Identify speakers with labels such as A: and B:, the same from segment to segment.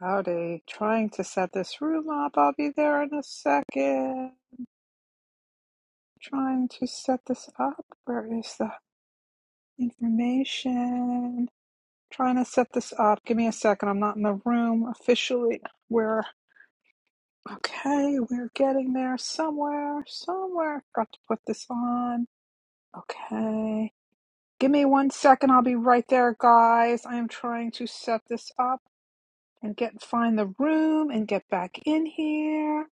A: Howdy. Trying to set this room up. I'll be there in a second. Trying to set this up. Where is the information? Trying to set this up. Give me a second. I'm not in the room officially. We're okay. We're getting there somewhere. Somewhere. Got to put this on. Okay. Give me one second. I'll be right there, guys. I am trying to set this up and get find the room and get back in here.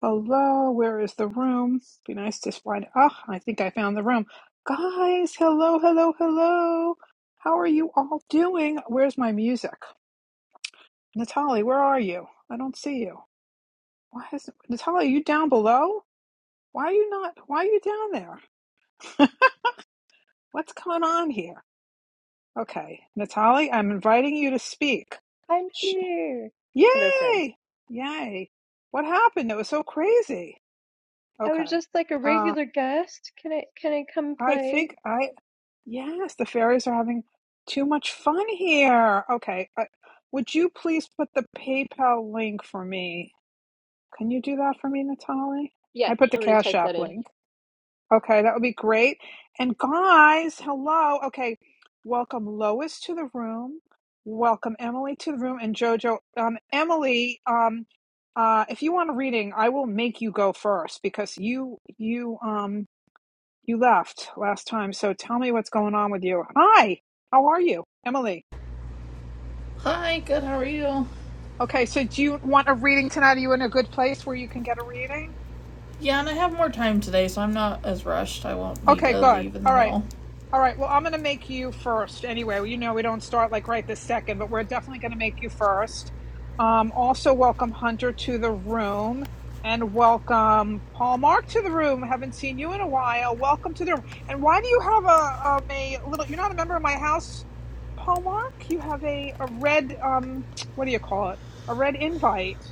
A: Hello, where is the room? Be nice to find. Ah, I think I found the room. Guys, hello, hello, hello. How are you all doing? Where's my music? Natalie, where are you? I don't see you. Why is Natalie, are you down below? Why are you not? Why are you down there? What's going on here? Okay, Natalie, I'm inviting you to speak.
B: I'm
A: Sh-
B: here. Hello, friends.
A: Yay! Yay! What happened? It was so crazy.
B: I was
A: Okay.
B: just like a
A: Uh,
B: regular guest. Can I can I come
A: I
B: play?
A: think I Yes, the fairies are having too much fun here. Okay, uh, would you please put the PayPal link for me? Can you do that for me, Natalie? I
B: Yes,
A: put the
B: I'm going to
A: Cash
B: type
A: App
B: that in.
A: link. Okay, that would be great. And guys, hello. Okay, welcome Lois to the room. Welcome Emily to the room and Jojo. Um, Emily, um, uh, if you want a reading, I will make you go first because you you um you left last time, so tell me what's going on with you. Hi, how are you, Emily?
C: Hi, good, how are you?
A: Okay, so do you want a reading tonight? Are you in a good place where you can get a reading?
C: Yeah, and I have more time today, so I'm not as rushed. I won't need
A: Okay,
C: to
A: good.
C: leave in the
A: All right.
C: middle.
A: All right. Well, I'm going to make you first anyway. Well, You know, we don't start like right this second, but we're definitely going to make you first. Um, also, welcome Hunter to the room and welcome Paul Mark to the room. Haven't seen you in a while. Welcome to the room. And why do you have a, um, a little, you're not a member of my house, Paul Mark? You have a, a red, um, what do you call it? A red invite.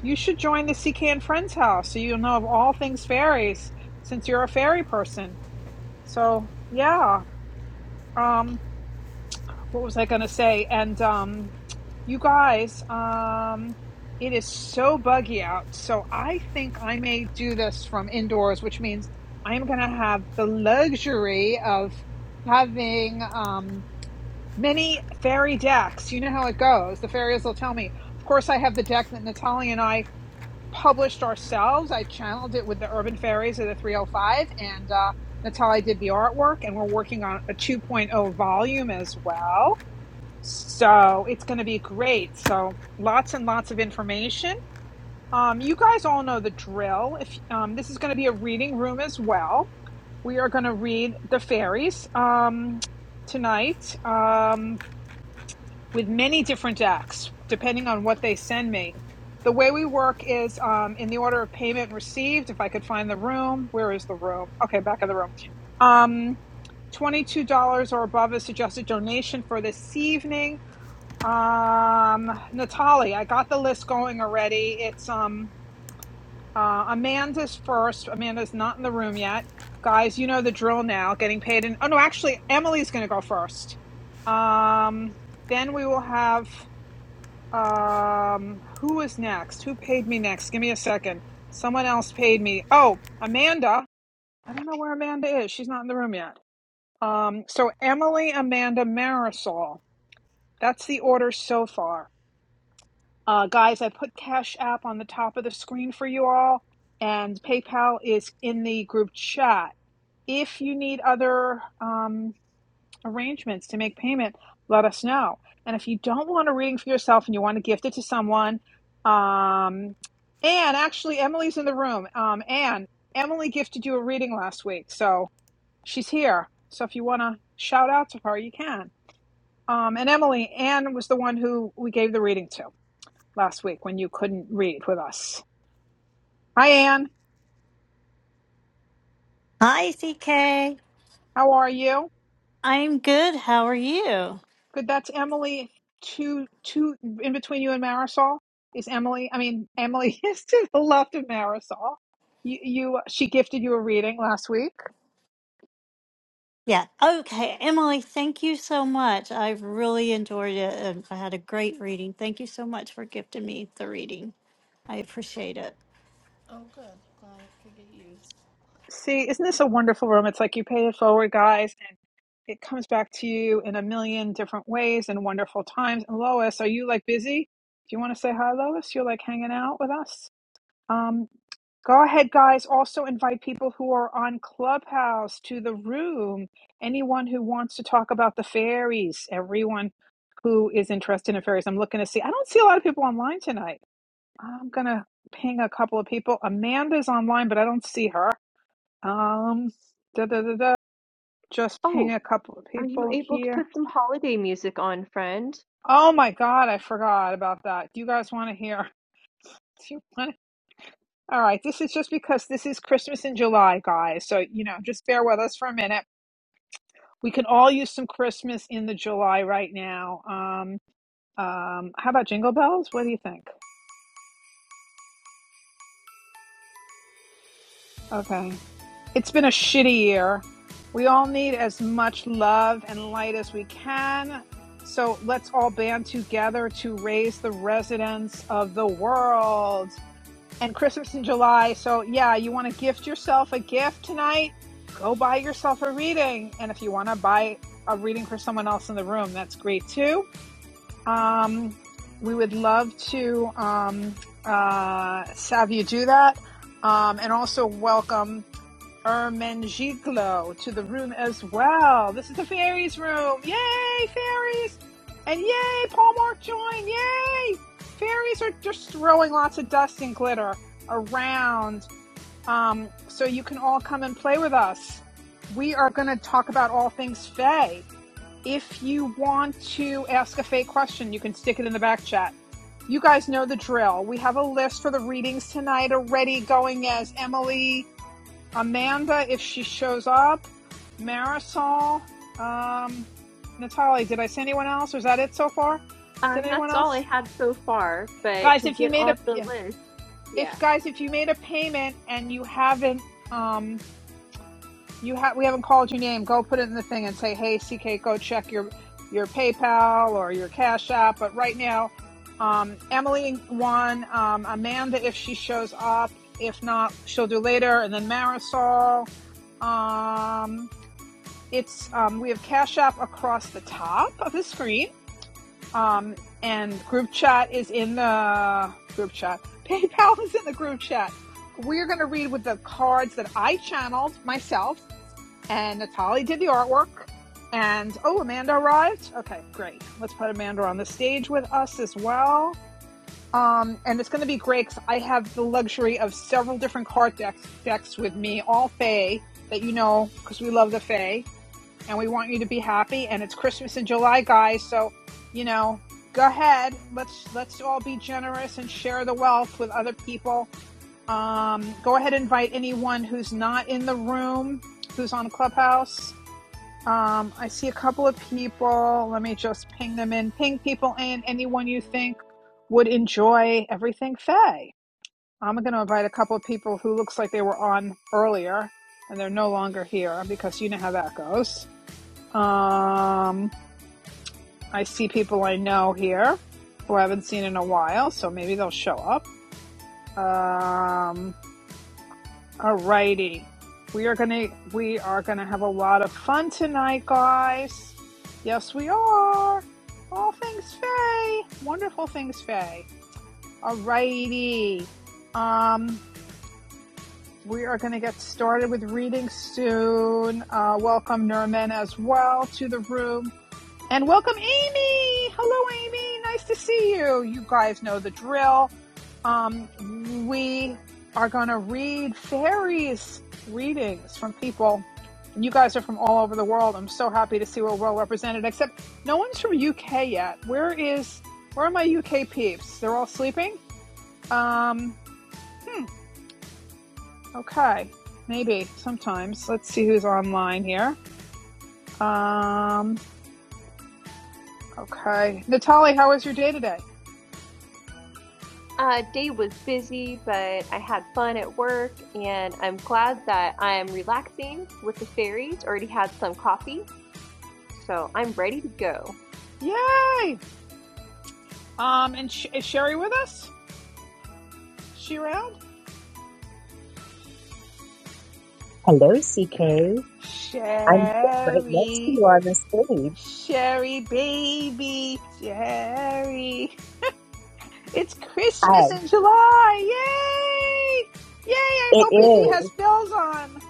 A: You should join the CK and Friends house so you'll know of all things fairies since you're a fairy person. So, yeah um what was i gonna say and um you guys um it is so buggy out so i think i may do this from indoors which means i'm gonna have the luxury of having um many fairy decks you know how it goes the fairies will tell me of course i have the deck that natalia and i published ourselves i channeled it with the urban fairies of the 305 and uh Natalia did the artwork, and we're working on a 2.0 point oh volume as well. So it's going to be great. So lots and lots of information. Um, you guys all know the drill. If um, this is going to be a reading room as well, we are going to read the fairies um, tonight um, with many different acts, depending on what they send me. The way we work is um, in the order of payment received. If I could find the room, where is the room? Okay, back of the room. Um, $22 or above is suggested donation for this evening. Um, Natalie, I got the list going already. It's um uh Amanda's first. Amanda's not in the room yet. Guys, you know the drill now. Getting paid in oh no, actually Emily's gonna go first. Um then we will have um who is next? Who paid me next? Give me a second. Someone else paid me. Oh, Amanda. I don't know where Amanda is. She's not in the room yet. Um so Emily, Amanda, Marisol. That's the order so far. Uh, guys, I put Cash App on the top of the screen for you all, and PayPal is in the group chat. If you need other um, arrangements to make payment, let us know. And if you don't want a reading for yourself and you want to gift it to someone, um, Anne, actually, Emily's in the room. Um, Anne, Emily gifted you a reading last week, so she's here. So if you want to shout out to her, you can. Um, and Emily, Anne was the one who we gave the reading to last week when you couldn't read with us. Hi, Anne.
D: Hi, CK.
A: How are you?
D: I'm good. How are you?
A: Good. That's Emily. Two, two in between you and Marisol is Emily. I mean, Emily is to the left of Marisol. You, you, she gifted you a reading last week.
D: Yeah. Okay. Emily, thank you so much. I've really enjoyed it and I had a great reading. Thank you so much for gifting me the reading. I appreciate it.
C: Oh, good. Glad it could get used.
A: See, isn't this a wonderful room? It's like you pay it forward, guys, and it comes back to you in a million different ways and wonderful times. And Lois, are you like busy? Do you want to say hi, Lois? You're like hanging out with us. Um, go ahead, guys. Also invite people who are on Clubhouse to the room. Anyone who wants to talk about the fairies, everyone who is interested in fairies. I'm looking to see. I don't see a lot of people online tonight. I'm gonna ping a couple of people. Amanda's online, but I don't see her. Um, da da da da. Just
B: Oh,
A: ping a couple of
B: are you
A: people
B: able to
A: here.
B: put some holiday music on, friend?
A: Oh my God, I forgot about that. Do you guys want to hear? Do you want? to? All right, this is just because this is Christmas in July, guys. So you know, just bear with us for a minute. We can all use some Christmas in the July right now. Um, um, how about Jingle Bells? What do you think? Okay. It's been a shitty year. We all need as much love and light as we can. So let's all band together to raise the residents of the world. And Christmas in July. So, yeah, you want to gift yourself a gift tonight? Go buy yourself a reading. And if you want to buy a reading for someone else in the room, that's great too. Um, we would love to um, uh, have you do that. Um, and also welcome Ermengiclo to the room as well. This is the fairies room. Yay, fairies! And yay, Paul Mark joined. Yay! Fairies are just throwing lots of dust and glitter around um, so you can all come and play with us. We are going to talk about all things Fae. If you want to ask a Fae question, you can stick it in the back chat. You guys know the drill. We have a list for the readings tonight already going as Emily Amanda, if she shows up, Marisol, um, Natalie. Did I say anyone else? Or is that it so far? Did
B: Um,
A: anyone
B: that's all
A: else?
B: I had so far, but
A: Guys,
B: to
A: if you
B: get
A: made
B: on
A: a
B: the
A: yeah,
B: list, yeah.
A: if guys if you made a payment and you haven't um you have we haven't called your name, go put it in the thing and say, hey, CK, go check your your PayPal or your Cash App. But right now, um, Emily won. Um, Amanda, if she shows up, if not, she'll do later. And then Marisol. Um, It's um, we have Cash App across the top of the screen, um, and group chat is in the group chat. PayPal is in the group chat. We're going to read with the cards that I channeled myself, and Natali did the artwork. And oh, Amanda arrived. Okay, great. Let's put Amanda on the stage with us as well. Um, and it's going to be great 'cause I have the luxury of several different card decks, decks with me, all Fae that you know because we love the Fae and we want you to be happy. And it's Christmas in July, guys. So, you know, go ahead. Let's let's all be generous and share the wealth with other people. Um, go ahead and invite anyone who's not in the room, who's on Clubhouse. Um, I see a couple of people. Let me just ping them in. Ping people in. Anyone you think would enjoy everything Faye. I'm going to invite a couple of people who looks like they were on earlier and they're no longer here because you know how that goes. Um, I see people I know here who I haven't seen in a while, so maybe they'll show up. Um, alrighty, we are gonna we are gonna have a lot of fun tonight, guys. Yes, we are. All things Faye, wonderful things Faye. Alrighty, um, we are gonna get started with reading soon. Uh, welcome Nerman as well to the room. And welcome, Amy. Hello, Amy. Nice to see you. You guys know the drill. Um, we are going to read fairies readings from people. And you guys are from all over the world. I'm so happy to see we're well represented, except no one's from UK yet. Where is, where are my UK peeps? They're all sleeping? Um, hmm, okay. Maybe sometimes. Let's see who's online here. Um, okay. Natalie, how was your day today?
B: Uh, day was busy, but I had fun at work, and I'm glad that I'm relaxing with the fairies. Already had some coffee, so I'm ready to go.
A: Yay! Um, and Sh- is Sherry with us? She around?
E: Hello, CK. I'm right next to you
A: Sherry,
E: on the stage.
A: Sherry, baby, Sherry. It's
E: Hi.
A: Christmas in July. Yay! Yay! I
E: It
A: hope Indy has
E: is.
A: bells on.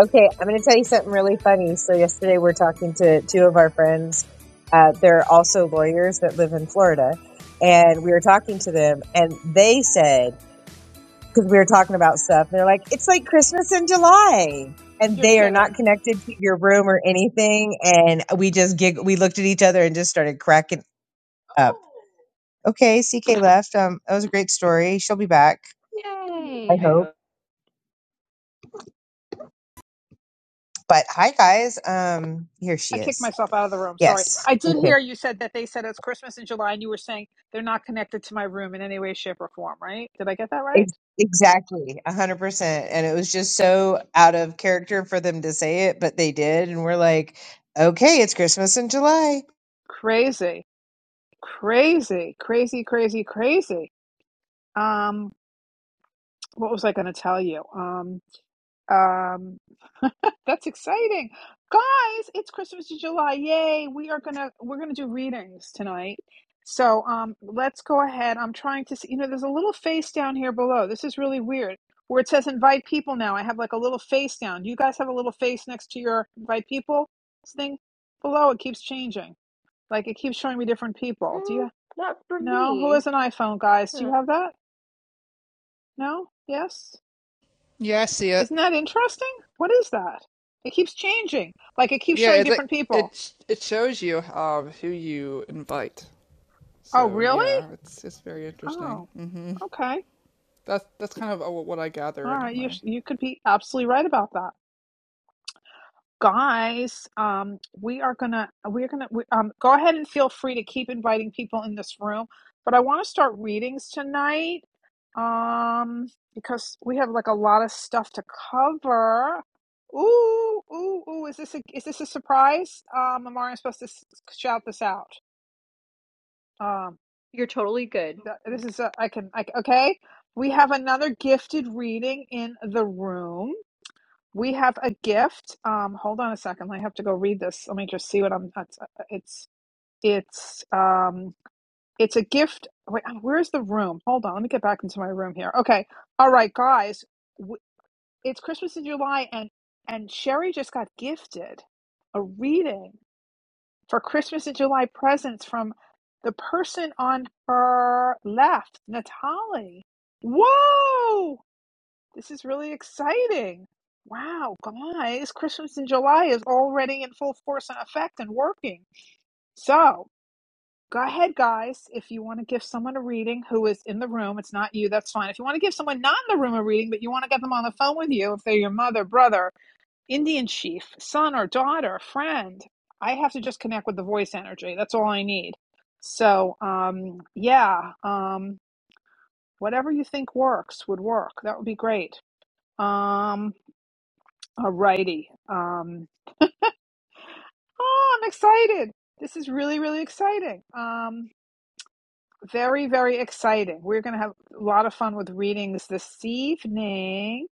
E: Okay, I'm going to tell you something really funny. So, yesterday we are talking to two of our friends. Uh, they're also lawyers that live in Florida. And we were talking to them, and they said, because we were talking about stuff, and they're like, it's like Christmas in July. And
A: You're
E: they are
A: kidding.
E: not connected to your room or anything. And we just gig, we looked at each other and just started cracking up. Okay, CK left. Um, that was a great story. She'll be back. I
B: Yay! I
E: hope.
B: hope.
E: But hi, guys. Um, here
A: I
E: she
A: kicked
E: is.
A: myself out of the room. Sorry.
E: Yes.
A: I did
E: Okay.
A: hear you said that they said it's Christmas in July, and you were saying they're not connected to my room in any way, shape, or form, right? Did I get that right?
E: Ex- Exactly. A hundred percent. And it was just so out of character for them to say it, but they did, and we're like, okay, it's Christmas in July.
A: Crazy. Crazy, crazy, crazy, crazy. Um, what was I going to tell you? Um, um, that's exciting, guys! It's Christmas in July. Yay! We are gonna we're gonna do readings tonight. So um, let's go ahead. I'm trying to see. You know, there's a little face down here below. This is really weird. Where it says invite people now, I have like a little face down. Do you guys have a little face next to your invite people thing below? It keeps changing. Like it keeps showing me different people. Do you?
B: Mm, not for
A: No, who
B: me.
A: has an iPhone, guys? Do
B: Oh.
A: you have that? No? Yes?
F: Yeah, I see it.
A: Isn't that interesting? What is that? It keeps changing. Like it keeps
F: Yeah,
A: showing
F: it like
A: different people.
F: it it shows you um who you invite.
A: Oh,
F: So
A: really?
F: yeah, it's it's very interesting.
A: Oh,
F: hmm
A: okay.
F: That's that's kind of uh, what I gather
A: All right. You
F: anyway.
A: you could be absolutely right about that. Guys, um, we are gonna we're gonna we, um go ahead and feel free to keep inviting people in this room, but I want to start readings tonight. Um, because we have like a lot of stuff to cover. Ooh, ooh, ooh! Is this a is this a surprise? Um, Amari, I'm supposed to s- shout this out. Um,
B: You're totally good.
A: th- this is a I can like okay. We have another gifted reading in the room. We have a gift. Um, hold on a second. I have to go read this. Let me just see what I'm. That's, uh, it's it's um it's a gift. Wait, uh, where's the room? Hold on. Let me get back into my room here. Okay. All right, guys it's Christmas in July, and and Sherry just got gifted a reading for Christmas in July presents from the person on her left, Natalie. Whoa! This is really exciting. Wow, guys, Christmas in July is already in full force and effect and working. So go ahead, guys. If you want to give someone a reading who is in the room, it's not you, that's fine. If you want to give someone not in the room a reading, but you want to get them on the phone with you, if they're your mother, brother, Indian chief, son or daughter, friend. I have to just connect with the voice energy. That's all I need. So, um, yeah, um, whatever you think works would work. That would be great. Um, alrighty. Um, oh, I'm excited. This is really, really exciting. Um, very, very exciting. We're going to have a lot of fun with readings this evening.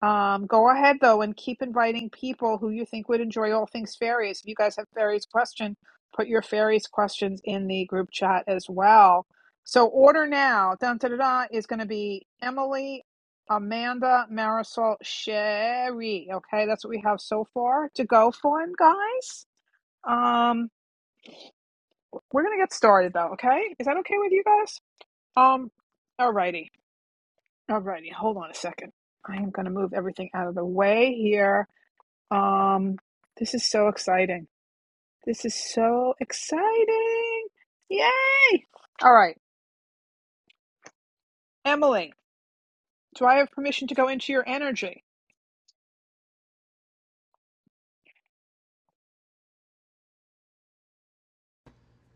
A: Um, go ahead though and keep inviting people who you think would enjoy all things fairies. If you guys have fairies question, put your fairies questions in the group chat as well. So order now. Dun da da da is going to be Emily, Amanda, Marisol, Sherry. Okay, that's what we have so far to go for, guys. Um, we're gonna get started though. Okay, is that okay with you guys? Um, alrighty, alrighty. Hold on a second. I am gonna move everything out of the way here. Um, this is so exciting. This is so exciting. Yay! All right, Emily, do I have permission to go into your energy?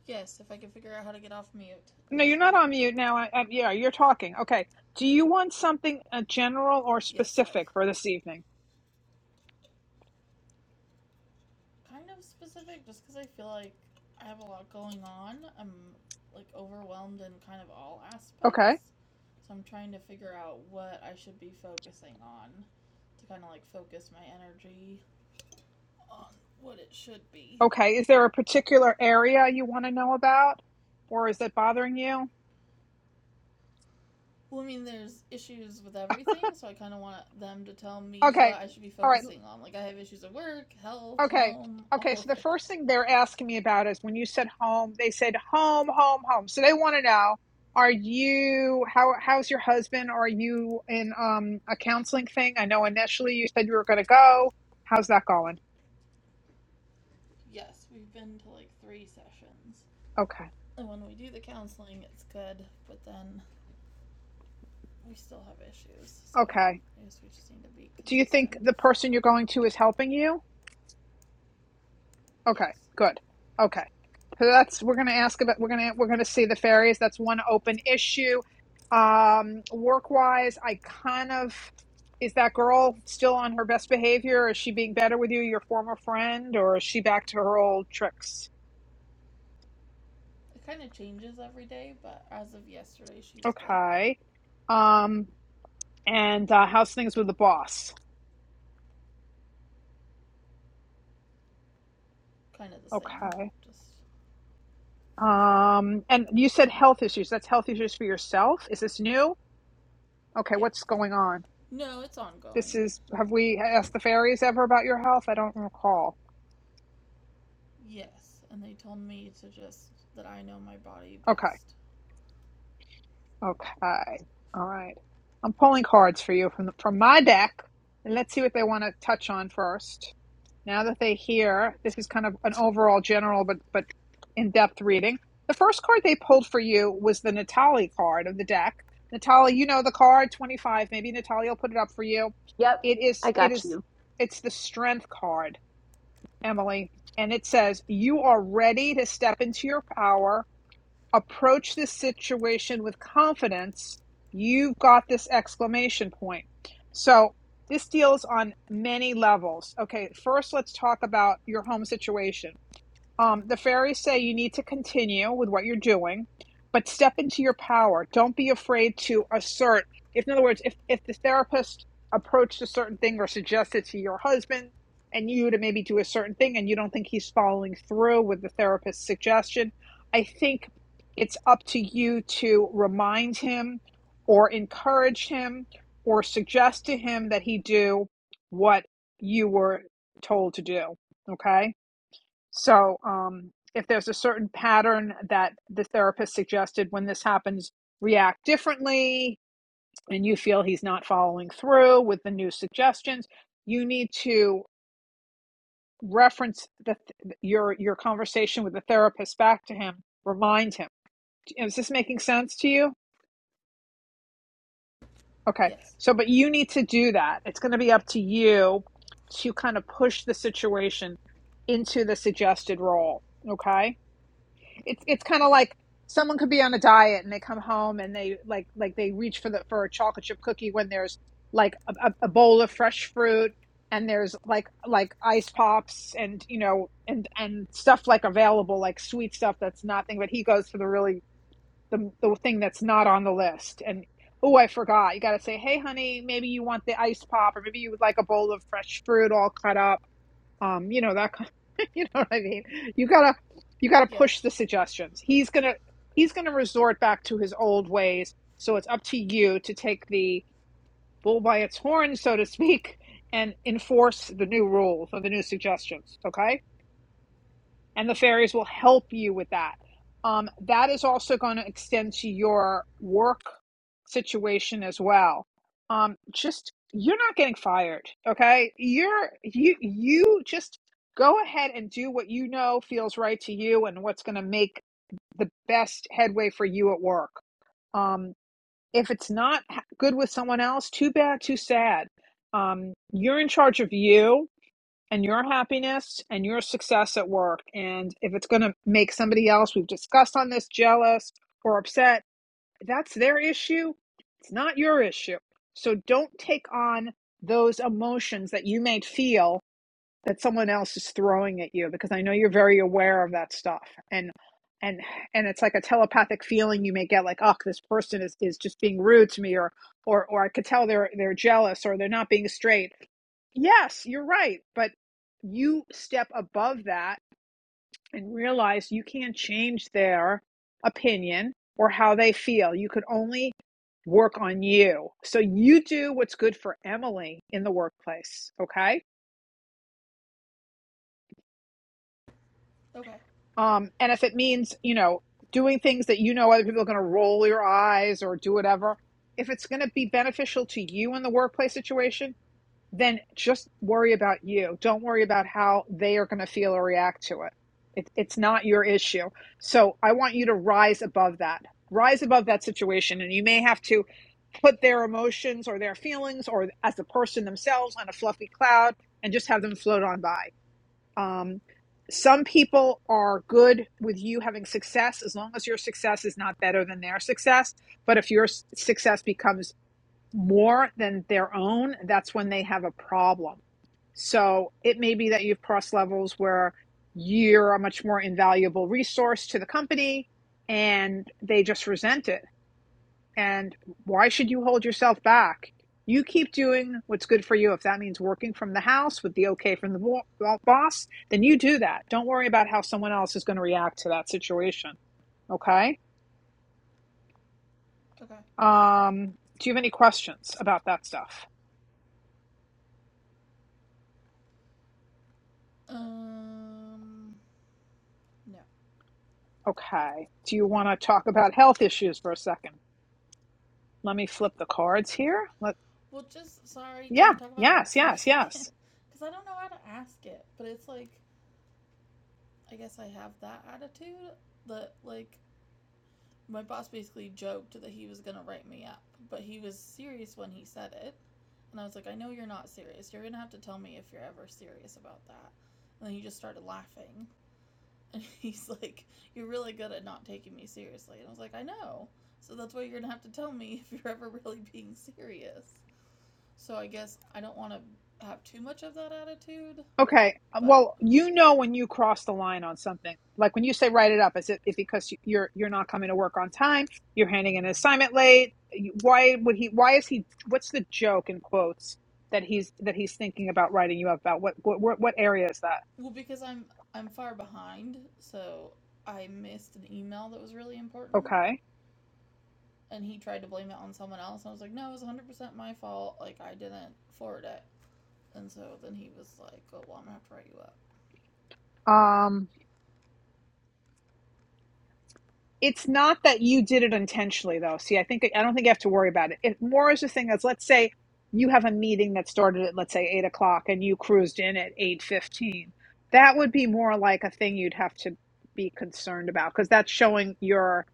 C: Yes, if I can figure out how to get off mute.
A: No, you're
C: Yes, you
A: not
C: do.
A: on mute now. I, I, yeah, you're talking. Okay. Do you want something uh, general or
C: Yes, sorry.
A: specific for this evening?
C: Kind of specific, just because I feel like I have a lot going on. I'm like overwhelmed in kind of all aspects.
A: Okay.
C: So I'm trying to figure out what I should be focusing on to kind of like focus my energy on what it should be.
A: Okay. Is there a particular area you want to know about, or is it bothering you?
C: Well, I mean, there's issues with everything, so I kind of want them to tell me
A: Okay.
C: what I should be
A: All right.
C: focusing on. Like, I have issues at work, health,
A: Okay.
C: home,
A: Okay.
C: all
A: So
C: of
A: the
C: it.
A: first thing they're asking me about is when you said home, they said home, home, home. So they want to know, are you how how's your husband? Are you in um a counseling thing? I know initially you said you were going to go. How's that going?
C: Yes, we've been to like three sessions.
A: Okay.
C: And when we do the counseling, it's good, but then we still have issues, so
A: Okay.
C: I guess we just need to be
A: Do you think
C: consistent.
A: the person you're going to is helping you? Okay,
C: Yes,
A: good. Okay. So that's we're going to ask about we're going to we're going to see the ferries. That's one open issue. Um work-wise, I kind of is that girl still on her best behavior? Is she being better with you, your former friend, or is she back to her old tricks?
C: it kind of changes every day, but as of yesterday, she was good.
A: Okay. Um and uh how's things with the boss?
C: Kind of the same,
A: Okay.
C: just
A: Um and you said health issues. That's health issues for yourself? Is this new? Okay,
C: yeah.
A: what's going on?
C: No, it's
A: This
C: ongoing.
A: is, have we asked the fairies ever about your health? I don't recall.
C: Yes, and they told me to just that I know my body
A: Okay.
C: best.
A: Okay. All right. I'm pulling cards for you from the, from my deck, and let's see what they want to touch on first. Now that they hear, this is kind of an overall general but but in-depth reading. The first card they pulled for you was the Natali card of the deck. Natali, you know the card, 25. Maybe Natali will put it up for you.
B: Yep,
A: It is
B: I
A: it
B: got
A: is
B: you.
A: it's the strength card Emily, and it says, You are ready to step into your power, approach this situation with confidence. You've got this exclamation point. So, this deals on many levels. Okay, first, let's talk about your home situation. Um, the fairies say you need to continue with what you're doing, but step into your power. Don't be afraid to assert. If, in other words, if, if the therapist approached a certain thing or suggested to your husband and you to maybe do a certain thing and you don't think he's following through with the therapist's suggestion, I think it's up to you to remind him or encourage him or suggest to him that he do what you were told to do. Okay so, um, if there's a certain pattern that the therapist suggested when this happens, react differently, and you feel he's not following through with the new suggestions, you need to reference the, your your conversation with the therapist back to him. Remind him. Is this making sense to you? Okay.
C: Yes.
A: So, but you need to do that. It's going to be up to you to kind of push the situation into the suggested role. Okay it's it's kind of
C: Okay.
A: like someone could be on a diet and they come home and they like like they reach for the for a chocolate chip cookie when there's like a, a bowl of fresh fruit and there's like like ice pops and you know and and stuff like available like sweet stuff that's nothing but he goes for the really the the thing that's not on the list and oh i forgot you got to say hey honey maybe you want the ice pop or maybe you would like a bowl of fresh fruit all cut up um you know that kind you know what i mean you gotta you gotta
C: Yeah.
A: push the suggestions he's gonna he's gonna resort back to his old ways so it's up to you to take the bull by its horn so to speak and enforce the new rules or the new suggestions okay and the
C: Okay.
A: fairies will help you with that. Um, that is also going to extend to your work situation as well. Um, just you're not getting fired, okay? You're you you just go ahead and do what you know feels right to you and what's going to make the best headway for you at work. Um, if it's not h- good with someone else, too bad, too sad. Um, you're in charge of you and your happiness and your success at work. And if it's going to make somebody else we've discussed on this jealous or upset, that's their issue. It's not your issue. So don't take on those emotions that you may feel that someone else is throwing at you because I know you're very aware of that stuff. And and and it's like a telepathic feeling you may get like, oh, this person is, is just being rude to me or or or I could tell they're they're jealous or they're not being straight Yes, you're right. But you step above that and realize you can't change their opinion or how they feel. You could only work on you. So you do what's good for Emily in the workplace. Okay.
C: Okay.
A: Um, and if it means, you know, doing things that you know other people are going to roll your eyes or do whatever, if it's going to be beneficial to you in the workplace situation, then just worry about you. Don't worry about how they are going to feel or react to it. it. It's not your issue. So I want you to rise above that. Rise above that situation. And you may have to put their emotions or their feelings or as the person themselves on a fluffy cloud and just have them float on by. Um, some people are good with you having success as long as your success is not better than their success. But if your s- success becomes more than their own, that's when they have a problem so it may be that you've crossed levels where you're a much more invaluable resource to the company and they just resent it. And why should you hold yourself back? You keep doing what's good for you. If that means working from the house with the okay from the boss, then you do that. Don't worry about how someone else is going to react to that situation. Okay.
C: Okay.
A: Um, do you have any questions about that stuff?
C: Um. No.
A: Okay. Do you want to talk about health issues for a second? Let me flip the cards here. Let.
C: Well, just sorry. Can
A: Yeah,
C: I talk about work
A: yes,
C: for a
A: yes,
C: second?
A: yes.
C: Because I don't know how to ask it. But it's like I guess I have that attitude that like my boss basically joked that he was gonna write me up, but he was serious when he said it. And I was like, I know you're not serious. You're gonna have to tell me if you're ever serious about that. And then he just started laughing And he's like, You're really good at not taking me seriously. And I was like, I know. So that's why you're going to have to tell me if you're ever really being serious. So I guess I don't want to have too much of that attitude,
A: Okay. uh,
C: but
A: Well, you know when you cross the line on something. Like when you say write it up, is it, is because you- you're you're not coming to work on time? You're handing in an assignment late? you- Why would he? Why is he? What's the joke in quotes that he's that he's thinking about writing you up about? What what what, what area is that?
C: well because I'm I'm far behind, so I missed an email that was really important
A: Okay.
C: and he tried to blame it on someone else. And I was like, "No, it was 100% my fault. Like I didn't forward it." And so then he was like, "Oh, well, I'm going to have to write you up."
A: Um. it's not that you did it intentionally though see i think i don't think you have to worry about it it more is the thing that's let's say you have a meeting that started at let's say 8 o'clock and you cruised in at 8.15 that would be more like a thing you'd have to be concerned about because that's showing your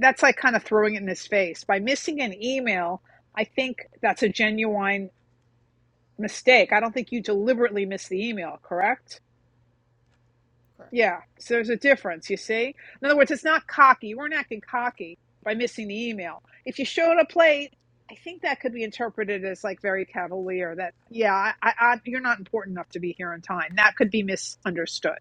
A: that's like kind of throwing it in his face by missing an email i think that's a genuine mistake i don't think you deliberately missed the email correct
C: Correct.
A: yeah, so there's a difference, you see? In other words, it's not cocky. You weren't acting cocky by missing the email. If you showed up late, I think that could be interpreted as like very cavalier that, yeah, I, I, I, you're not important enough to be here on time. That could be misunderstood,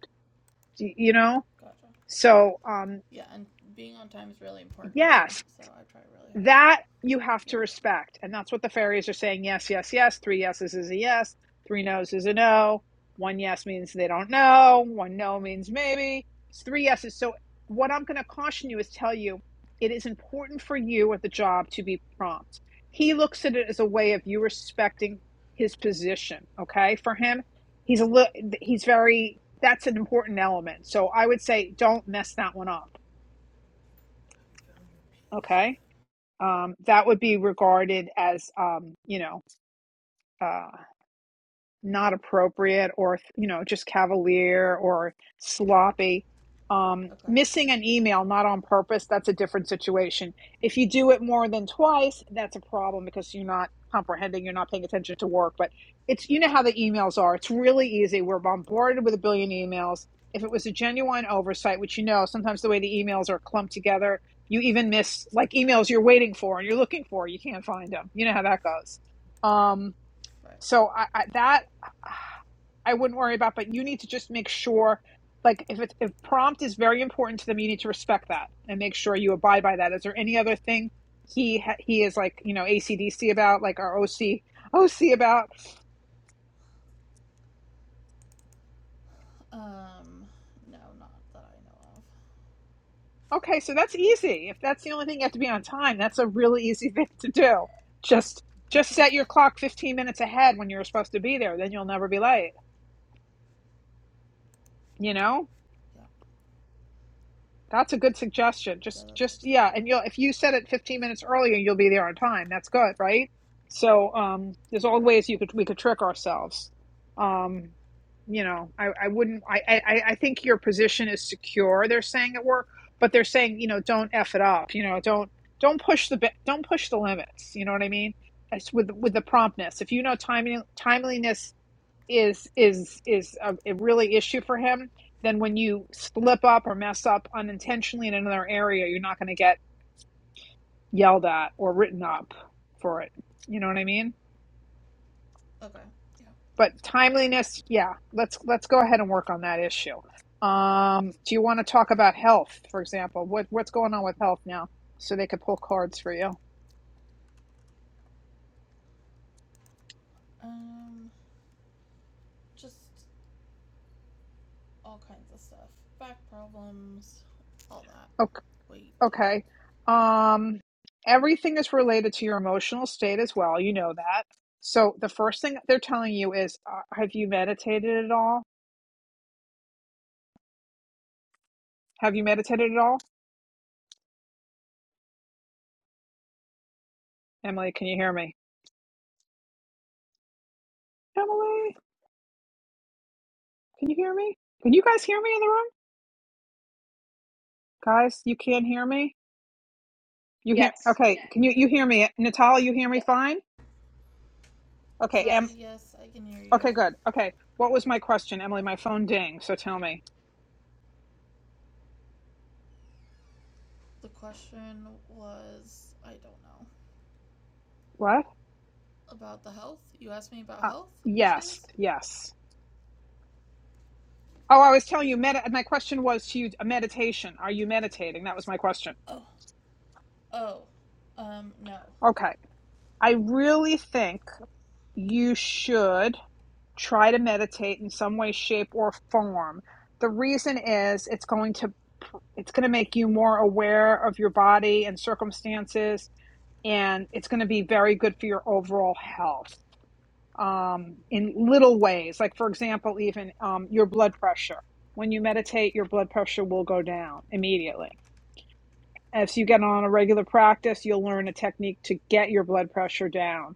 A: you know?
C: Gotcha.
A: So, um,
C: Yeah, and being on time is really important to him,
A: yes,
C: so I try really hard.
A: that you have to
C: Yeah.
A: respect. And that's what the fairies are saying yes, yes, yes. Three yeses is a yes. Three nos is a no. One yes means they don't know. One no means maybe. It's three yeses. So, what I'm going to caution you is tell you it is important for you at the job to be prompt. He looks at it as a way of you respecting his position. Okay. For him, he's a little, he's very, that's an important element. So, I would say don't mess that one up. Okay um, that would be regarded as um, you know uh, not appropriate or you know just cavalier or sloppy um,
C: Okay.
A: missing an email not on purpose that's a different situation if you do it more than twice that's a problem because you're not comprehending you're not paying attention to work but it's you know how the emails are it's really easy we're bombarded with a billion emails if it was a genuine oversight which you know sometimes the way the emails are clumped together you even miss like emails you're waiting for and you're looking for you can't find them you know how that goes um,
C: Right.
A: so I, I, that I wouldn't worry about, but you need to just make sure, like if it's if prompt is very important to them, you need to respect that and make sure you abide by that. Is there any other thing he he is like you know ACDC about, like our OC OC about?
C: Um, no, not that I know of.
A: Okay, so that's easy. If that's the only thing you have to be on time, that's a really easy thing to do. Just just
C: yeah.
A: set your clock 15 minutes ahead when you're supposed to be there. Then you'll never be late. You know.
C: Yeah.
A: That's a good suggestion.
C: Yeah,
A: Just
C: that's what
A: just
C: I try
A: yeah,
C: to do.
A: and you'll if you set it 15 minutes earlier, you'll be there on time. That's good, right? So um there's all
C: Right.
A: ways you could we could trick ourselves. Um you know, I, I wouldn't I, I I think your position is secure, they're saying at work, but they're saying, you know, don't F it up, you know, don't don't push the don't push the limits. You know what I mean? It's with with the promptness. If you know timing timeliness is is is a, a really issue for him, then when you slip up or mess up unintentionally in another area, you're not going to get yelled at or written up for it. You know what I mean?
C: Okay. Yeah.
A: But timeliness, yeah. Let's let's go ahead and work on that issue. Um, do you want to talk about health, for example? What what's going on with health now? So they could pull cards for you.
C: Um, just all kinds of stuff. Back problems, all that.
A: Okay.
C: Wait.
A: Okay. Um, everything is related to your emotional state as well. You know that. So the first thing they're telling you is, uh, have you meditated at all? Have you meditated at all? Emily, can you hear me? Emily, can you hear me? Can you guys hear me in the room? Guys, you can't hear me? You hear?
B: Yes.
A: Okay. Can you you hear me? Natalia, you hear me
B: Ye-
A: fine? Okay. Em.
C: Sorry,
B: Yes.
C: yes, I can hear you.
A: Okay. Good. Okay. What was my question, Emily? My phone ding. So tell me.
C: The question was I don't know.
A: What?
C: About the health? You asked me about
A: Uh,
C: health
A: yes.
C: issues?
A: Yes. Oh, I was telling you, med- my question was to you a meditation. Are you meditating? That was my question.
C: Oh. Oh. Um, no.
A: Okay. I really think you should try to meditate in some way, shape, or form. The reason is it's going to it's going to make you more aware of your body and circumstances and it's going to be very good for your overall health um, in little ways like for example even um, your blood pressure when you meditate your blood pressure will go down immediately As you get on a regular practice, you'll learn a technique to get your blood pressure down.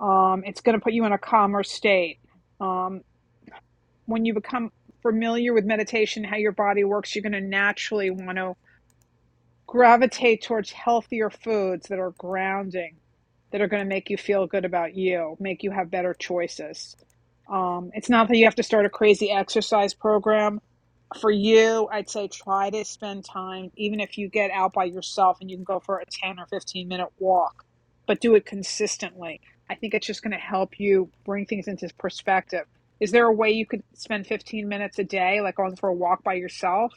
A: Um, it's going to put you in a calmer state. Um, when you become familiar with meditation, how your body works, you're going to naturally want to gravitate towards healthier foods that are grounding, that are going to make you feel good about you, make you have better choices. Um, it's not that you have to start a crazy exercise program for you, I'd say try to spend time, even if you get out by yourself and you can go for a 10 or 15 minute walk, but do it consistently. I think it's just going to help you bring things into perspective. Is there a way you could spend 15 minutes a day, like going for a walk by yourself?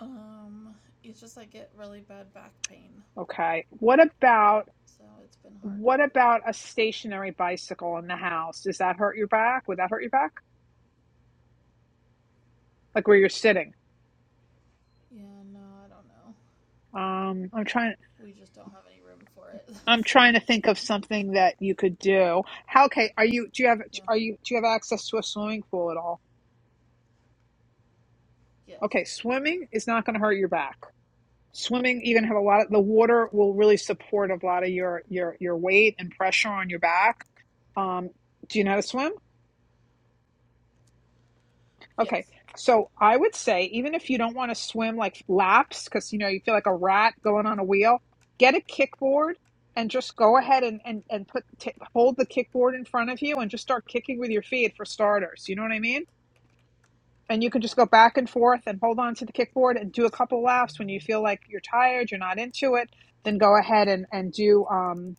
C: Um, it's just I get really bad back pain,
A: Okay. What about
C: so it's been hard to
A: what
C: do that.
A: about a stationary bicycle in the house? Does that hurt your back? Would that hurt your back? Like where you're sitting?
C: Yeah, no, I don't know.
A: Um, I'm trying.
C: We just don't have any room for it.
A: I'm
C: That's the
A: trying to
C: next
A: think of
C: thing.
A: something that you could do. How okay, are you do you have
C: Yeah.
A: are you do you have access to a swimming pool at all?
C: Yes.
A: Okay, swimming is not going to hurt your back. Swimming, you're going to have a lot of the water will really support a lot of your your your weight and pressure on your back. Um, do you know how to
C: Right.
A: swim? Okay.
C: Yes.
A: So I would say, even if you don't want to swim like laps, because you know you feel like a rat going on a wheel, get a kickboard and just go ahead and and and put t- hold the kickboard in front of you and just start kicking with your feet for starters. You know what I mean? And you can
C: Yeah.
A: just go back and forth and hold on to the kickboard and do a couple laps when you feel like you're tired, you're not into it. Then go ahead and and do um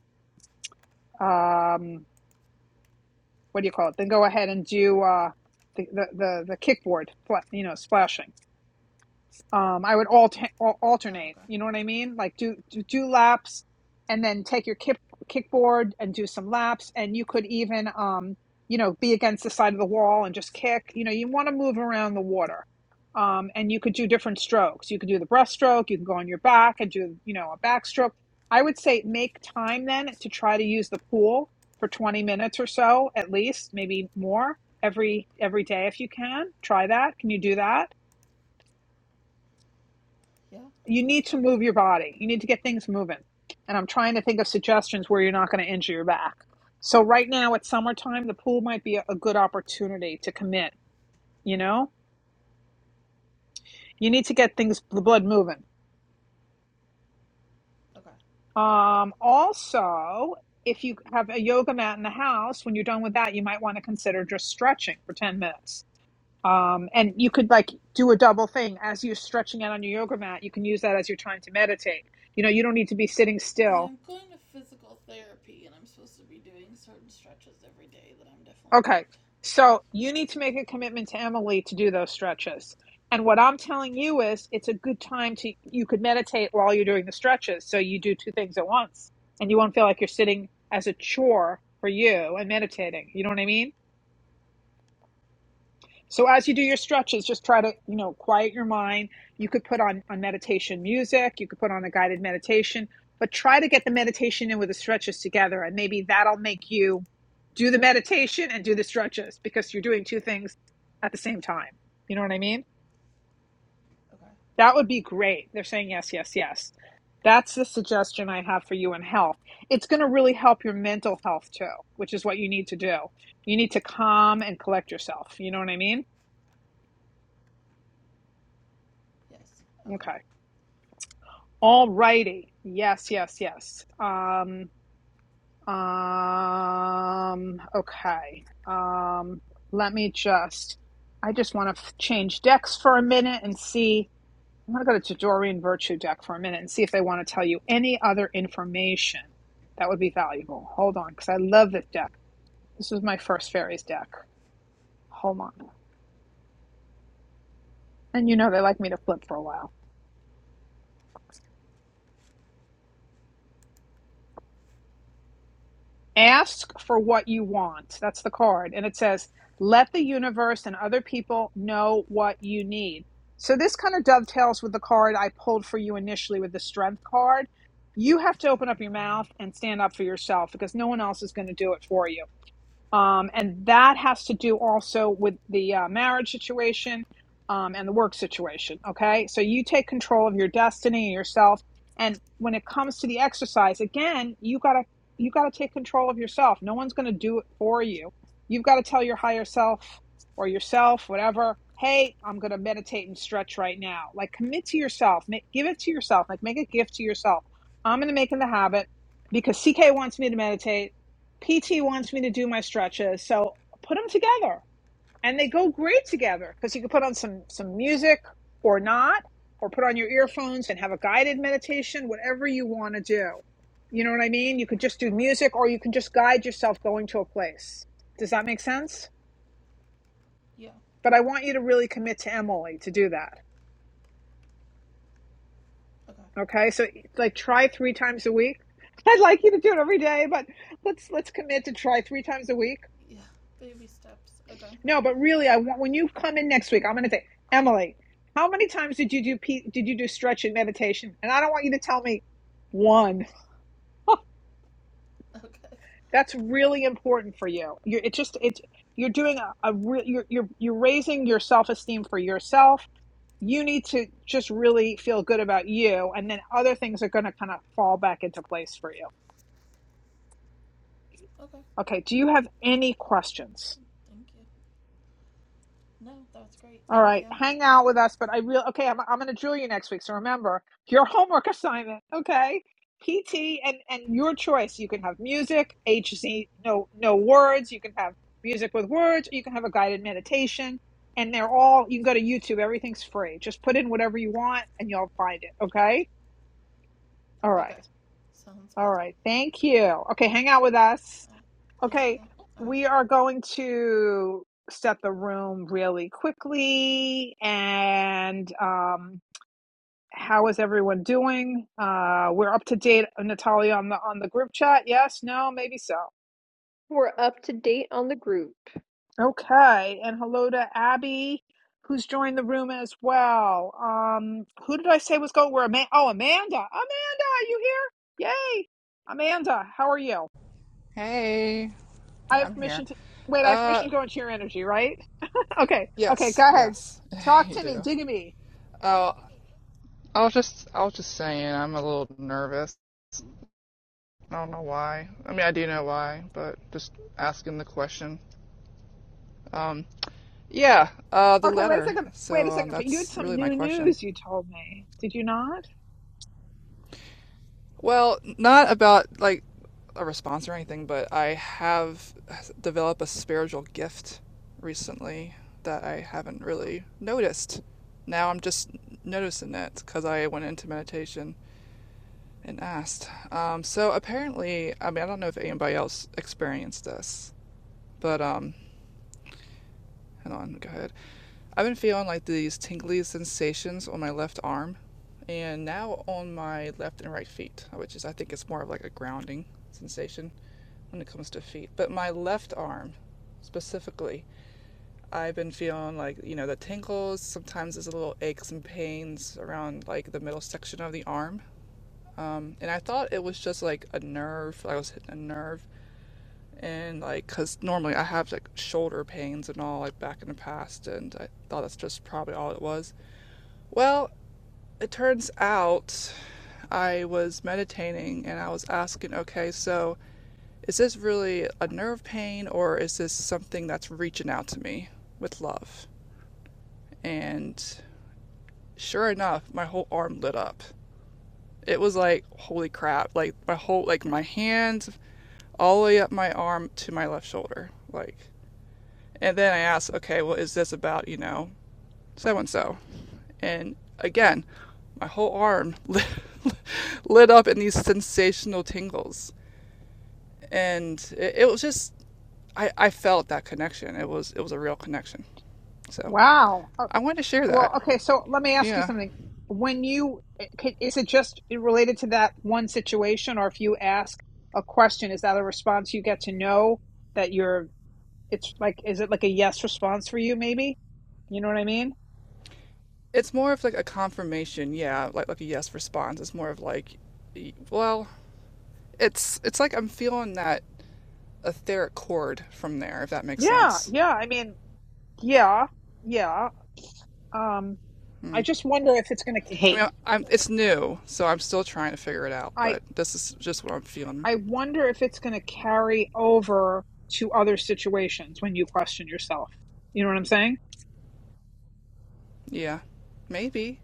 A: um what do you call it? Then go ahead and do uh the the the, the kickboard, fla- you know, splashing. um i would alter,
C: Uh,
A: alternate
C: okay.
A: you know what i mean like do, do do laps and then take your kick kickboard and do some laps and you could even um you know be against the side of the wall and just kick you know you want to move around the water um and you could do different strokes you could do the breaststroke you can go on your back and do you know a backstroke i would say make time then to try to use the pool for 20 minutes or so at least maybe more every every day if you can try that can you do that
C: Yeah.
A: you need to move your body. You need to get things moving. And I'm trying to think of suggestions
C: Okay.
A: where you're not going to injure your back. So right now it's summertime, the pool might be a, a good opportunity to commit, you know? You need to get things the blood moving.
C: Okay.
A: Um also, if you have a yoga mat in the house, when you're done with that, you might want to consider just stretching for 10 minutes. Um, and you could like do a double thing as you're stretching out on your yoga mat. You can use that as your time to meditate. You know, you don't need to be sitting
C: Yeah,
A: still
C: I'm going to physical therapy, and I'm supposed to be doing certain stretches every day that I'm definitely
A: Okay.
C: not.
A: So you need to make a commitment to Emily to do those stretches. And what I'm telling you is it's a good time to you could meditate while you're doing the stretches. So you do two things at once and you won't feel like you're sitting as a chore for you and meditating. You know what I mean?
C: Yeah.
A: So as you do your stretches, just try to, you know, quiet your mind. You could put on, on meditation music, you could put on a guided meditation, but try to get the meditation in with the stretches together. And maybe that'll make you do the meditation and do the stretches because you're doing two things at the same time. You know what I mean?
C: Okay. Yeah.
A: That would be great. They're saying yes, yes, yes. That's the suggestion I have for you in health. It's going to really help your mental health too, which is what you need to do. You need to calm and collect yourself. You know what I mean?
C: Yes. Okay.
A: Okay. All righty. Yes, yes, yes. Um, um, okay. Um, let me just, I just want to f- change decks for a minute and see. I am going to go to Tadorian Virtue deck for a minute and see if they want to tell you any other information that would be valuable. Hold on, because I love this deck. This is my first fairies deck. Hold on. And you know they like me to flip for a while. Ask for what you want. That's the card. And it says, let the universe and other people know what you need. So this kind of dovetails with the card I pulled for you initially with the strength card. You have to open up your mouth and stand up for yourself because no one else is going to do it for you. Um, and that has to do also with the uh, marriage situation um, and the work situation. Okay. So you take control of your destiny and yourself. And when it comes to the exercise, again, you got to. You got to take control of yourself. No one's going to do it for you. You've got to tell your higher self or yourself, whatever, hey, I'm going to meditate and stretch right now. Like commit to yourself, make, give it to yourself, like make a gift to yourself. I'm going to make it the habit because CK wants me to meditate. PT wants me to do my stretches, so put them together, and they go great together because you can put on some some music or not, or put on your earphones and have a guided meditation, whatever you want to do. You know what I mean? You could just do music, or you can just guide yourself going to a place. Does that make sense?
C: Yeah.
A: But I want you to really commit to Emily to do that.
C: Okay.
A: Okay, so like try three times a week. I'd like you to do it every day, but let's let's commit to try three times a week
C: Yeah. Baby steps. Okay.
A: No, but really, I want when you come in next week, I'm going to say, Emily, how many times did you do pe- did you do stretch and meditation? And I don't want you to tell me one.
C: Okay.
A: That's really important for you. You're it just it's you're doing a, a re- you're you're you're raising your self esteem for yourself. You need to just really feel good about you, and then other things are going to kind of fall back into place for you.
C: Okay.
A: Okay. Do you have any questions?
C: Thank you. No, that's great.
A: All
C: Thank you.
A: right, hang out with us. But I real okay. I'm I'm gonna drill you next week. So remember your homework assignment. Okay, PT and and your choice. You can have music, HZ, no no words. You can have music with words. Or you can have a guided meditation. And they're all you can go to YouTube. Everything's free. Just put in whatever you want, and you'll find it. Okay. All
C: Okay.
A: right.
C: Sounds
A: All
C: good.
A: right. Thank you. Okay, hang out with us.
C: Alright. Thank you.
A: Okay,
C: Alright.
A: we are going to set the room really quickly. And um, how is everyone doing? Uh, we're up to date, Natalia, on the on the group chat. Yes, no, maybe so.
B: We're up to date on the group.
A: Okay, and hello to Abby, who's joined the room as well. Um, who did I say was going? Where? Ama- oh, Amanda. Amanda, are you here? Yay, Amanda. How are you?
F: Hey,
A: I
F: hey,
A: have
F: I'm here.
A: permission to wait. I have
F: Uh,
A: permission to go into your energy, right? Okay, okay, go
F: yes,
A: ahead.
F: yes,
A: Talk
F: you
A: to me,
F: do.
A: dig me.
F: Oh, I was just I was just saying I'm a little nervous. I don't know why. I mean, I do know why, but just asking the question. Um, yeah, uh, the
A: Okay, wait a
F: letter.
A: second. Wait a
F: So um,
A: second. But you had
F: that's
A: some
F: really my
A: new
F: question.
A: news you told me, did you not?
F: Well, not about like a response or anything, but I have developed a spiritual gift recently that I haven't really noticed. Now I'm just noticing it because I went into meditation and asked. Um, so apparently, I mean, I don't know if anybody else experienced this, but um, hold on, go ahead. I've been feeling like these tingly sensations on my left arm and now on my left and right feet, which is I think it's more of like a grounding sensation when it comes to feet, but my left arm specifically, I've been feeling like, you know, the tingles. Sometimes there's a little aches and pains around like the middle section of the arm. Um, and I thought it was just like a nerve. I was hitting a nerve. And like, cause normally I have like shoulder pains and all like back in the past. And I thought that's just probably all it was. Well, it turns out I was meditating and I was asking, okay, so is this really a nerve pain or is this something that's reaching out to me with love? And sure enough, my whole arm lit up. It was like, holy crap. Like, my whole, like, my hands all the way up my arm to my left shoulder. Like, and then I asked, okay, well, is this about, you know, so and so? And again, my whole arm lit, lit up in these sensational tingles. And it, it was just, I, I felt that connection. It was, it was a real connection. So
A: Wow. Oh,
F: I wanted to share that.
A: well, okay, so let me ask you
F: Yeah.
A: something. When you, eh, can- is it just related to that one situation, or if you ask a question, is that a response you get to know that you're, it's like, is it like a yes response for you, maybe? You know what I mean?
F: It's more of like a confirmation, yeah, like like a yes response. It's more of like well, it's it's like I'm feeling that etheric chord from there, if that makes
A: Yeah,
F: sense.
A: yeah. I mean, yeah, yeah. Um, I just wonder if it's going to.
F: I
E: Hey,
F: mean, I'm it's new, so I'm still trying to figure it out,
A: I.
F: but this is just what I'm feeling.
A: I wonder if it's going to carry over to other situations when you question yourself. You know what I'm saying?
F: Yeah. Maybe.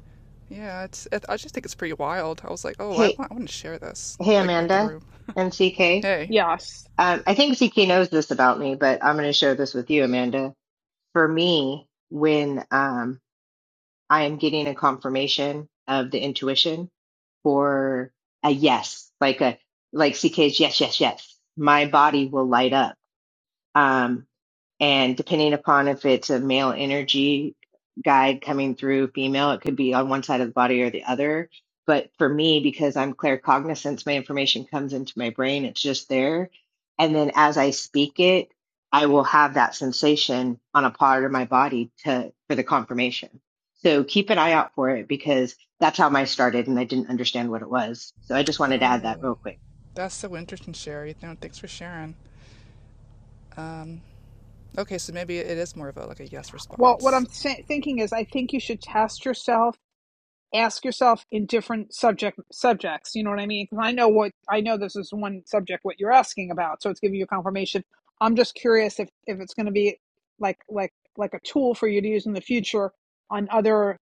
F: Yeah, it's it, I just think it's pretty wild. I was like, "Oh, I
E: hey,
F: want I want to share this
E: hey,
F: like with the
E: Amanda
F: room."
E: and CK.
F: Hey.
A: Yes.
E: Um, I think CK knows this about me, but I'm going to share this with you, Amanda. For me, when um, I am getting a confirmation of the intuition for a yes, like a like CK's yes, yes, yes, my body will light up. Um, and depending upon if it's a male energy guide coming through female, it could be on one side of the body or the other. But for me, because I'm claircognizance, my information comes into my brain, it's just there. And then as I speak it, I will have that sensation on a part of my body to for the confirmation. So keep an eye out for it because that's how mine started and I didn't understand what it was. So I just wanted to add that
F: Oh.
E: real quick.
F: That's so interesting, Sherry. No, thanks for sharing. Um. Okay, so maybe it is more of a like a yes
A: Well, what I'm
F: response.
A: sa- thinking is, I think you should test yourself, ask yourself in different subject subjects. You know what I mean? Because I know what I know. This is one subject what you're asking about, so it's giving you confirmation. I'm just curious if if it's going to be like like like a tool for you to use in the future on other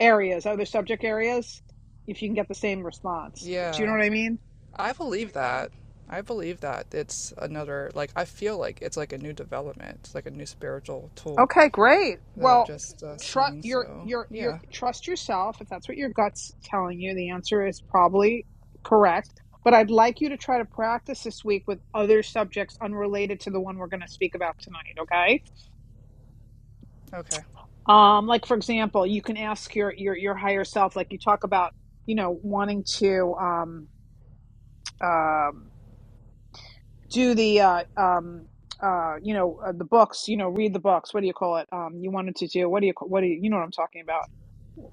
A: areas, other subject areas, if you can get the same response. Do you know
F: Yeah.
A: what I mean?
F: I believe that. I believe that it's another like I feel like it's like a new development, it's like a new spiritual tool
A: Okay, great.
F: that I've
A: Well,
F: just uh,
A: trust
F: seen.
A: your
F: So,
A: your your
F: yeah.
A: trust yourself. If that's what your gut's telling you, the answer is probably correct. But I'd like you to try to practice this week with other subjects unrelated to the one we're going to speak about tonight. Okay.
F: Okay.
A: Um, like for example, you can ask your your your higher self, like you talk about, you know, wanting to um um do the uh um uh you know uh, the books you know read the books what do you call it um you wanted to do what do you ca- what do you you know what i'm talking about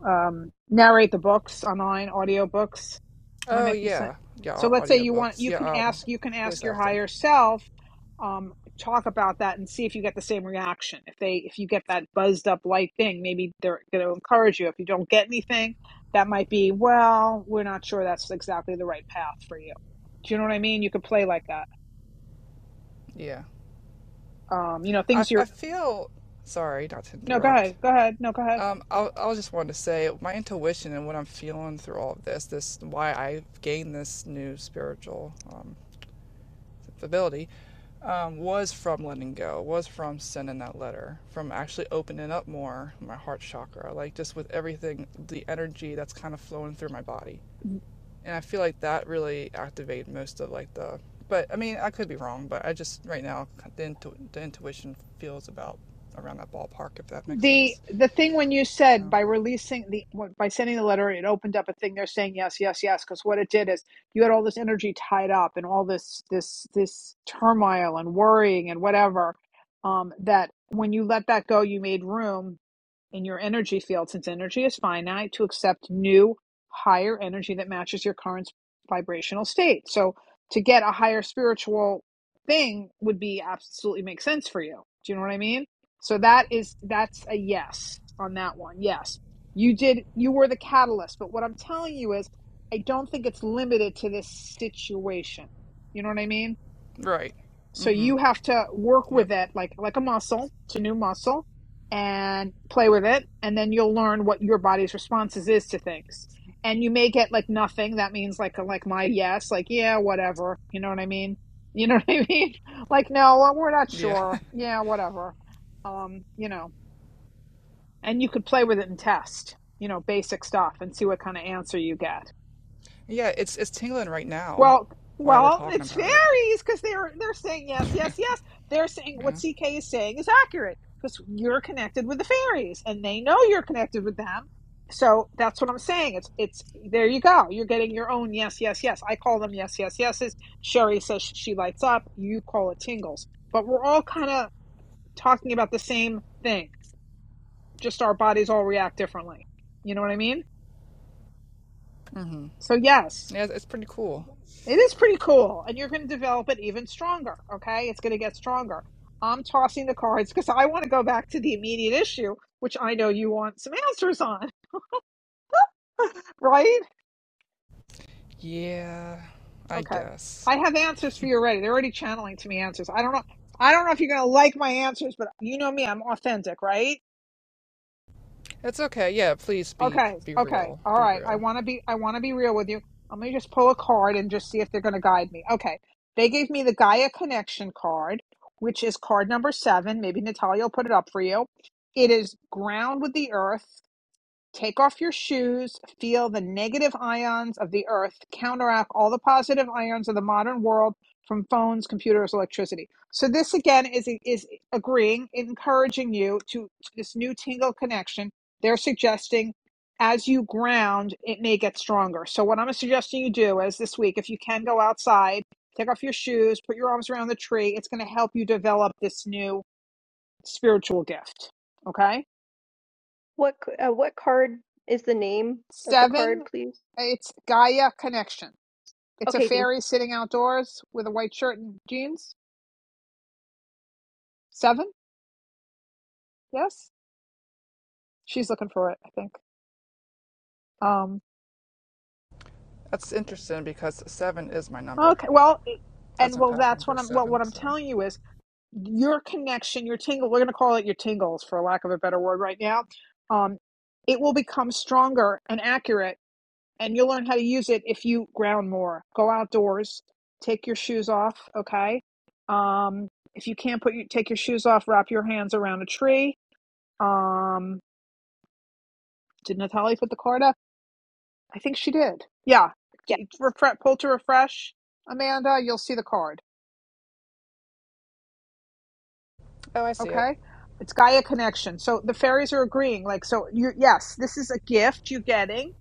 A: um, narrate the books online, audio books. Am I
F: Oh,
A: making sense?
F: yeah. Yeah,
A: So
F: au-
A: let's say you want
F: audiobooks.
A: you can
F: Yeah, um
A: ask you can ask
F: voice
A: your
F: acting.
A: higher self, um, talk about that and see if you get the same reaction. If they if you get that buzzed up light thing, maybe they're going to encourage you. If you don't get anything, that might be well, we're not sure that's exactly the right path for you. Do you know what I mean? You could play like that.
F: Yeah.
A: Um, you know
F: I,
A: things
F: f- I
A: you're.
F: feel sorry not to
A: No, go
F: interrupt.
A: ahead. Go ahead. No, go ahead.
F: Um, I, I was just wanted to say my intuition and what I'm feeling through all of this, this why I gained this new spiritual um, ability um, was from letting go, was from sending that letter, from actually opening up more my heart chakra, like just with everything, the energy that's kind of flowing through my body. And I feel like that really activated most of like the, but I mean, I could be wrong, but I just right now, the, intu- the intuition feels about around that ballpark, if that makes
A: the
F: sense.
A: the thing when you said
F: So,
A: by releasing the by sending the letter it opened up a thing they're saying yes yes yes because what it did is you had all this energy tied up and all this this this turmoil and worrying and whatever um that when you let that go you made room in your energy field since energy is finite to accept new higher energy that matches your current vibrational state so to get a higher spiritual thing would be absolutely make sense for you do you know what i mean so that is that's a yes on that one yes you did you were the catalyst but what i'm telling you is i don't think it's limited to this situation you know what i mean
F: right.
A: so
F: Mm hmm.
A: you have to work
F: Yep.
A: with it like like a muscle. It's a new muscle, and play with it, and then you'll learn what your body's responses is to things. And you may get like nothing. That means like like my yes, like yeah, whatever. You know what I mean? You know what I mean? Like no, well, we're not
F: Yeah.
A: sure. Yeah, whatever. Um, you know, and you could play with it and test. You know, basic stuff and see what kind of answer you get.
F: yeah, it's, it's tingling right now
A: Well,
F: while we're
A: well,
F: talking
A: it's
F: about it.
A: fairies because they're they're saying yes, yes, yes. They're saying what
F: yeah.
A: CK is saying is accurate because you're connected with the fairies and they know you're connected with them. So that's what I'm saying. It's it's there you go. You're getting your own yes, yes, yes. I call them yes, yes, yeses. Sherry says sh- she lights up. You call it tingles. But we're all kind of talking about the same thing. Just our bodies all react differently. You know what I mean?
F: Mm hmm.
A: So yes.
F: Yeah, it's it's pretty cool.
A: It is pretty cool, and you're going to develop it even stronger. Okay, it's going to get stronger. I'm tossing the cards because I want to go back to the immediate issue, which I know you want some answers on, right?
F: Yeah, I
A: Okay,
F: guess.
A: I have answers for you already. They're already channeling to me answers. I don't know. I don't know if you're going to like my answers, but you know me. I'm authentic, right?
F: It's okay. Yeah, please be
A: Okay,
F: be
A: okay,
F: real.
A: all
F: Be
A: right. I
F: real.
A: want to be I want to be real with you. Let me just pull a card and just see if they're going to guide me. Okay, they gave me the Gaia Connection card, which is card number seven. Maybe Natalia will put it up for you. It is ground with the earth. Take off your shoes, feel the negative ions of the earth counteract all the positive ions of the modern world from phones, computers, electricity. So this again is is agreeing, encouraging you to, to this new tingle connection. They're suggesting as you ground, it may get stronger. So what I'm suggesting you do is this week, if you can go outside, take off your shoes, put your arms around the tree. It's going to help you develop this new spiritual gift. Okay.
B: What uh, what card is the name of the
A: Seven,
B: card, please?
A: it's Gaia Connection. It's a
B: Okay, thank you.
A: fairy sitting outdoors with a white shirt and jeans. Seven, yes, she's looking for it. I think. Um.
F: That's interesting because seven is my number.
A: Okay. Well,
F: That's
A: and
F: my
A: well,
F: path
A: that's
F: number
A: what I'm. Well,
F: seven.
A: what I'm
F: So.
A: telling you is your connection, your tingle. We're going to call it your tingles for lack of a better word right now. Um, it will become stronger and accurate and you'll learn how to use it if you ground more. Go outdoors, take your shoes off, okay? Um, if you can't put your, take your shoes off, wrap your hands around a tree. Um, did Natalie put the card up? I think she did. Yeah.
B: yeah.
A: Refre- pull to refresh, Amanda, you'll see the card,
F: Oh, I see it.
A: okay? It's Gaia Connection. So the fairies are agreeing. Like, so you yes, this is a gift you're getting.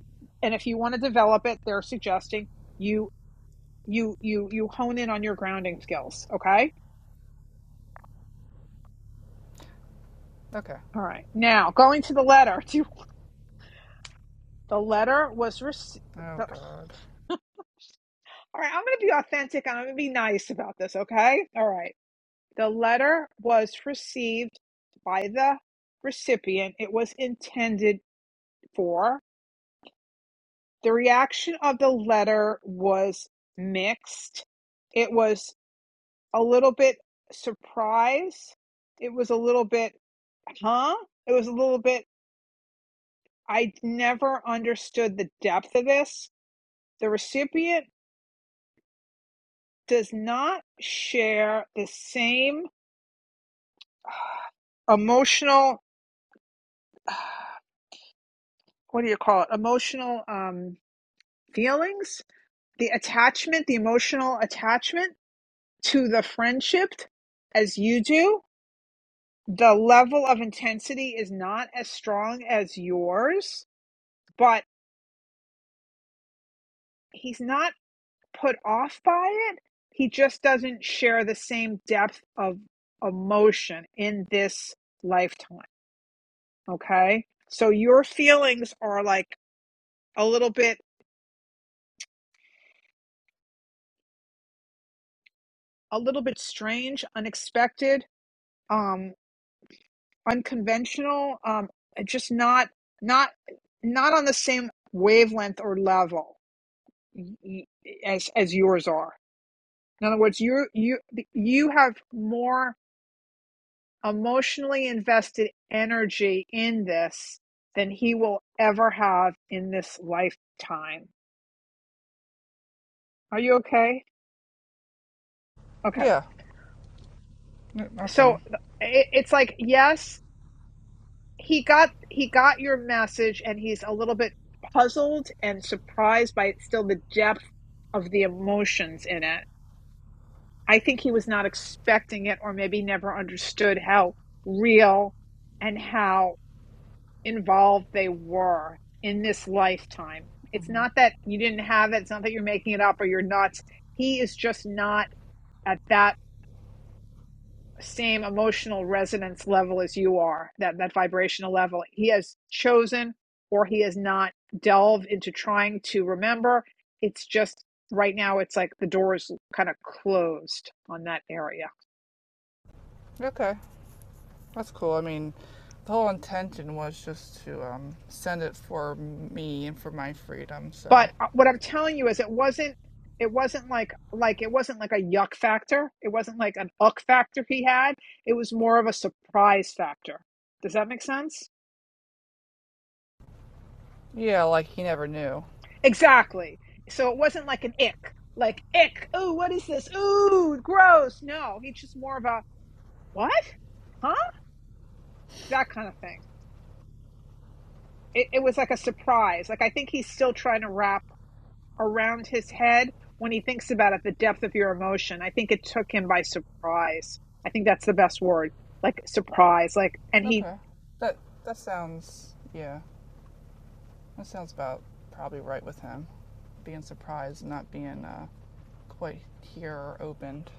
A: And if you want to develop it, they're suggesting you you you you hone in on your grounding skills, okay?
F: Okay.
A: All right. Now, going to the letter. Do you- the letter was received.
F: Oh
A: All
F: God.
A: right, I'm going to be authentic and I'm going to be nice about this, okay? All right. The letter was received by the recipient it was intended for. The reaction of the letter was mixed. It was a little bit surprised. It was a little bit, huh? It was a little bit, I never understood the depth of this. The recipient does not share the same emotional what do you call it emotional um feelings the attachment the emotional attachment to the friendship as you do the level of intensity is not as strong as yours but he's not put off by it he just doesn't share the same depth of emotion in this lifetime okay so your feelings are like a little bit a little bit strange unexpected um unconventional um just not not not on the same wavelength or level as as yours are in other words you you you have more emotionally invested energy in this than he will ever have in this lifetime are you okay okay
F: Yeah. Yep, Not
A: so
F: fun.
A: it, it's like yes he got he got your message and he's a little bit puzzled and surprised by still the depth of the emotions in it i think he was not expecting it or maybe never understood how real and how involved they were in this lifetime it's
F: hmm
A: not that you didn't have it it's not that you're making it up or you're nuts he is just not at that same emotional resonance level as you are, that, that vibrational level. He has chosen or he has not delved into trying to remember. It's just right now, it's like the door is kind of closed on that area.
F: Okay. That's cool. I mean, the whole intention was just to um, send it for me and for my freedom. So.
A: But uh, what I'm telling you is it wasn't it wasn't like like it wasn't like a yuck factor. It wasn't like an uck factor he had. It was more of a surprise factor. Does that make sense?
F: Yeah, like he never knew.
A: Exactly. So it wasn't like an ick, like ick. Ooh, what is this? Ooh, gross. No, he's just more of a what? Huh? That kind of thing. It, it was like a surprise. Like I think he's still trying to wrap around his head when he thinks about it, the depth of your emotion. I think it took him by surprise. I think that's the best word. Like surprise. Like and he
F: Okay. That that sounds. Yeah. That sounds about probably right with him. being surprised, not being uh, quite here or opened.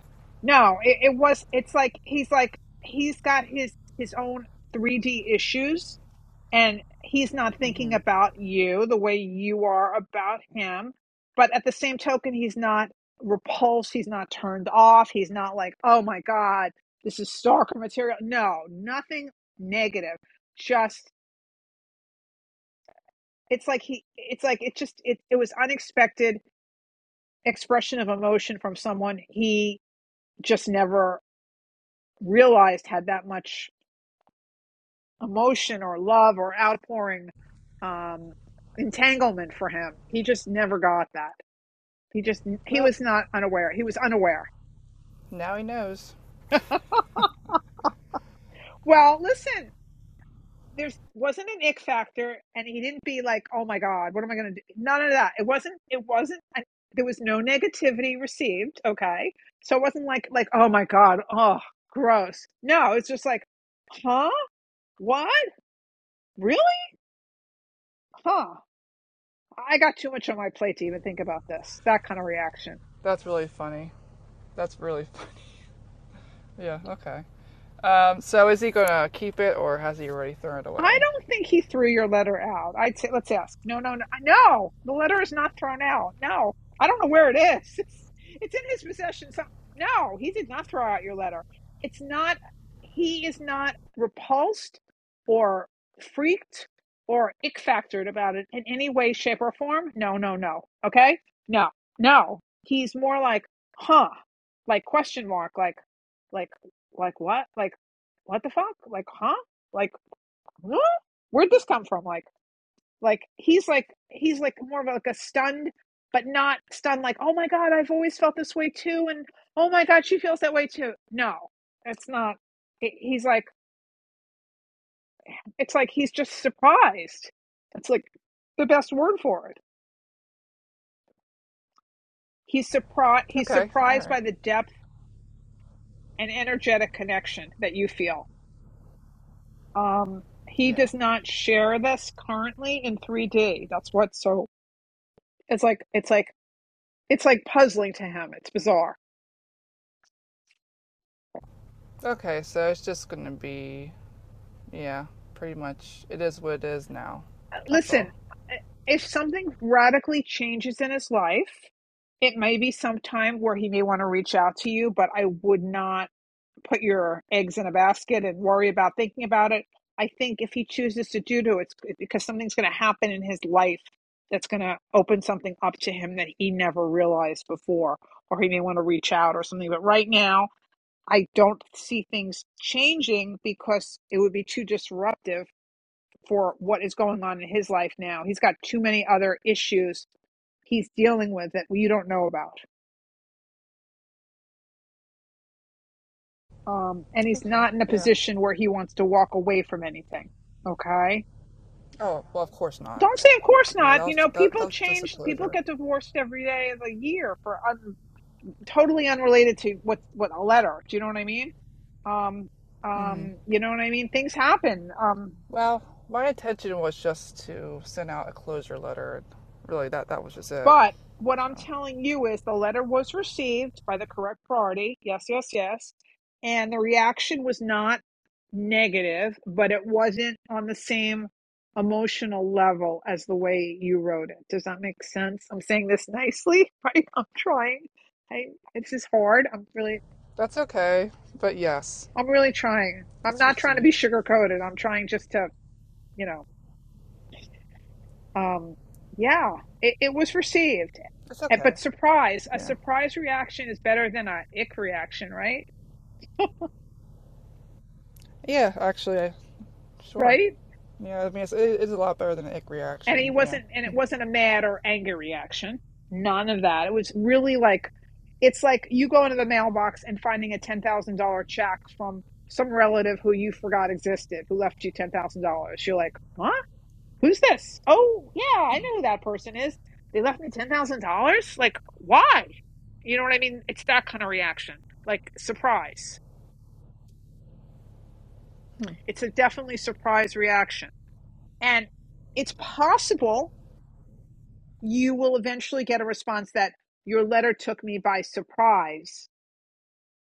A: no, it, it was. It's like he's like he's got his his own 3D issues and he's not thinking
F: hmm
A: about you the way you are about him but at the same token he's not repulsed he's not turned off he's not like oh my god this is stalker material no nothing negative just it's like he it's like it just it, it was unexpected expression of emotion from someone he just never realized had that much emotion or love or outpouring um entanglement for him he just never got that He just he
F: Well,
A: was not unaware. He was unaware.
F: now he knows.
A: Well, listen, there's wasn't an ick factor, and he didn't be like, "Oh my God, what am I going to do?" None of that. It wasn't. It wasn't. An, there was no negativity received. Okay, so it wasn't like like, "Oh my God, oh gross." No, it's just like, "Huh? What? Really? Huh?" I got too much on my plate to even think about this. That kind of reaction.
F: That's really funny. That's really funny. yeah, okay. Um, so is he gonna keep it or has he already thrown it
A: I
F: away?
A: don't think he threw your letter out. I'd say, let's ask. No, no, no. No, the letter is not thrown out. No, I don't know where it is. It's, it's in his possession. So, no, he did not throw out your letter. It's not, he is not repulsed or freaked or ick factored about it in any way, shape, or form. No, no, no. Okay? No, no. He's more like, huh, like question mark, like, like, like what? Like, what the fuck? Like, huh? like. huh? where'd this come from? Like, like he's like he's like more of like a stunned, but not stunned. Like, oh my god, I've always felt this way too, and oh my god, she feels that way too. No, it's not. He's like, it's like he's just surprised. It's like the best word for it. He's surprised. He's
F: Okay,
A: surprised
F: alright.
A: by the depth and energetic connection that you feel. Um, he
F: Yeah.
A: does not share this currently in 3D. That's what's so. It's like it's like it's like puzzling to him. It's bizarre
F: Okay, so it's just gonna be, yeah, pretty much it is what it is now. That's all.
A: Listen, if something radically changes in his life, it may be sometime where he may want to reach out to you, but I would not put your eggs in a basket and worry about thinking about it. I think if he chooses to do to it's it's because something's going to happen in his life that's going to open something up to him that he never realized before, or he may want to reach out or something. But right now, I don't see things changing because it would be too disruptive for what is going on in his life now. He's got too many other issues he's dealing with that you don't know about. Um, and he's
F: Okay,
A: not in a
F: yeah.
A: position where he wants to walk away from anything. Okay.
F: Oh, well, of course not.
A: Don't say, of course
F: Yeah,
A: not.
F: that
A: You
F: was,
A: know,
F: that, that
A: people
F: was just a
A: change. People
F: closure.
A: get divorced every day of the year for un- totally unrelated to what what a letter. Do you know what I mean? Um,
F: Mm hmm.
A: um, you know what I mean? Things happen. Um,
F: Well, my intention was just to send out a closure letter, and really that that was just it.
A: But what I'm
F: So
A: telling you is the letter was received by the correct party. Yes, yes, yes. And the reaction was not negative, but it wasn't on the same emotional level as the way you wrote it. Does that make sense? I'm saying this nicely, right? I'm trying. I, this is hard. I'm really,
F: that's okay. But yes,
A: I'm really trying. I'm
F: it's
A: not trying to be
F: received.
A: sugar coated. I'm trying just to, you know. Um, yeah, it, it was received.
F: It's
A: and But
F: okay.
A: surprise, a
F: Yeah.
A: surprise reaction is better than a ick reaction, right?
F: Yeah. Actually, I, sure.
A: Right?
F: Yeah. I mean, it's, it, it's a lot better than an ick
A: And he
F: reaction. Yeah.
A: wasn't, and it wasn't a mad or anger reaction. None of that. It was really like, it's like you go into the mailbox and finding a $10,000 check from some relative who you forgot existed, who left you $10,000. You're like, huh? Who's this? Oh, yeah, I know who that person is. They left me $10,000? Like, why? You know what I mean? It's that kind of reaction. Like, surprise.
F: Mm-hmm.
A: It's a definitely surprise reaction. And it's possible you will eventually get a response that your letter took me by surprise.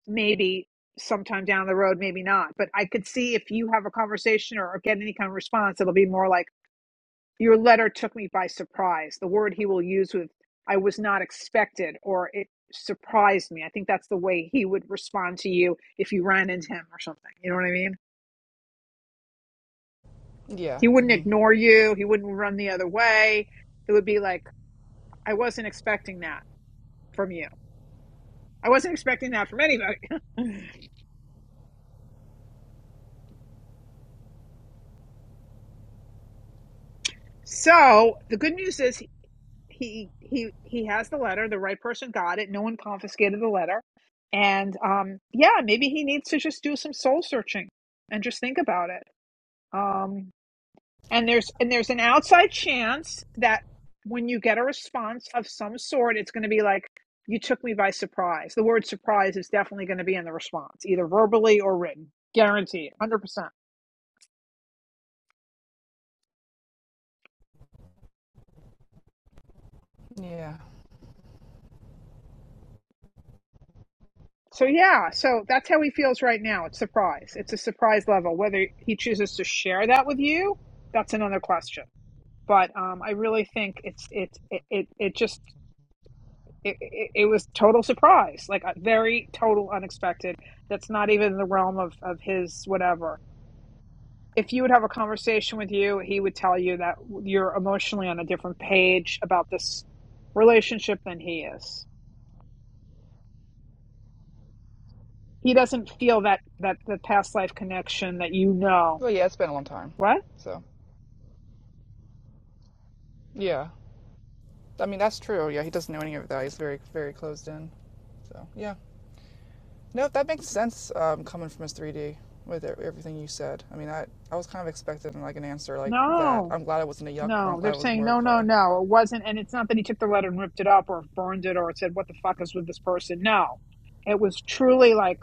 A: Maybe sometime down the road, maybe not. But I could see if you have a conversation or, or get any kind of response, it'll be more like, your letter took me by surprise. The word he will use with I was not expected or it surprised me. I think that's the way he would respond to you if you ran into him or something. You know what I mean?
F: yeah.
A: He wouldn't
F: hmm
A: ignore you, he wouldn't run the other way. It would be like, I wasn't expecting that from you. I wasn't expecting that from anybody. so the good news is he he he has the letter the right person got it no one confiscated the letter and um yeah maybe he needs to just do some soul searching and just think about it um and there's and there's an outside chance that when you get a response of some sort it's going to be like you took me by surprise the word surprise is definitely going to be in the response either verbally or written guaranteed 100%
F: Yeah.
A: So yeah, so that's how he feels right now. It's surprise. It's a surprise level. Whether he chooses to share that with you, that's another question. But um, I really think it's it it it, it just it, it, it was total surprise, like a very total unexpected. That's not even in the realm of of his whatever. If you would have a conversation with you, he would tell you that you're emotionally on a different page about this relationship than he is. He doesn't feel that that the past life connection that you know.
F: Well, yeah. It's been a long time.
A: What?
F: So yeah. I mean, that's true. Yeah. He doesn't know any of that. He's very very closed in. So yeah. No, that makes sense um, coming from his 3D with e- everything you said. I mean, I, I was kind of expecting like an answer like that.
A: No,
F: I'm glad it wasn't a yuck one.
A: no.
F: I'm
A: They're
F: glad it was
A: saying
F: more
A: no,
F: of
A: no,
F: a
A: no. It wasn't, and it's not that he took the letter and ripped it up or burned it or said, "What the fuck is with this person?" No, it was truly like,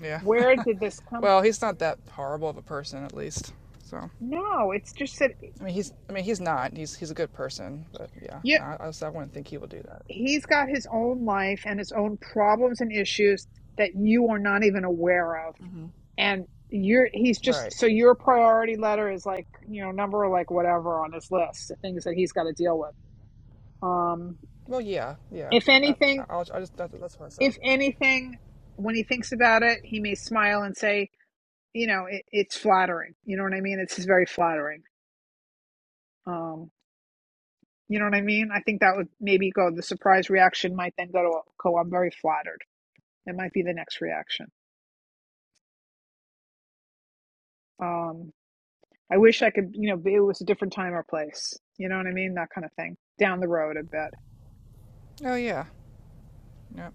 F: yeah.
A: "Where did this come?"
F: Well, he's not that horrible of a person at least. So
A: No, it's just that
F: I mean, he's I mean he's not. He's he's a good person, but yeah,
A: yeah,
F: no, I, I just I wouldn't think he would do that.
A: he's got his own life and his own problems and issues that you are not even aware of, and you're he's just
F: Right.
A: so your priority letter is like you know number like whatever on his list, the things that he's got to deal with. Um,
F: Well, yeah, yeah.
A: if
F: I,
A: anything.
F: I- I'll, I just that, that's what I said.
A: If anything, when he thinks about it, he may smile and say, you know, it, it's flattering. You know what I mean? It's just very flattering. Um, you know what I mean? I think that would maybe go, the surprise reaction might then go to, go, I'm very flattered. It might be the next reaction. Um, I wish I could, you know, it was a different time or place. You know what I mean? That kind of thing. Down the road a bit.
F: Oh yeah. Yep.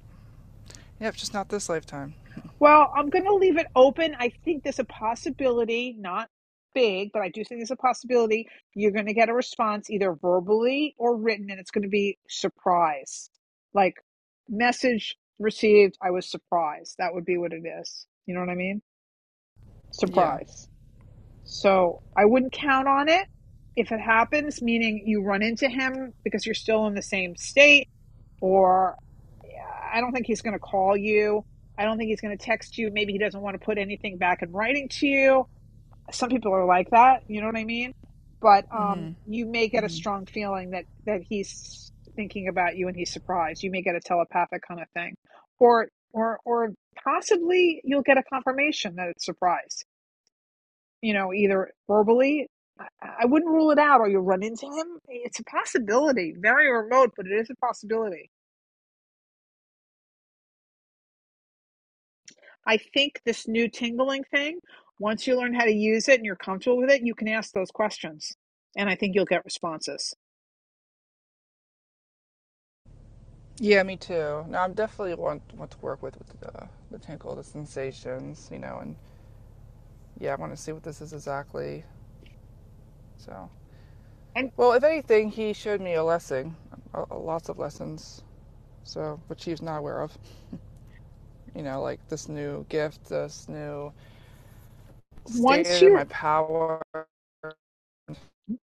F: Yep. Just not this lifetime.
A: Well, I'm going to leave it open. I think there's a possibility, not big, but I do think there's a possibility you're going to get a response either verbally or written, and it's going to be surprise. Like, message received, I was surprised. That would be what it is. You know what I mean?
F: Yeah.
A: Surprise. So I wouldn't count on it. If it happens, meaning you run into him because you're still in the same state, or. I don't think he's going to call you. I don't think he's going to text you. Maybe he doesn't want to put anything back in writing to you. Some people are like that. You know what I mean? But um, you may get a strong feeling that that he's thinking about you and he's surprised. You may get a telepathic kind of thing, or or or possibly you'll get a confirmation that it's surprise. You know, either verbally. I I wouldn't rule it out, or you'll run into him. It's a possibility, very remote, but it is a possibility I think this new tingling thing, once you learn how to use it and you're comfortable with it, you can ask those questions. And I think you'll get responses.
F: Yeah, me too. No, I'm definitely want want to work with with the, the tinkle, the sensations, you know, and yeah, I want to see what this is exactly. So,
A: And
F: well, if anything, he showed me a lesson, a, lots of lessons. So, which he's not aware of. You know, like this new gift, this new
A: once
F: staying in my
A: you're,
F: power,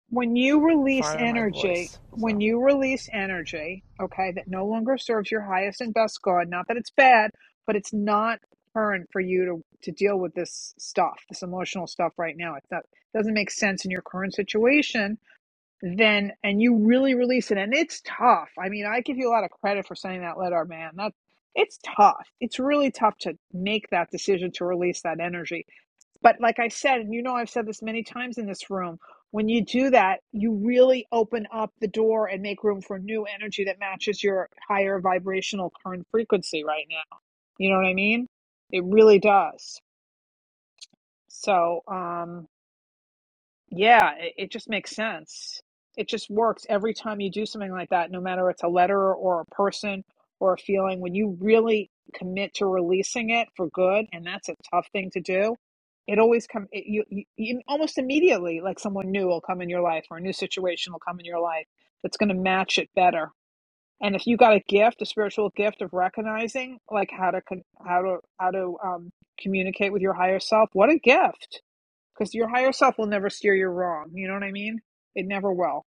A: when you release
F: finding my
A: energy,
F: voice.
A: when
F: So,
A: you release energy, okay, that no longer serves your highest and best good, not that it's bad, but it's not current for you to, to deal with this stuff, this emotional stuff right now. It doesn't make sense in your current situation then and you really release it and it's tough i mean i give you a lot of credit for sending that letter man that it's tough it's really tough to make that decision to release that energy but like i said and you know i've said this many times in this room when you do that you really open up the door and make room for new energy that matches your higher vibrational current frequency right now you know what i mean it really does so um, yeah, it, it just makes sense. It just works every time you do something like that, no matter it's a letter or a person or a feeling. When you really commit to releasing it for good, and that's a tough thing to do, it always come. It, you, you you- almost immediately, like someone new will come in your life or a new situation will come in your life that's going to match it better. And if you got a gift, a spiritual gift of recognizing, like how to con- how to how to um, communicate with your higher self, what a gift! because your higher self will never steer you wrong. You know what I mean? It never will.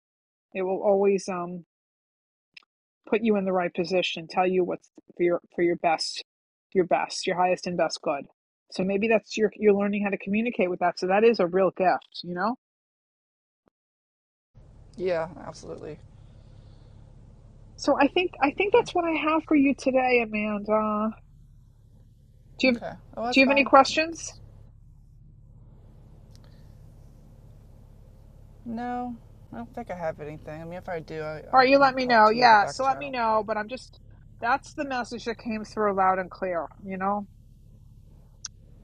A: It will always um put you in the right position, tell you what's for your for your best, your best, your highest and best good. So maybe that's your you're learning how to communicate with that. So that is a real gift, you know.
F: yeah, absolutely.
A: So I think I think
F: Yeah.
A: that's what I have for you today, Amanda. Do you have,
F: Okay. Oh,
A: do
F: that's
A: you have any
F: fine.
A: questions?
F: That's, no, I don't think I have anything. I mean, if I do, I,
A: All
F: I
A: right, you
F: can
A: let me
F: talk
A: know.
F: to you in the
A: Yeah,
F: back
A: so let me
F: channel. But,
A: know. But I'm just that's the message that came through loud and clear, you know.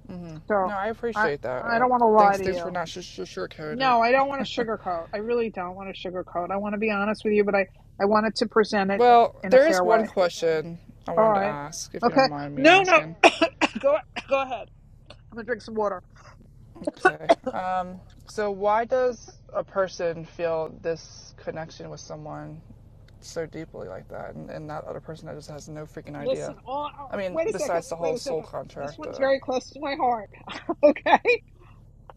F: hmm
A: So
F: no, I
A: I
F: appreciate that.
A: I
F: Uh,
A: don't want to lie
F: thanks,
A: to
F: thanks for
A: you.
F: not sh- sh- sugarcoating
A: No, I don't want
F: it.
A: to sugarcoat. I really don't want to sugarcoat. I want to be honest with you, but I I wanted to present it i-
F: Well,
A: in a
F: there
A: fair
F: is one
A: way.
F: question I
A: All
F: wanted to
A: right.
F: ask, if you
A: Okay.
F: don't mind me
A: No, no.
F: asking.
A: Go go ahead. I'm gonna drink some water.
F: Okay. Um, so, why does a person feel this connection with someone so deeply like that, and, and that other person that just has no freaking
A: Listen.
F: idea?
A: All,
F: I
A: all-
F: mean,
A: wait a second.
F: besides the
A: Wait
F: whole
A: a
F: soul
A: second. This
F: contract.
A: one's
F: Uh,
A: very close to my heart. okay.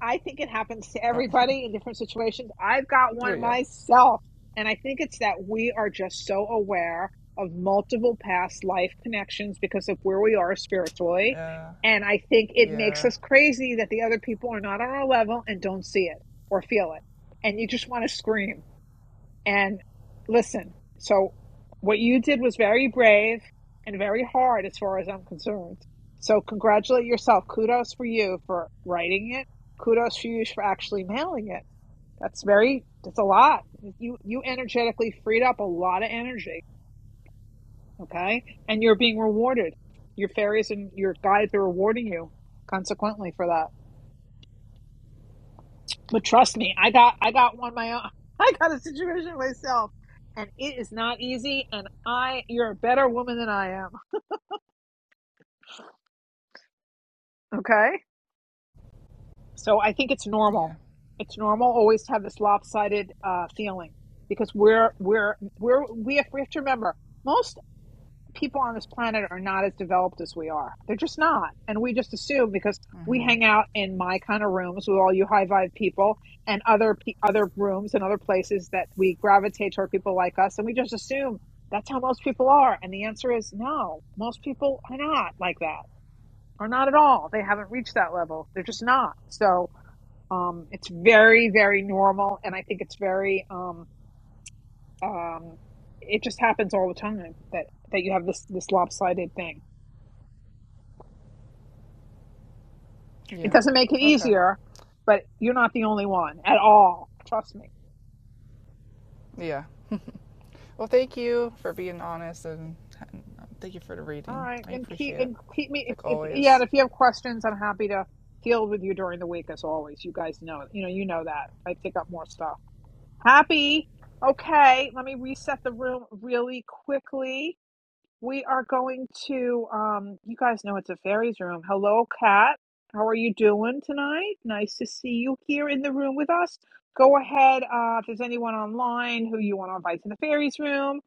A: I think it happens to
F: no.
A: everybody in different situations. I've got
F: Well,
A: one
F: yeah.
A: myself. And I think it's that we are just so aware of multiple past life connections because of where we are spiritually.
F: Yeah.
A: And I think it makes
F: Yeah.
A: us crazy that the other people are not on our level and don't see it or feel it. And you just want to scream. And listen, so what you did was very brave and very hard as far as I'm concerned. So congratulate yourself. Kudos for you for writing it. Kudos for you for actually mailing it. That's very that's a lot. You you energetically freed up a lot of energy, okay? And you're being rewarded. Your fairies and your guides are rewarding you consequently for that. But trust me, I got I got one my own. I got a situation myself, and it is not easy. And I, you're a better woman than I am. Okay, so I think it's normal.
F: Yeah.
A: It's normal always to have this lopsided uh, feeling because we're we're we're we have, we have to remember most people on this planet are not as developed as we are. They're just not. And we just assume because we hang out in my kind of rooms with all you high vibe people and other pe- other rooms and other places that we gravitate toward people like us and we just assume that's how most people are. And the answer is no. Most people are not like that. Or not at all. They haven't reached that level. They're just not. So um, it's very, very normal, and I think it's very um, um, it just happens all the time that that you have this this lopsided thing. It
F: Yeah.
A: doesn't make it
F: Okay.
A: easier, but you're not the only one at all. Trust me.
F: Yeah. Well, thank you for being honest, and and thank you for the
A: All
F: reading.
A: right,
F: I
A: and keep
F: appreciate it,
A: and keep me.
F: like
A: If, if yeah,
F: always.
A: and if you have questions, I'm happy to field with you during the week as always. You guys know, you know, you know that I pick up more stuff. Happy. Okay, let me reset the room really quickly. We are going to, um, you guys know it's a fairies room. Hello, Kat. How are you doing tonight? Nice to see you here in the room with us. Go ahead, uh, if there's anyone online who you want to invite to the fairies room,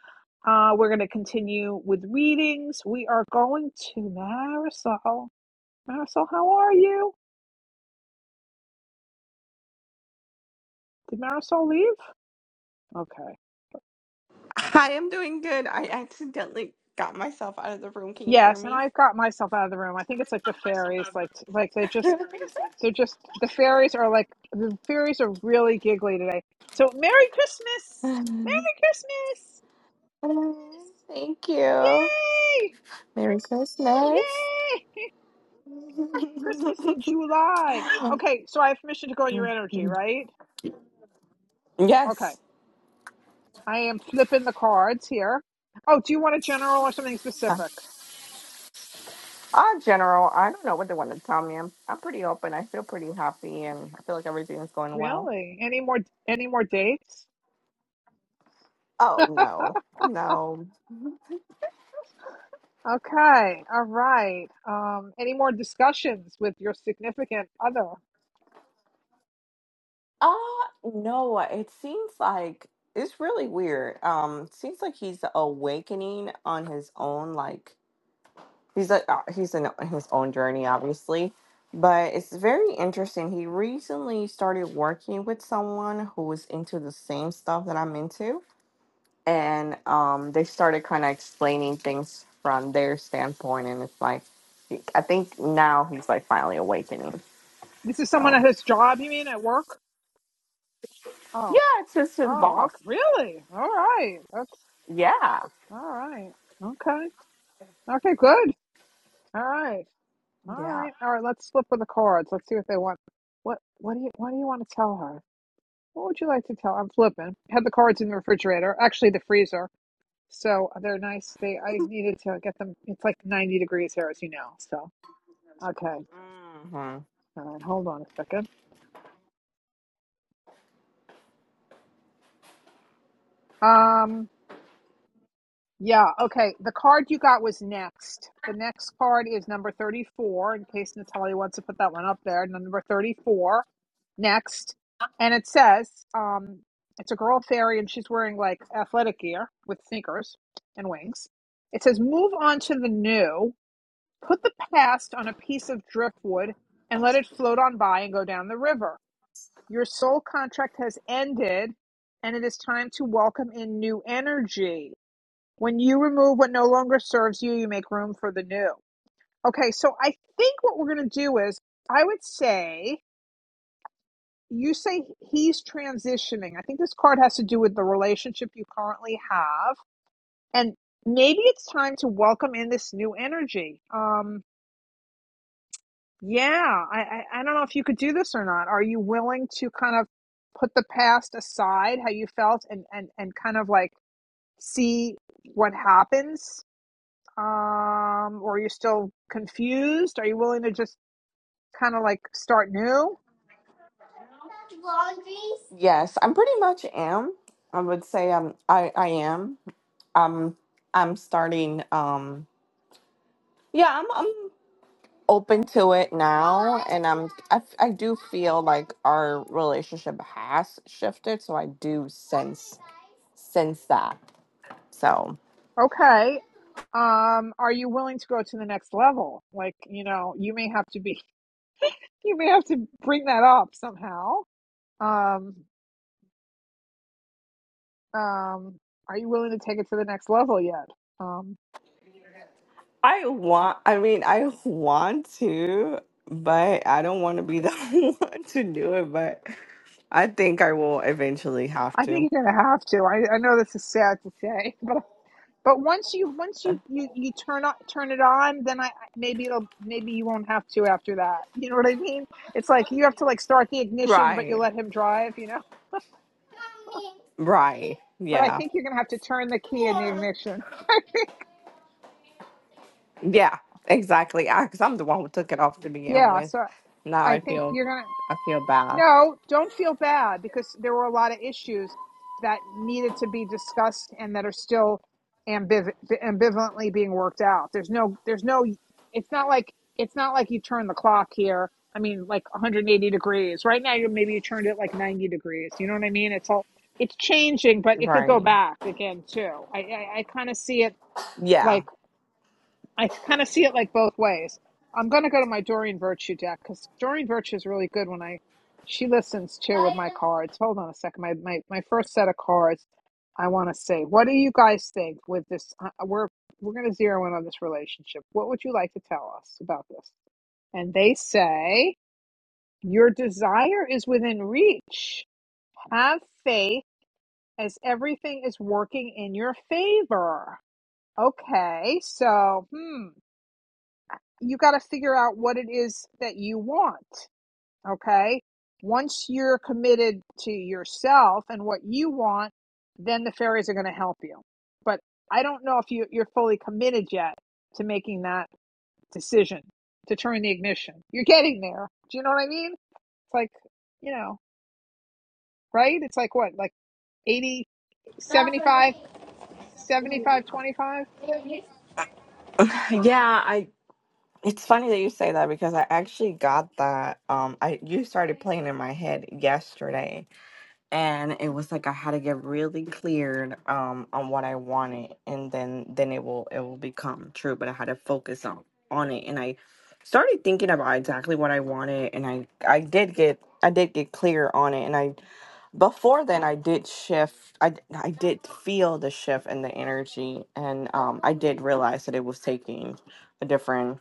A: uh, we're going to continue with readings. We are going to Marisol. Marisol, how are you? Did Marisol leave? Okay.
G: Hi, I'm doing good. I accidentally got myself out of the room. Can you hear
A: Yes, and
G: me?
A: I got myself out of the room. I think it's like the fairies, like like they just they're just the fairies are like the fairies are really giggly today. So Merry Christmas! Merry Christmas!
G: Thank you.
A: Yay!
G: Merry Christmas.
A: Yay! Christmas in July. Okay, so I have permission to go on your energy, right? Okay.
G: yes.
A: I am flipping the cards here. Oh, do you want a general or something specific?
G: Ah, General, I don't know what they want to tell me. I'm, I'm pretty open. I feel pretty happy and I feel like everything is going well.
A: Really? Any more any more dates?
G: Oh, no. No.
A: Okay. All right. Um, any more discussions with your significant other?
G: Uh, no, it seems like it's really weird. Um, seems like he's awakening on his own, like. he's like uh, he's in his own journey obviously but it's very interesting he recently started working with someone who was into the same stuff that i'm into and um, they started kind of explaining things from their standpoint and it's like i think now he's like finally awakening
A: This is someone
G: so
A: at his job, you mean, at work?
G: yeah
A: Oh.
G: it's just his
A: Oh,
G: boss
A: okay. Really? All right. Okay.
G: yeah
A: All right. Okay. Okay, good. All right. All
G: yeah
A: right. All right, let's flip with the cards. Let's see what they want. What what do you what do you want to tell her? What would you like to tell? I'm flipping. Had the cards in the refrigerator, actually the freezer. So they're nice. They I needed to get them. It's like 90 degrees here, as you know. So, okay.
G: hmm
A: All right, hold on a second. Um, yeah, okay. The card you got was next. The next card is number 34, in case Natalia wants to put that one up there. Number 34, next. And it says, um, it's a girl fairy and she's wearing like athletic gear with sneakers and wings. It says, move on to the new, put the past on a piece of driftwood and let it float on by and go down the river. Your soul contract has ended and it is time to welcome in new energy when you remove what no longer serves you, you make room for the new. Okay, so I think what we're going to do is I would say you say he's transitioning. I think this card has to do with the relationship you currently have. And maybe it's time to welcome in this new energy. Um, yeah, I, I, I don't know if you could do this or not. Are you willing to kind of put the past aside, how you felt, and, and, and kind of like see what happens Um, or you're still confused? Are you willing to just kind of like start new?
G: yes i'm pretty much am i would say i'm i i am um i'm I'm starting um Yeah, I'm I'm open to it now, and I'm I, f- I do feel like our relationship has shifted, so I do sense sense that. So
A: Okay. Um, are you willing to go to the next level? Like, you know, you may have to be, you may have to bring that up somehow. Um, um, are you willing to take it to the next level yet? Um,
G: I want, I mean, I want to, but I don't want to be the one to do it. But I think I will eventually have
A: I
G: to.
A: think you're going to have to. I, I know this is sad to say, but But once you once you you you turn on turn it on, then I maybe it'll maybe you won't have to after that. You know what I mean? It's like you have to like start the ignition, but you
G: Right,
A: let him drive. You know.
G: right,
A: But I
G: yeah,
A: think you're gonna have to turn the key in the ignition.
G: yeah, exactly. I. Because I'm the one who took it off to begin
A: Yeah.
G: with.
A: So
G: Now
A: I
G: I
A: think
G: feel
A: you're gonna.
G: I feel bad.
A: No, don't feel bad because there were a lot of issues that needed to be discussed and that are still ambiv- ambivalently being worked out. There's no, there's no, it's not like, it's not like you turn the clock here. I mean, like 180 degrees. Right now, you're maybe you turned it like 90 degrees. You know what I mean? It's all, it's changing, but it could go
G: Right.
A: back again too. I, I, I kind of see it
G: Yeah.
A: like I kind of see it like both ways. I'm going to go to my Doreen Virtue deck because Doreen Virtue is really good when I she listens too with my cards. Hold on a second. My my, my first set of cards. I want to say, what do you guys think with this? Uh, we're we're going to zero in on this relationship. What would you like to tell us about this? And they say your desire is within reach. Have faith, as everything is working in your favor. Okay, so hmm. you got to figure out what it is that you want. Okay. Once you're committed to yourself and what you want, then the fairies are going to help you. But I don't know if you, you're fully committed yet to making that decision to turn the ignition. You're getting there. Do you know what I mean? It's like, you know, right? It's like what, like 80, 75, 75, twenty-five.
G: Yeah, I it's funny that you say that because I actually got that um I you started playing in my head yesterday and it was like I had to get really cleared um on what I wanted and then then it will it will become true but I had to focus on on it and I started thinking about exactly what I wanted and I I did get I did get clear on it and I. before then i did shift i d- i did feel the shift in the energy and um i did realize that it was taking a different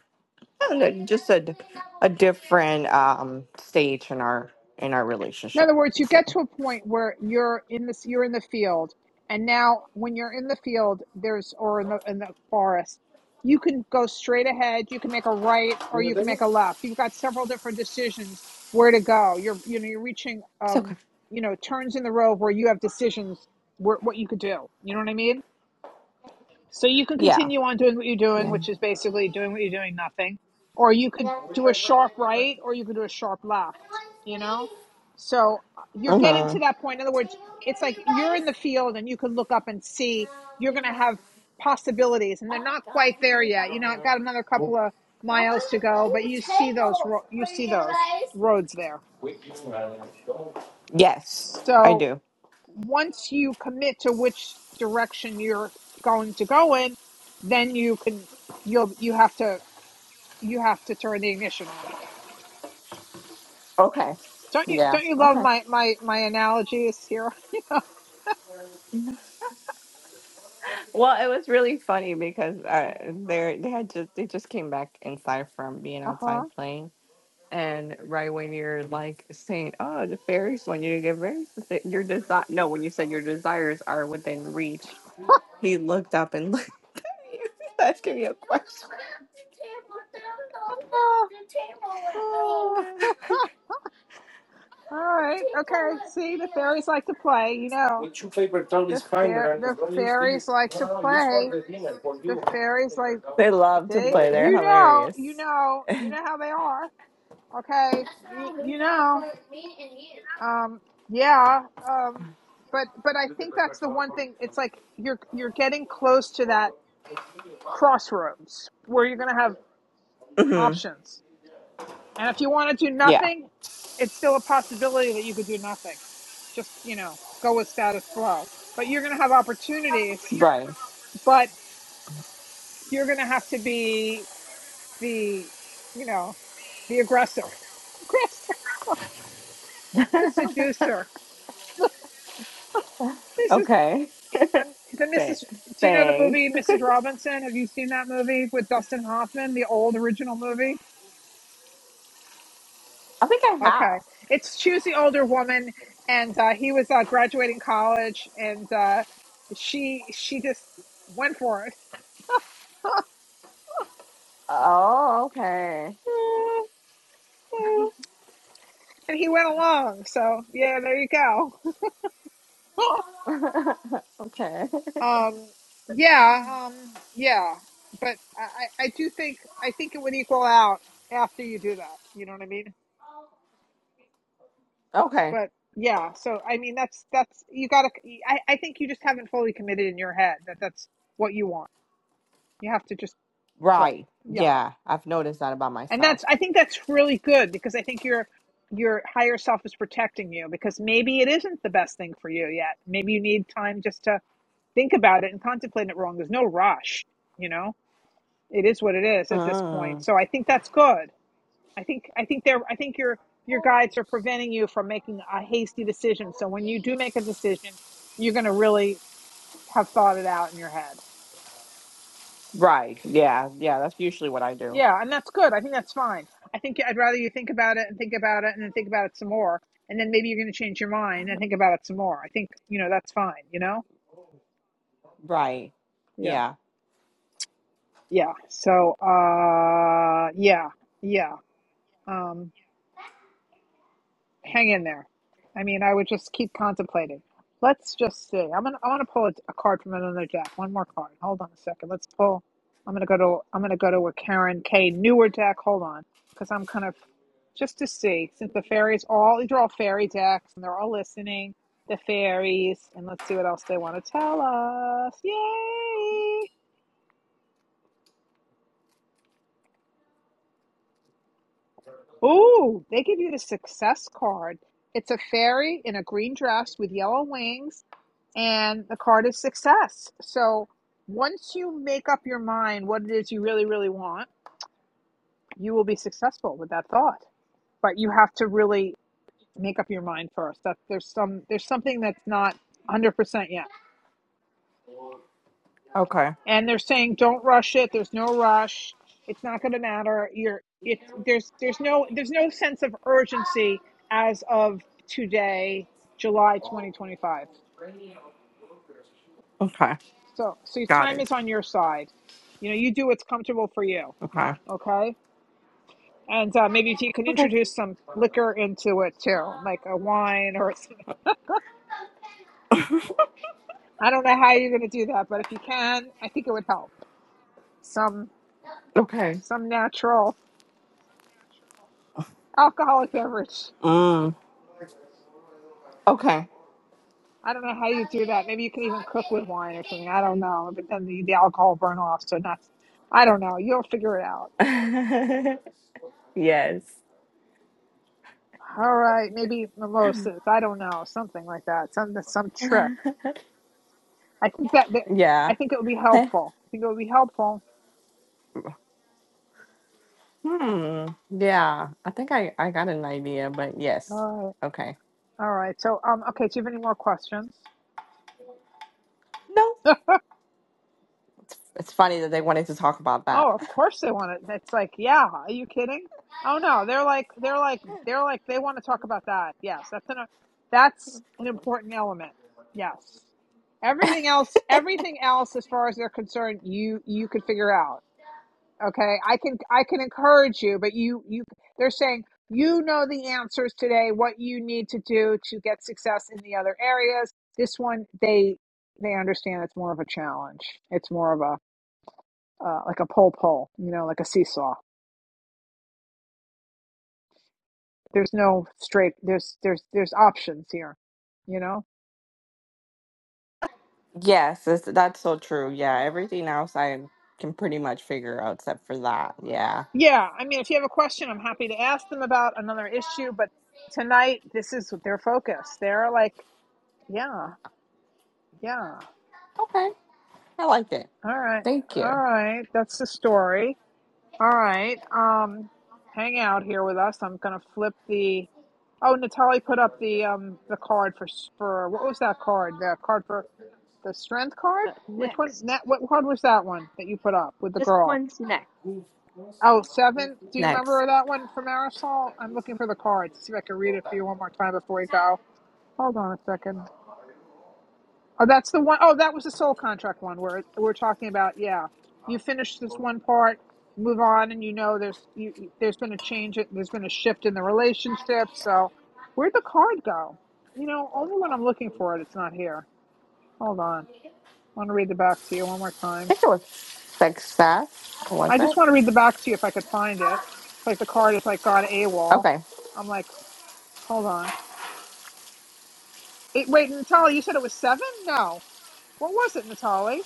G: I don't know, just a, d- a different um stage in our in our
A: In
G: relationship
A: other words, you
G: let's say
A: get to a point where you're in this, you're in the field, and now when you're in the field, there's or in the in the forest, you can go straight ahead, you can make a right, or you can make a left. You've got several different decisions where to go. You're you know you're reaching
G: it's
A: um
G: okay
A: you know turns in the road where you have decisions where what you could do. You know what I mean? So you can
G: yeah
A: continue on doing what you're doing,
G: yeah
A: which is basically doing what you're doing, nothing. Or you could do a sharp right, or you could do a sharp left, you know? So uh, you're getting
G: uh-huh
A: to that point. In other words, it's like you're in the field and you can look up and see you're going to have possibilities, and they're not quite there yet. You know, I've got another couple of miles to go, but you see those, you see those roads there.
G: yes i
A: So
G: do
A: once you commit to which direction you're going to go in, then you can you'll you have to you have to turn the ignition on.
G: okay
A: Don't you
G: yeah
A: don't you love
G: okay
A: my my my analogies here?
G: well it was really funny because uh they they had just they just came back inside from being
A: Uh-huh.
G: outside playing And right when you're like saying, "Oh, the fairies want you to get very specific," your desire. No, when you said your desires are within reach, he looked up and looked at you, asking me a question.
A: Uh huh. Ah, ah. all right. Okay. See, the fairies like to play. You know, the fair the fairies like to play. The fairies like
G: They love to
A: they.
G: play. They're
A: You know.
G: hilarious.
A: You know. You know how they are. Okay. You you know. Um, yeah, um, but but I think that's the one thing. It's like you're you're getting close to that crossroads where you're going to have
G: hmm
A: options, and if you want to do
G: Yeah.
A: nothing, it's still a possibility that you could do nothing. Just you know, go with status quo. But you're going to have opportunities,
G: Right.
A: but you're going to have to be the you know the aggressor, aggressor, the seducer. This is
G: Okay.
A: I'm, the Mrs.
G: Thanks.
A: Do you know the movie
G: Thanks.
A: Mrs. Robinson? Have you seen that movie with Dustin Hoffman, the old original movie?
G: I think I
A: Okay,
G: have.
A: it's choose the older woman, and uh, he was uh, graduating college, and uh, she she just went for it,
G: Oh, okay.
A: and he went along. So yeah, there you go.
G: okay.
A: um, yeah, um, yeah, but I I do think I think it would equal out after you do that. You know what I mean?
G: Okay.
A: but yeah so i mean that's that's you gotta I, I think you just haven't fully committed in your head that that's what you want you have to just right
G: Right.
A: yeah
G: Yeah. I've noticed that about
A: and that's
G: myself.
A: i think that's really good because i think your your higher self is protecting you because maybe it isn't the best thing for you yet maybe you need time just to think about it and contemplate it wrong there's no rush you know it is what it is at this point
G: Mm.
A: so i think that's good I think I think they're I think your your guides are preventing you from making a hasty decision. So when you do make a decision, you're going to really have thought it out in your head.
G: Right. Yeah. Yeah. That's usually what I do.
A: Yeah, and that's good. I think that's fine. I think I'd rather you think about it and think about it and then think about it some more, and then maybe you're going to change your mind and think about it some more. I think you know that's fine. You know.
G: Right.
A: Yeah.
G: Yeah.
A: Yeah. So. Uh. Yeah. Yeah. Um. hang in there. I mean, I would just keep contemplating. Let's just see. I'm gonna I want to pull a, a card from another deck. One more card. Hold on a second. Let's pull. I'm gonna go to I'm gonna go to a Karen K newer deck. Hold on, because I'm kind of just to see since the fairies all these are all fairy decks and they're all listening. The fairies and let's see what else they want to tell us. Yay! Oh, they give you the success card. It's a fairy in a green dress with yellow wings and the card is success. So once you make up your mind what it is you really, really want, you will be successful with that thought. But you have to really make up your mind first. That there's some there's something that's not 100% yet.
G: Okay.
A: And they're saying don't rush it. There's no rush. It's not going to matter. You're it there's there's no there's no sense of urgency as of today, July 2025.
G: Okay.
A: So so your
G: Got
A: time
G: it.
A: is on your side. You know, you do what's comfortable for you
G: Okay.
A: Okay. And uh, maybe if you can
G: Okay.
A: introduce some liquor into it too, like a wine or some, I don't know how you're going to do that, but if you can, I think it would help. Some
G: okay.
A: some natural alcoholic beverage.
G: Mm. Okay.
A: I don't know how you do that. Maybe you can even cook with wine or something. I don't know. But then the, the alcohol burn off, so not. I don't know. You'll figure it out.
G: yes.
A: All right, maybe mimosas. I don't know, something like that. Some some trick. I think that, that
G: yeah.
A: I think it would be helpful. I think it would be helpful.
G: Hmm. Yeah. I think I, I got an idea, but
A: All
G: yes.
A: right.
G: Okay.
A: All right. So, um, okay. Do you have any more questions?
G: No. It's, it's funny that they wanted to talk about that.
A: Oh, of course they want it. It's like, yeah. Are you kidding? Oh no, they're like, they're like, they're like, they want to talk about that. Yes, that's an, that's an important element. Yes. Everything else, everything else, as far as they're concerned, you you could figure out. okay i can i can encourage you but you you they're saying you know the answers today what you need to do to get success in the other areas this one they they understand it's more of a challenge it's more of a uh, like a pull pull you know like a seesaw there's no straight there's there's there's options here you know
G: Yes, that's, that's so true. Yeah, everything else I can pretty much figure out except for that. Yeah.
A: yeah i mean if you have a question i'm happy to ask them about another issue but tonight this is their focus they're like yeah yeah
G: Okay. I liked it.
A: All right.
G: Thank
A: All
G: you.
A: right. That's the story. All right. Um hang out here with us. I'm gonna flip the Oh, Natalie put up the um the card for s- for what was that card? The card for the strength card?
B: Uh,
A: Which one? Nat,
B: next.
A: what card was that one that you put up with the
B: This
A: girl?
B: one's next.
A: Oh, seven. Do you remember
G: Next.
A: that one for Marisol? I'm looking for the card to see if I can read it for you one more time before we go. Hold on a second. Oh, that's the one. Oh, that was the soul contract one where it- we're talking about. Yeah, you finish this one part, move on, and you know there's you, you- there's been a change. in- There's been a shift in the relationship. So, where'd the card go? You know, only when I'm looking for it, it's not here. Hold on, I want to read the back to you one more
G: I
A: time.
G: think it was success.
A: I
G: Was it?
A: just want to read the back to you if I could find it. It's like the card is like gone AWOL.
G: Okay.
A: I'm like, hold on. It, wait, Natalie, you said it was seven? No. What was it, Natalie?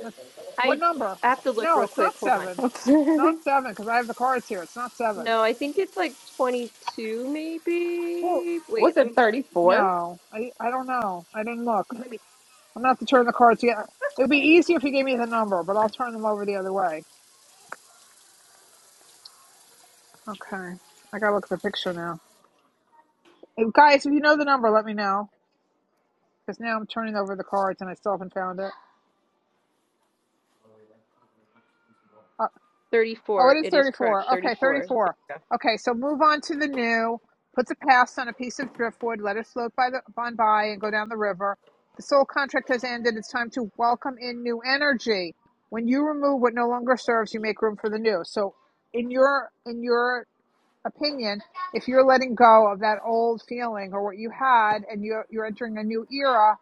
A: That's- What
B: I
A: number?
B: I have to look
A: No,
B: real
A: it's
B: quick.
A: not
B: Hold on.
A: seven. It's not seven because I have the cards here. It's not seven.
B: No, I think it's like 22
A: Well,
B: maybe.
G: was
B: Wait, let
G: it
B: me
G: 34?
A: no, I I don't know. I didn't look.
B: let me
A: I'm not to turn the cards yet. It would be easier if you gave me the number, but I'll turn them over the other way. Okay, I gotta look at the picture now. Hey, guys, if you know the number, let me know because now I'm turning over the cards and I still haven't found it. Oh, it
B: 34.
A: is
B: It is correct.
A: 34. Okay,
B: 34.
A: 34. Okay, so move on to the new. Puts a pass on a piece of driftwood, let it float by the on by and go down the river. The soul contract has ended. It's time to welcome in new energy. When you remove what no longer serves, you make room for the new. So in your in your opinion, if you're letting go of that old feeling or what you had and you're you're entering a new era,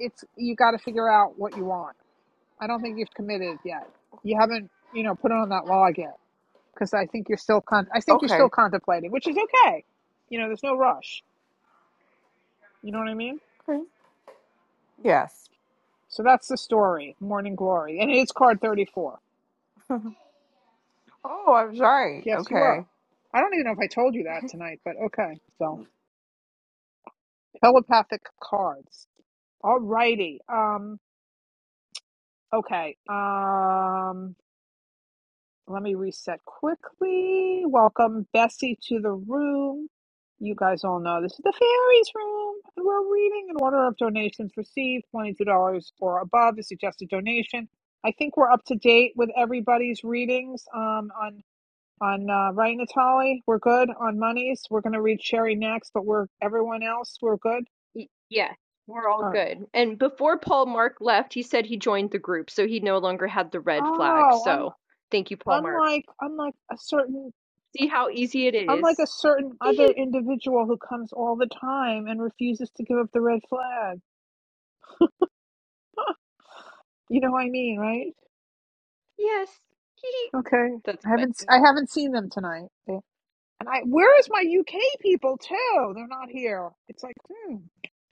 A: it's you gotta figure out what you want. I don't think you've committed yet. You haven't, you know, put on that log yet because I think you're still con- I think you're
G: Okay.
A: still contemplating, which is okay. You know, there's no rush. You know what I mean?
G: Okay. Yes.
A: So that's the story, Morning Glory, and it's card 34.
G: oh, I'm sorry.
A: Yes, you are.
G: Okay.
A: I don't even know if I told you that tonight, but okay. So telepathic cards. All righty. Um. Okay. Um. Let me reset quickly. Welcome Bessie to the room. You guys all know this is the fairies room, and we're reading an order of donations received, twenty-two dollars or above is suggested donation. I think we're up to date with everybody's readings. Um, on on uh, right, Natali, we're good on monies. We're gonna read Sherry next, but we're everyone else, we're good.
B: Y- Yes, we're all
A: All right.
B: good. And before Paul Mark left, he said he joined the group, so he no longer had the red flag.
A: Oh, un-
B: So thank you, Paul Mark.
A: unlike unlike a certain
B: See how easy it
A: Unlike a
B: is.
A: certain other individual who comes all the time and refuses to give up the red flag. You know what I mean, right?
B: yes.
A: Okay.
B: That's
A: I haven't
B: funny.
A: I haven't seen them tonight. They- And I where is my UK people too? They're not here. It's like, hmm.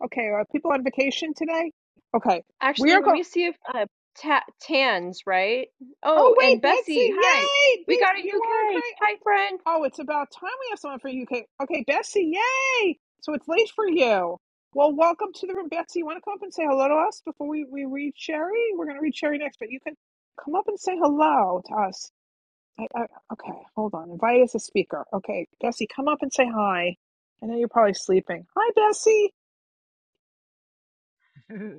A: Okay, are people on vacation today? Okay. We
B: Actually,
A: are
B: let
A: going.
B: me see if uh, ta- Tans, right?
A: Oh
B: Oh, and
A: wait,
B: Bessie,
A: Betsy!
B: hi.
A: Yay,
B: We got
A: Betsy,
B: a
A: you are
B: UK.
A: great. Oh,
B: Hi, friend.
A: oh, it's about time we have someone for UK. Okay, Betsy, yay! So it's late for you. Well, welcome to the room, Betsy. You want to come up and say hello to us before we we read Sherry? We're going to read Sherry next, but you can come up and say hello to us. I, I, okay, hold on. Invite as a speaker. Okay, Bessie, come up and say hi. I know you're probably sleeping. Hi, Bessie.
H: hello,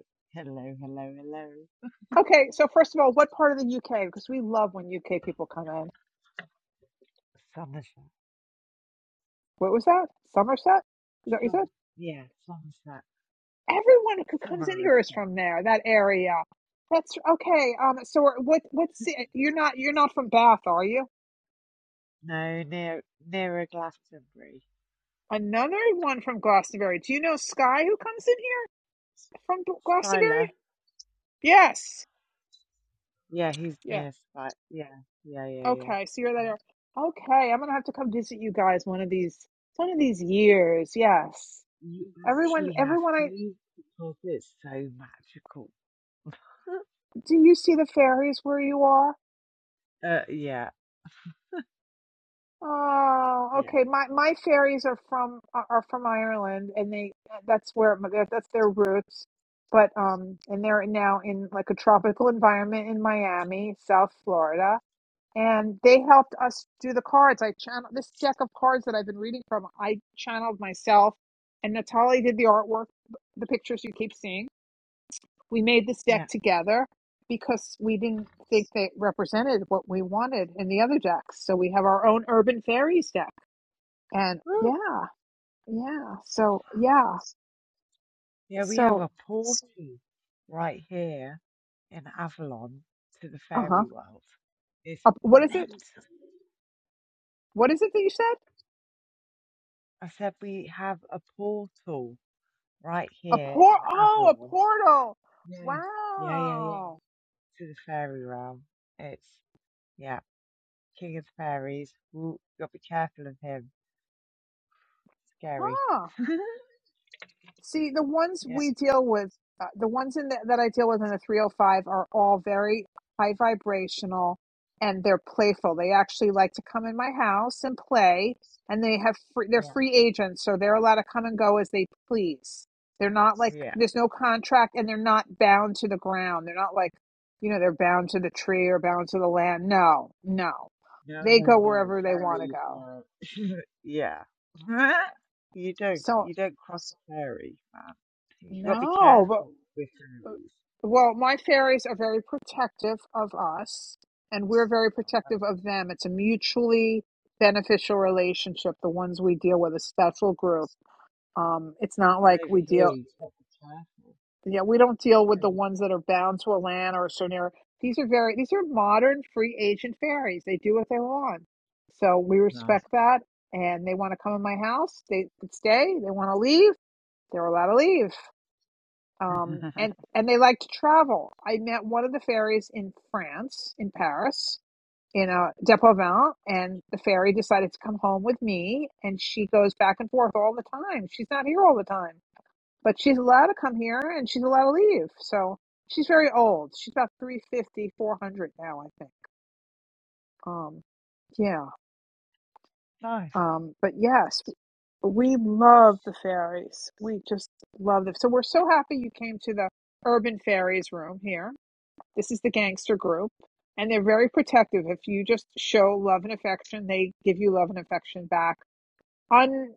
H: hello, hello.
A: Okay, so first of all, what part of the UK? Because we love when UK people come in.
H: Somerset.
A: What was that? Somerset? Is that what you
H: Summer.
A: said?
H: Yeah, Somerset.
A: everyone who comes in
H: Summer is
A: here is
H: not.
A: from there, that area. That's okay. Um, so what? What's the- you're not you're not from Bath, are you?
H: No, near nearer Glastonbury.
A: Another one from Glastonbury. Do you know Sky who comes in here from B-
H: Styler.
A: Glastonbury? Yes.
H: Yeah, he's
A: Yeah.
H: near Styler. Yeah, yeah, yeah, yeah.
A: Okay. So you're there. Okay. I'm gonna have to come visit you guys one of these one of these years. Yes.
H: You
A: Everyone,
H: actually have
A: everyone. I
H: to because it's so magical.
A: do you see the fairies where you are?
H: Uh, yeah,
A: Oh,
H: yeah,
A: okay. My my fairies are from are are from Ireland, and they that's where my- that's their roots. But um, and they're now in like a tropical environment in Miami, South Florida, and they helped us do the cards. I channeled this deck of cards that I've been reading from. I channeled myself, and Natalie did the artwork, the pictures you keep seeing. We made this deck
H: yeah.
A: together because we didn't think they represented what we wanted in the other decks, so we have our own urban fairies deck and
H: Woo!
A: yeah, yeah. So yeah.
H: Yeah, we have
A: So
H: a portal right here in Avalon to the
A: uh-huh.
H: fairy world. It's
A: what is it?
H: mental.
A: What is it that you said?
H: I said we have a portal right
A: A
H: here in
A: port? Oh, a
H: Avalon.
A: portal.
H: Yeah, yeah, yeah, yeah.
A: Wow.
H: to the fairy realm. It's yeah, King of the Fairies. Ooh, gotta be careful of him. Scary.
A: Huh. See, the ones
H: yeah,
A: we deal with, uh, the ones in the, that I deal with in the 305 are all very high vibrational and they're playful. They actually like to come in my house and play and they have free, they're
H: yeah,
A: free agents, so they're allowed to come and go as they please. They're not like
H: yeah,
A: there's no contract and they're not bound to the ground. They're not like, you know, they're bound to the tree or bound to the land. No, no.
H: No,
A: They
H: no,
A: go
H: no.
A: wherever they want to
H: Fairies,
A: go.
H: no. yeah. you don't,
A: So,
H: you don't cross a fairy, man. You gotta be
A: no.
H: careful with fairies.
A: Well, my fairies are very protective of us, and we're very protective of them. It's a mutually beneficial relationship. The ones we deal with, a special group. Um, it's not
H: Well,
A: like
H: over
A: we
H: here,
A: deal.
H: you've got to be
A: Yeah, we don't deal with the ones that are bound to a land or a certain area. These are very. These are modern free agent fairies. They do what they want, so we
H: careful.
A: respect that. And they want to come in my house. They could stay. They want to leave. They're allowed to leave um,
H: Oh, No.
A: and and they like to travel. I met one of the fairies in France, in Paris, in a Depauvin, and the fairy decided to come home with me. And she goes back and forth all the time. She's not here all the time, but she's allowed to come here and she's allowed to leave. So she's very old. She's about three fifty, four hundred now, I think. Um, yeah.
H: life.
A: Um, but yes, we love the fairies. We just love them. So we're so happy you came to the Urban Fairies room here This is the gangster group. And they're very protective. If you just show love and affection, they give you love and affection back. Un,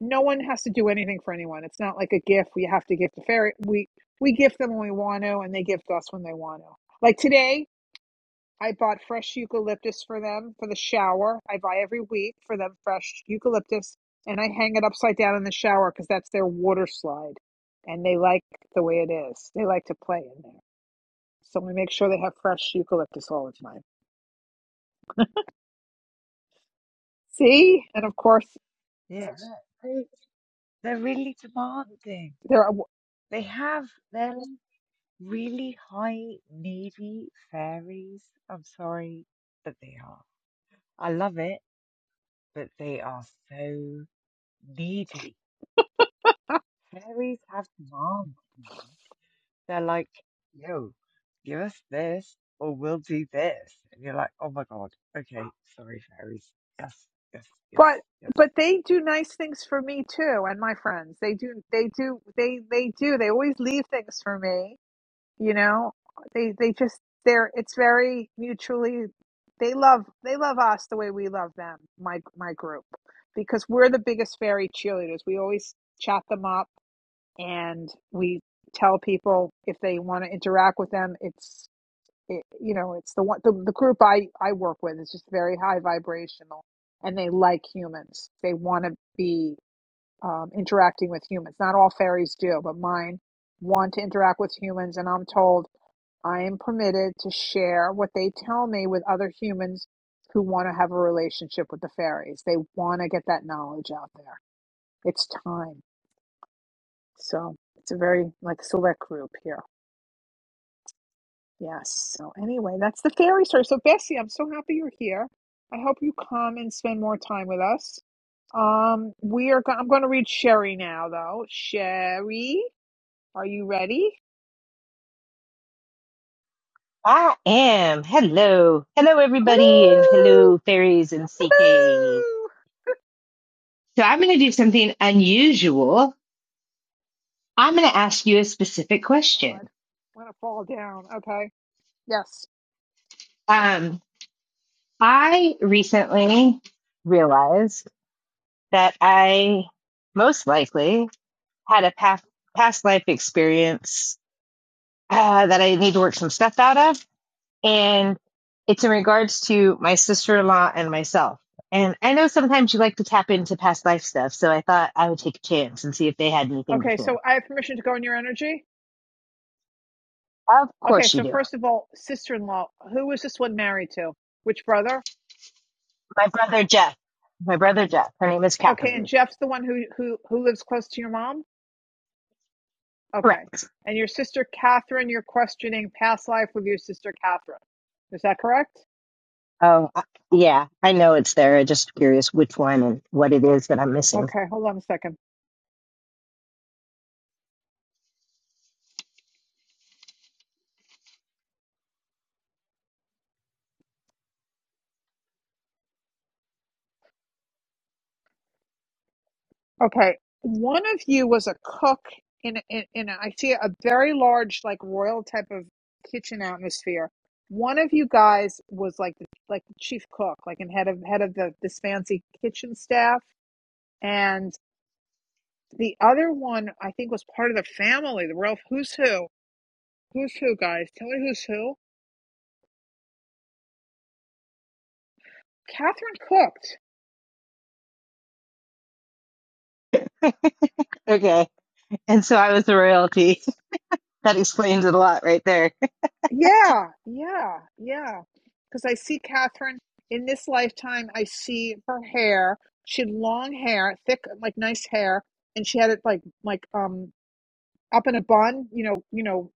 A: no one has to do anything for anyone. It's not like a gift we have to gift to fairy. We we gift them when we want to, and they gift us when they want to. Like today, I bought fresh eucalyptus for them for the shower. I buy every week for them fresh eucalyptus, and I hang it upside down in the shower because that's their water slide, and they like the way it is. They like to play in there. So we make sure they have fresh eucalyptus all the time. See? And of course,
H: Yes. They, they're really demanding.
A: there are,
H: They have, they're like really high, needy fairies. I'm sorry, but they are. I love it, but they are so needy. Fairies have demands, man. They're like, yo, give us this or we'll do this. And you're like, oh my God, okay, sorry, fairies. Yes, yes,
A: but
H: yes, yes.
A: but they do nice things for me too and my friends. They do they do they they do. They always leave things for me, you know? They they just they're it's very mutually they love they love us the way we love them, my my group. Because we're the biggest fairy cheerleaders. We always chat them up and we tell people if they want to interact with them, it's. it, you know it's the one the, the group i i work with is just very high vibrational and they like humans they want to be um, interacting with humans not all fairies do but mine want to interact with humans and i'm told i am permitted to share what they tell me with other humans who want to have a relationship with the fairies they want to get that knowledge out there it's time so it's a very like select group here Yes. So anyway, that's the fairy story. So Bessie, I'm so happy you're here. I hope you come and spend more time with us. Um, we are. Go- I'm going to read Sherry now, though. Sherry, are you ready?
E: I am. Hello. Hello, everybody, and
A: Hello,
E: hello, fairies and CK.
A: hello.
E: So, I'm going to do something unusual. I'm going to ask you a specific
A: God,
E: question.
A: I'm going to fall down. Okay. Yes.
E: Um, I recently realized that I most likely had a past, past life experience uh, that I need to work some stuff out of. And it's in regards to my sister in law and myself. And I know sometimes you like to tap into past life stuff. So I thought I would take a chance and see if they had anything to
A: Okay.
E: share.
A: So I have permission to go in your energy.
E: Of
A: Okay.
E: course you
A: So
E: do.
A: first of all, sister-in-law. Who is this one married to? Which brother?
E: My brother Jeff. My brother Jeff. Her name is
A: Okay. And
E: Catherine.
A: Jeff's the one who who who lives close to your mom. Okay.
E: Correct.
A: And your sister Catherine, you're questioning past life with your sister Catherine. Is that correct?
E: Oh, I- yeah. I know it's there. I'm just curious which one and what it is that I'm missing.
A: Okay, hold on a second. Okay, one of you was a cook in in, in a, I see a very large like royal type of kitchen atmosphere. One of you guys was like the, like the chief cook, like and head of head of the this fancy kitchen staff, and the other one I think was part of the family, the royal who's who, who's who guys. Tell me who's who. Catherine cooked.
E: Okay. And so I was the royalty. that explains it a lot right there.
A: Yeah, yeah, yeah. Because I see Catherine in this lifetime, I see her hair. She had long hair, thick, like nice hair, and she had it like like um up in a bun, you know, you know,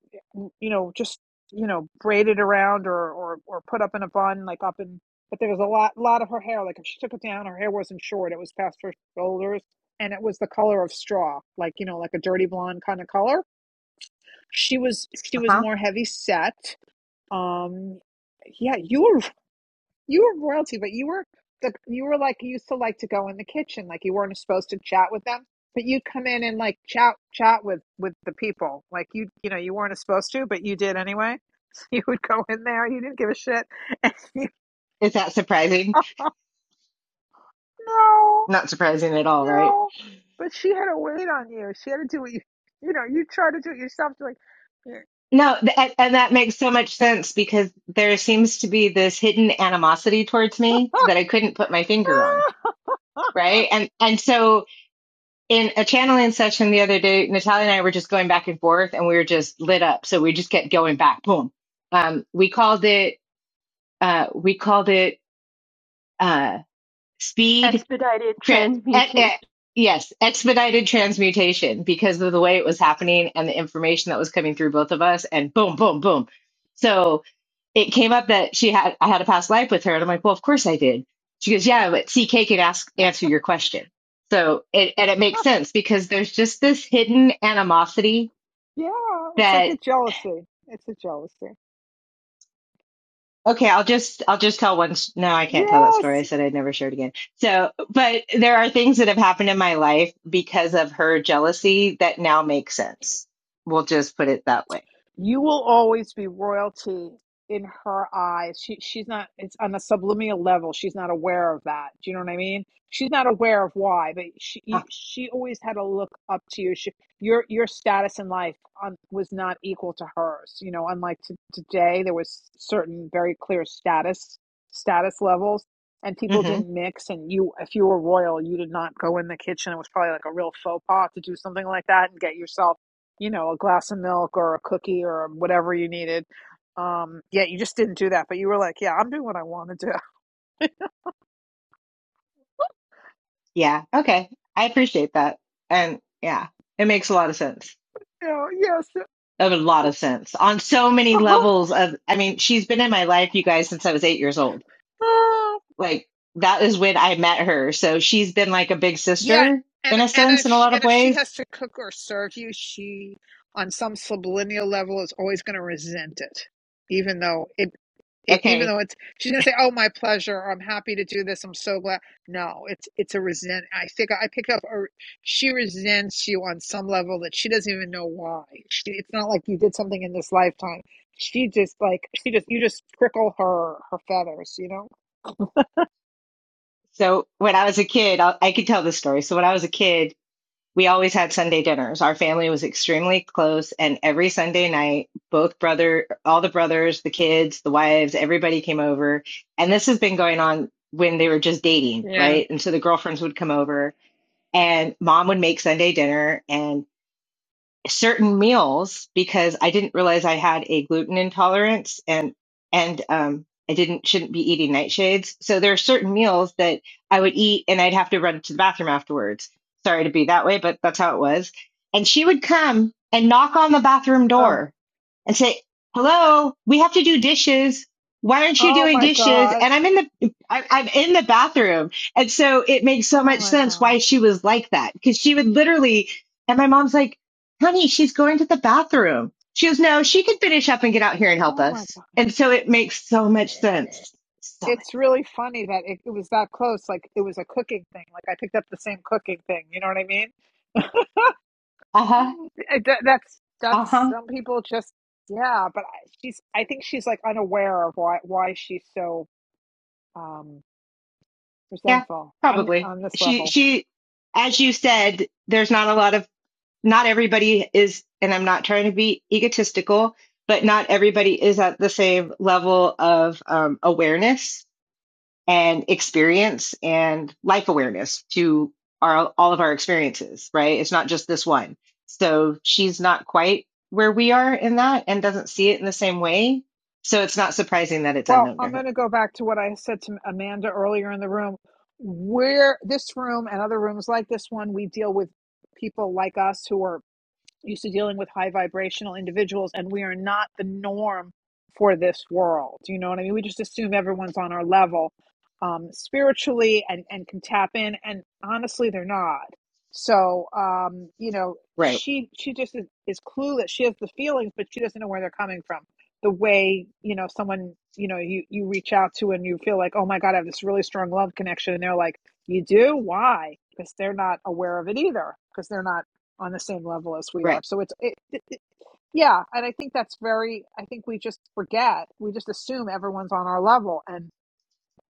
A: you know, just you know, braided around or or or put up in a bun, like up in. But there was a lot lot of her hair. Like if she took it down, her hair wasn't short; it was past her shoulders, and it was the color of straw, like you know, like a dirty blonde kind of color. She was she
E: Uh
A: was
E: huh.
A: more heavy set um, yeah, you were you were royalty, but you were the you were like you used to like to go in the kitchen, like you weren't supposed to chat with them, but you'd come in and like chat chat with with the people, like you you know you weren't supposed to, but you did anyway. you would go in there, you didn't give a shit, and you,
E: Is that surprising?
A: oh, no,
E: Not surprising at all, right?
A: no, but she had to wait on you. She had to do what you you know you try to do it yourself. You're like, yeah,
E: No, th- and that makes so much sense because there seems to be this hidden animosity towards me that I couldn't put my finger on,
A: ah,
E: right? And and so in a channeling session the other day, Natalia and I were just going back and forth, and we were just lit up. So we just kept going back, boom. Um, we called it uh, we called it uh, speed.
B: Expedited
E: Tra- eh,
B: transmutation.
E: eh, yes, expedited transmutation because of the way it was happening and the information that was coming through both of us, and boom, boom, boom. So it came up that she had I had a past life with her, and I'm like, well, of course I did. She goes, yeah, but CK can ask answer your question. So it, and it makes sense because there's just this hidden animosity
A: yeah, it's like a
E: that
A: jealousy. It's a jealousy.
E: okay, I'll just I'll just tell one. No, I can't tell that story.
A: Yes,
E: I said I'd never share it again. So, but there are things that have happened in my life because of her jealousy that now make sense. We'll just put it that way.
A: you will always be royalty in her eyes. She she's not it's on a subliminal level. She's not aware of that. Do you know what I mean? She's not aware of why, but she you, she always had to look up to you. She, your your status in life on was not equal to hers. You know, unlike t- today, there was certain very clear status status levels, and people
E: hmm
A: didn't mix. And you, if you were royal, you did not go in the kitchen. It was probably like a real faux pas to do something like that and get yourself you know, a glass of milk or a cookie or whatever you needed. Um, yeah, you just didn't do that, but you were like, yeah, I'm doing what I want to do.
E: Yeah. Okay. I appreciate that. And yeah, it makes a lot of sense.
A: you know, yes.
E: A lot of sense on so many levels of, I mean, she's been in my life, you guys, since I was eight years old.
A: uh-huh.
E: Like that is when I met her. So she's been like a big
A: Yeah,
E: sister
A: and
E: in a
A: and
E: sense,
A: if
E: in a
A: she,
E: lot of
A: and if she
E: ways.
A: has to cook or serve you, she on some subliminal level is always going to resent it, even though it, it even
E: Okay.
A: though it's she's going to say, "Oh, my pleasure," or, "I'm happy to do this," "I'm so glad." No, it's it's a resent. I think I pick up or she resents you on some level that she doesn't even know why. She, it's not like you did something in this lifetime. She just like she just you just prickle her her feathers, you know?
E: So when I was a kid, i I could tell this story. So when I was a kid, we always had Sunday dinners. Our family was extremely close, and every Sunday night, both brother, all the brothers, the kids, the wives, everybody came over. And this has been going on when they were just dating,
A: Yeah.
E: right? And so the girlfriends would come over, and mom would make Sunday dinner, and certain meals because I didn't realize I had a gluten intolerance and and um I didn't shouldn't be eating nightshades. So there are certain meals that I would eat and I'd have to run to the bathroom afterwards. Sorry to be that way, but that's how it was. And she would come and knock on the bathroom
A: Ugh.
E: door and say, "Hello, we have to do dishes. Why aren't you
A: oh
E: doing
A: my
E: dishes?"
A: God.
E: And I'm in the I, I'm in the bathroom, and so it makes so
A: Oh
E: much
A: my
E: sense
A: God.
E: why she was like that because she would literally. And my mom's like honey, she's going to the bathroom. She goes, no, she could finish up and get out here and help
A: Oh my
E: us.
A: God.
E: And so it makes so much sense. So much.
A: It's really funny that it, it was that close. Like it was a cooking thing. Like I picked up the same cooking thing. You know what I mean?
E: Uh huh.
A: It- that- that's
E: Uh
A: that's
E: huh.
A: some people just yeah. But I- she's I think she's like unaware of why why she's so um
E: Yeah,
A: resentful on
E: probably.
A: on this
E: She,
A: level.
E: she, as you said, there's not a lot of, not everybody is, and I'm not trying to be egotistical, but not everybody is at the same level of um, awareness and experience and life awareness to our, all of our experiences, right? It's not just this one. So she's not quite where we are in that and doesn't see it in the same way. So it's not surprising that it's
A: Well,
E: unknown to
A: I'm going
E: her.
A: to go back to what I said to Amanda earlier in the room. Where this room and other rooms like this one, we deal with people like us who are. used to dealing with high vibrational individuals and we are not the norm for this world you know what i mean we just assume everyone's on our level um, spiritually and and can tap in and honestly they're not so um, you know
E: Right,
A: she she just is, is clueless she has the feelings but she doesn't know where they're coming from the way you know someone you know you you reach out to and you feel like oh my god i have this really strong love connection and they're like you do why because they're not aware of it either because they're not on the same level as we are.
E: right.
A: So it's it, it, it yeah, and I think that's very I think we just forget. We just assume everyone's on our level and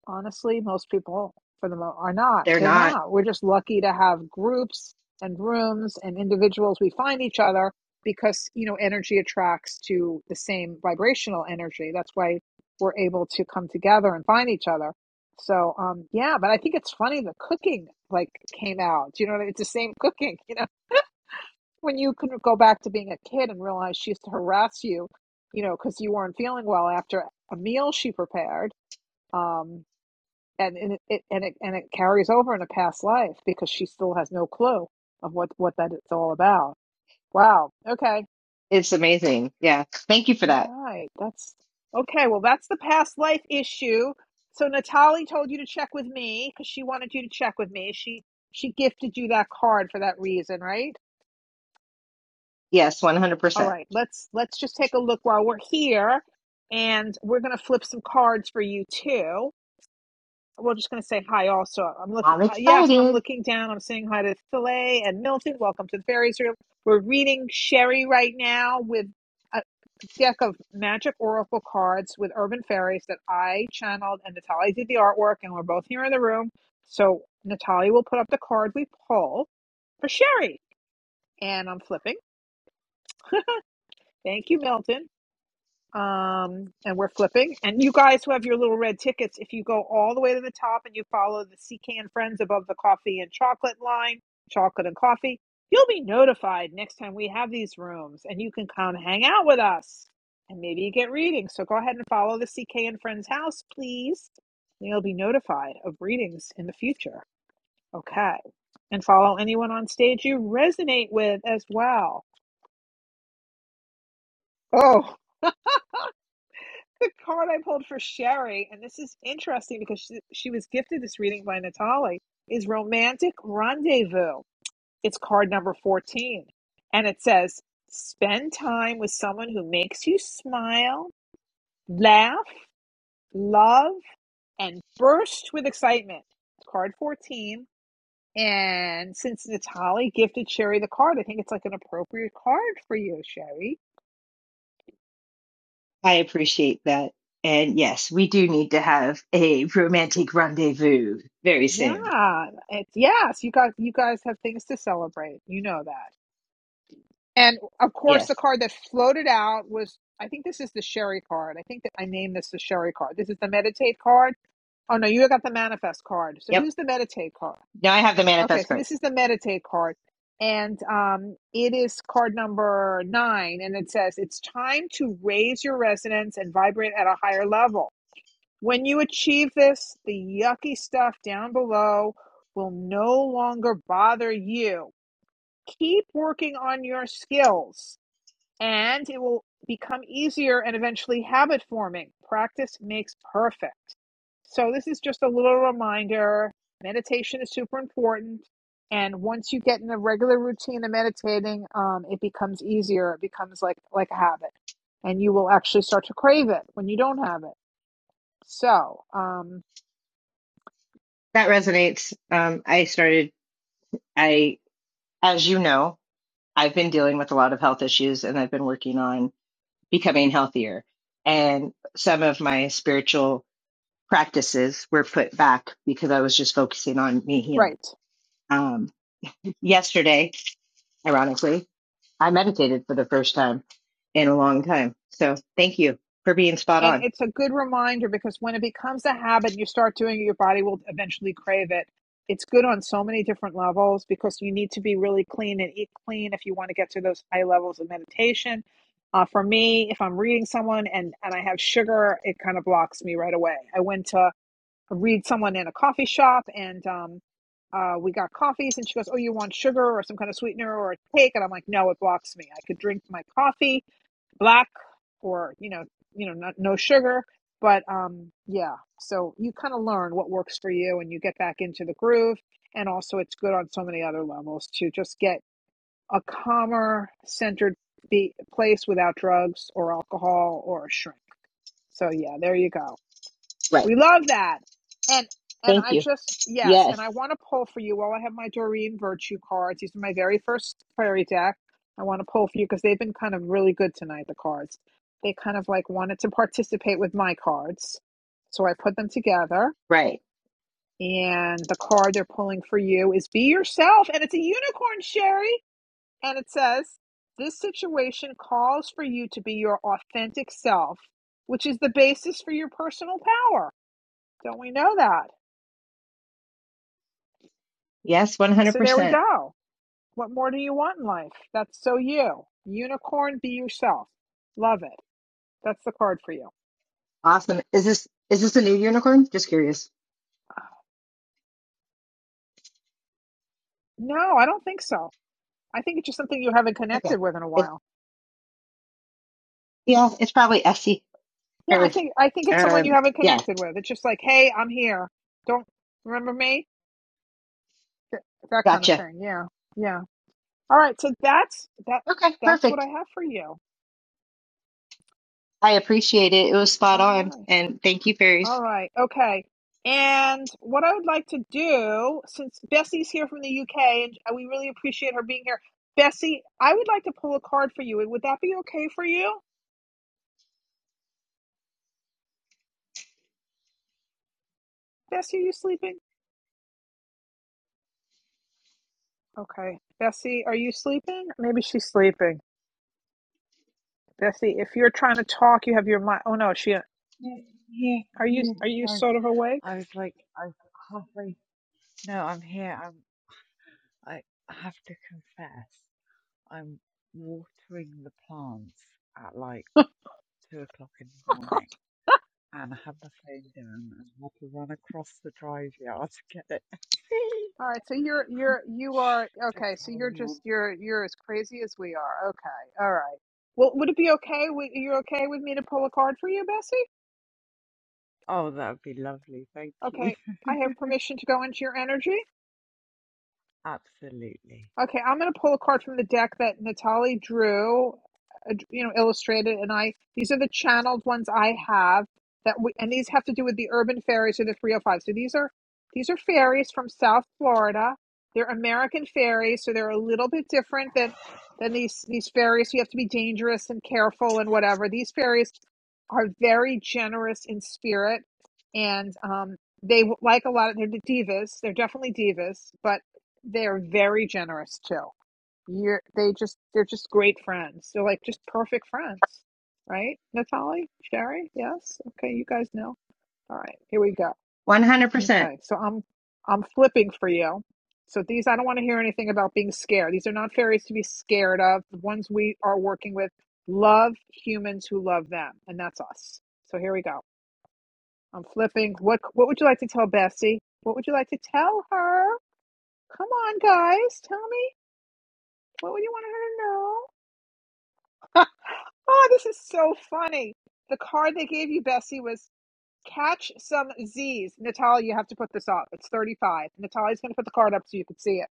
A: honestly, most people for the most are not.
E: They're
A: They're
E: not.
A: not. We're just lucky to have groups and rooms and individuals we find each other because, you know, energy attracts to the same vibrational energy. That's why we're able to come together and find each other. So, um, yeah, but I think it's funny the cooking like came out. you know It's the same cooking, you know when you can go back to being a kid and realize she used to harass you, you know, because you weren't feeling well after a meal she prepared, um, and, and it and it and it carries over in a past life because she still has no clue of what what that it's all about. Wow. Okay.
E: It's amazing. Yeah. Thank you for
A: All
E: that.
A: right. That's okay. Well, that's the past life issue. So Natalie told you to check with me because she wanted you to check with me. She she gifted you that card for that reason, right?
E: Yes,
A: All
E: 100%.
A: right, let's let's just take a look while we're here, and we're gonna flip some cards for you too. We're just gonna say hi. Also, I'm looking.
E: I'm
A: Uh, yes, and I'm
E: excited.
A: looking down. I'm saying hi to Filet and Milton. Welcome to the fairies room. We're reading Sherry right now with a deck of magic oracle cards with urban fairies that I channeled, and Natalia did the artwork, and we're both here in the room. So Natalia will put up the card we pull for Sherry, and I'm flipping. Thank you, Milton. um, and we're flipping. And you guys who have your little red tickets, if you go all the way to the top and you follow the Secan Friends above the coffee and chocolate line, chocolate and coffee, you'll be notified next time we have these rooms and you can come hang out with us and maybe you get readings. So go ahead and follow the CK and Friends house, please. you'll be notified of readings in the future. Okay. And follow anyone on stage you resonate with as well. Oh. the card I pulled for Sherry, and this is interesting because she, she was gifted this reading by Natalie. is Romantic Rendezvous. It's card number 14. And it says, Spend time with someone who makes you smile, laugh, love, and burst with excitement. It's Card 14. And since Natalie gifted Sherry the card, I think it's like an appropriate card for you, Sherry.
E: I appreciate that. And yes, we do need to have a romantic rendezvous very soon.
A: Yeah, it's yes. You guys, you guys have things to celebrate. You know that. And of course,
E: Yes.
A: the card that floated out was I think this is the Sherry card. I think that I named this the Sherry card. This is the Meditate card. Oh no, you got the Manifest card. So
E: Yep.
A: who's the Meditate card?
E: Now I have the
A: Okay,
E: manifest
A: so
E: card.
A: this is the Meditate card. And um, it is card number nine, and it says it's time to raise your resonance and vibrate at a higher level. When you achieve this, the yucky stuff down below will no longer bother you. Keep working on your skills and it will become easier and eventually habit forming. Practice makes perfect. So, this is just a little reminder meditation is super important. And once you get in a regular routine of meditating, um, it becomes easier. It becomes like, like a habit. And you will actually start to crave it when you don't have it. So, um,
E: That resonates. Um, I started, I, As you know, I've been dealing with a lot of health issues and I've been working on becoming healthier. And some of my spiritual practices were put back because I was just focusing on me healing.
A: right.
E: Um, yesterday, ironically, I meditated for the first time in a long time. So thank you for being spot
A: And
E: on.
A: it's a good reminder because when it becomes a habit, you start doing it, your body will eventually crave it. It's good on so many different levels because you need to be really clean and eat clean if you want to get to those high levels of meditation. Uh, for me, if I'm reading someone and, and I have sugar, it kind of blocks me right away. I went to read someone in a coffee shop and um, uh, we got coffees and she goes, Oh, you want sugar or some kind of sweetener or a cake? And I'm like, No, it blocks me. I could drink my coffee black or you know you know not, no sugar but um yeah so you kind of learn what works for you and you get back into the groove and also it's good on so many other levels to just get a calmer centered be- place without drugs or alcohol or a shrink so yeah there you go
E: Right.
A: we love that. And and
E: Thank
A: I
E: you.
A: just yes, and
E: Yes.
A: I want to pull for you. While I have my Doreen Virtue cards, these are my very first fairy deck. I want to pull for you because they've been kind of really good tonight. The cards, they kind of like wanted to participate with my cards, so I put them together.
E: Right.
A: And the card they're pulling for you is "Be Yourself," and it's a unicorn, Sherry. And it says, "This situation calls for you to be your authentic self, which is the basis for your personal power." Don't we know that?
E: Yes. 100%.
A: So there we go. What more do you want in life? That's so you. Unicorn, be yourself. Love it. That's the card for you.
E: Awesome. Is this is this a new unicorn? Just curious.
A: No, I don't think so. I think it's just something you haven't
E: Okay.
A: connected with in a
E: It's
A: while.
E: yeah, it's probably Essie.
A: Yeah, I
E: Or
A: think I think it's someone you
E: um
A: haven't
E: yeah,
A: connected with. It's just like, hey, I'm here. Don't remember me? Th- that kind of
E: gotcha.
A: thing. Yeah, yeah. All right. So that's that.
E: Okay,
A: That's what I
E: perfect.
A: have for you.
E: I appreciate it. It was spot
A: All
E: on.
A: right.
E: And thank you,
A: All
E: fairies.
A: right. Okay. And what I would like to do, since Bessie's here from the UK and uh, we really appreciate her being here, Bessie, I would like to pull a card for you. Would that be okay for you? Bessie, are you sleeping? Okay. Bessie, are you sleeping? Maybe she's sleeping. Bessie, if you're trying to talk, you have your mind. Oh no, she.
H: Yeah, yeah,
A: Are you
H: yeah,
A: are you
H: sorry.
A: sort of awake?
H: I was like, I was halfway No, I'm here. I'm, I have to confess, I'm watering the plants at like two o'clock in the morning, and I had my phone down and had to run across the drive yard to get it.
A: All right. So you're you're you
H: Shh,
A: are
H: Don't
A: okay. So
H: tell
A: you're
H: anyone.
A: just you're you're as crazy as we are. Okay. All right. Well, would it be okay? Would you okay with me to pull a card for you, Bessie?
H: Oh, that would be lovely. Thank you.
A: Okay, I have permission to go into your energy.
H: Absolutely.
A: Okay, I'm going to pull a card from the deck that Natalie drew, uh, you know, illustrated, and I. These are the channeled ones I have that, we, and these have to do with the urban fairies or the 305. So these are these are fairies from South Florida. They're American fairies, so they're a little bit different than than these these fairies. You have to be dangerous and careful and whatever. These fairies are very generous in spirit, and um, they w- like a lot of. They're the divas. They're definitely divas, but. They're very generous too. You're they just they're just great friends. They're like just perfect friends. Right? Natalie? Sherry? Yes? Okay, you guys know. All right, here we go.
E: One hundred percent.
A: Okay. So I'm I'm flipping for you. So these I don't want to hear anything about being scared. These are not fairies to be scared of. The ones we are working with love humans who love them, and that's us. So here we go. I'm flipping. What what would you like to tell Bessie? What would you like to tell her? Come on, guys, tell me. What would you want her to know? oh, this is so funny. The card they gave you, Bessie, was catch some Z's. Natalia, you have to put this up. It's 35. Natalia's going to put the card up so you can see it.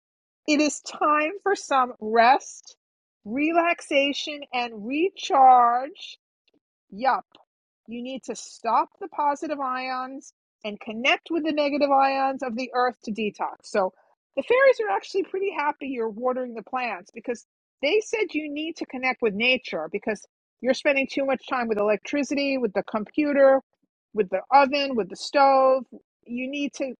A: It is time for some rest, relaxation, and recharge. Yup. You need to stop the positive ions and connect with the negative ions of the earth to detox. So the fairies are actually pretty happy you're watering the plants because they said you need to connect with nature because you're spending too much time with electricity, with the computer, with the oven, with the stove. You need to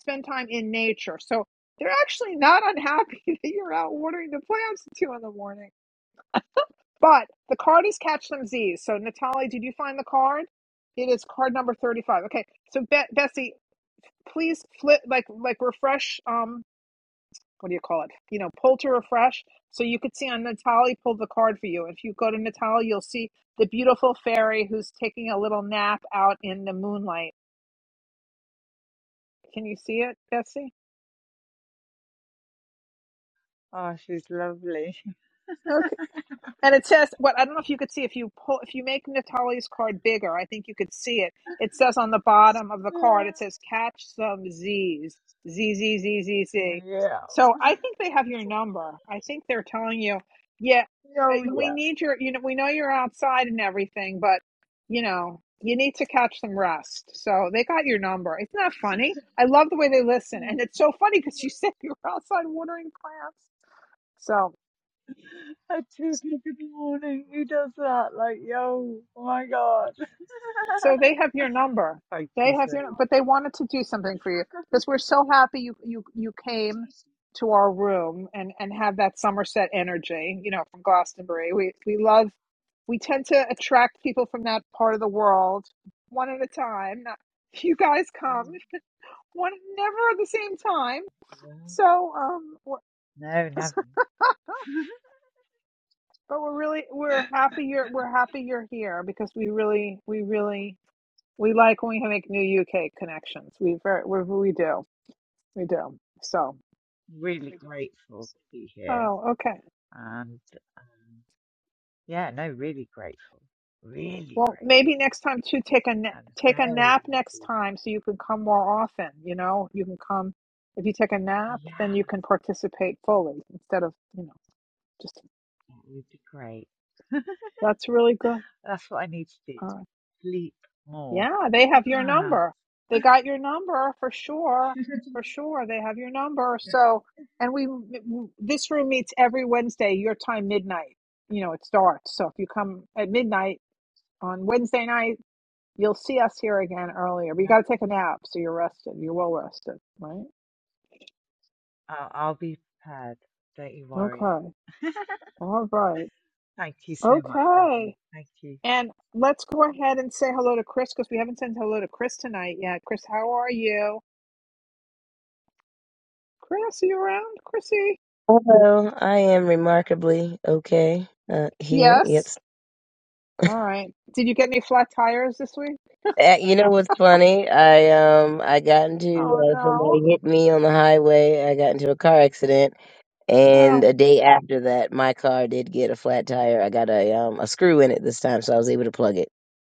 A: spend time in nature. So they're actually not unhappy that you're out watering the plants at two in the morning but the card is Catch Them Z's. So, Natalie, did you find the card? It is card number 35. Okay. So, Be- Bessie, please flip, like, like refresh. Um, what do you call it? You know, pull to refresh. So you could see on Natalie pulled the card for you. If you go to Natalie, you'll see the beautiful fairy who's taking a little nap out in the moonlight. Can you see it, Bessie?
H: Oh, she's lovely.
A: Okay. And it says, what I don't know if you could see if you pull, if you make Natalia's card bigger, I think you could see it. It says on the bottom of the card, it says catch some Z's, Z Z Z Z
H: Yeah.
A: Z.
H: Yeah.
A: So I think they have your number. I think they're telling you, yeah, uh,
H: Oh,
A: we
H: yeah.
A: need your, you know, we know you're outside and everything, but you know, you need to catch some rest. So they got your number. It's not funny. I love the way they listen, and
H: Mm.
A: it's so funny because you said you were outside watering plants. So.
H: At two o'clock in the morning, who does that? Like, yo, oh my god.
A: So they have your number.
H: Thank you
A: They have
H: so much.
A: your, but they wanted to do something for you because we're so happy you you you came to our room and and have that Somerset energy, you know, from Glastonbury. We we love. We tend to attract people from that part of the world one at a time. Not, you guys come
H: Yeah,
A: one never at the same time.
H: well,
A: So um, we're,
H: No, never.
A: but we're really we're happy you're we're happy you're here because we really we really we like when we make new UK connections. We very we, we do. We do. So,
H: Really grateful to be here.
A: oh, okay.
H: And um, yeah, no, really grateful. Really
A: Well, maybe
H: grateful.
A: next time too, take a na-
H: And
A: take
H: very
A: a nap next
H: lovely.
A: time so you can come more often. You know, you can come if you take a nap, then
H: Yeah,
A: you can participate fully instead of you know just.
H: that would be great.
A: That's really good.
H: That's what I need to do.
A: Uh,
H: Sleep more.
A: yeah, they have your
H: yep,
A: number. They got your number for sure. For sure, they have your number. So, and we w- this room meets every Wednesday your time midnight. You know, it starts. So if you come at midnight on Wednesday night You'll see us here again earlier, but you got to take a nap, so you're rested. You're well rested, right?
H: I'll, I'll be prepared. Don't you worry.
A: Okay. All right.
H: Thank you so much,
A: Okay.
H: lovely. Thank you.
A: And let's go ahead and say hello to Chris because we haven't said hello to Chris tonight yet. Chris, how are you? Chris, are you around? Chrissy?
I: Hello, I am remarkably okay uh, here.
A: Yes.
I: Yes,
A: All right. Did you get any flat tires this week?
I: uh, you know what's funny? I um I got into
A: Oh
I: uh,
A: no.
I: somebody hit me on the highway. I got into a car accident, and
A: Oh,
I: a day after that, my car did get a flat tire. I got a um a screw in it this time, so I was able to plug it.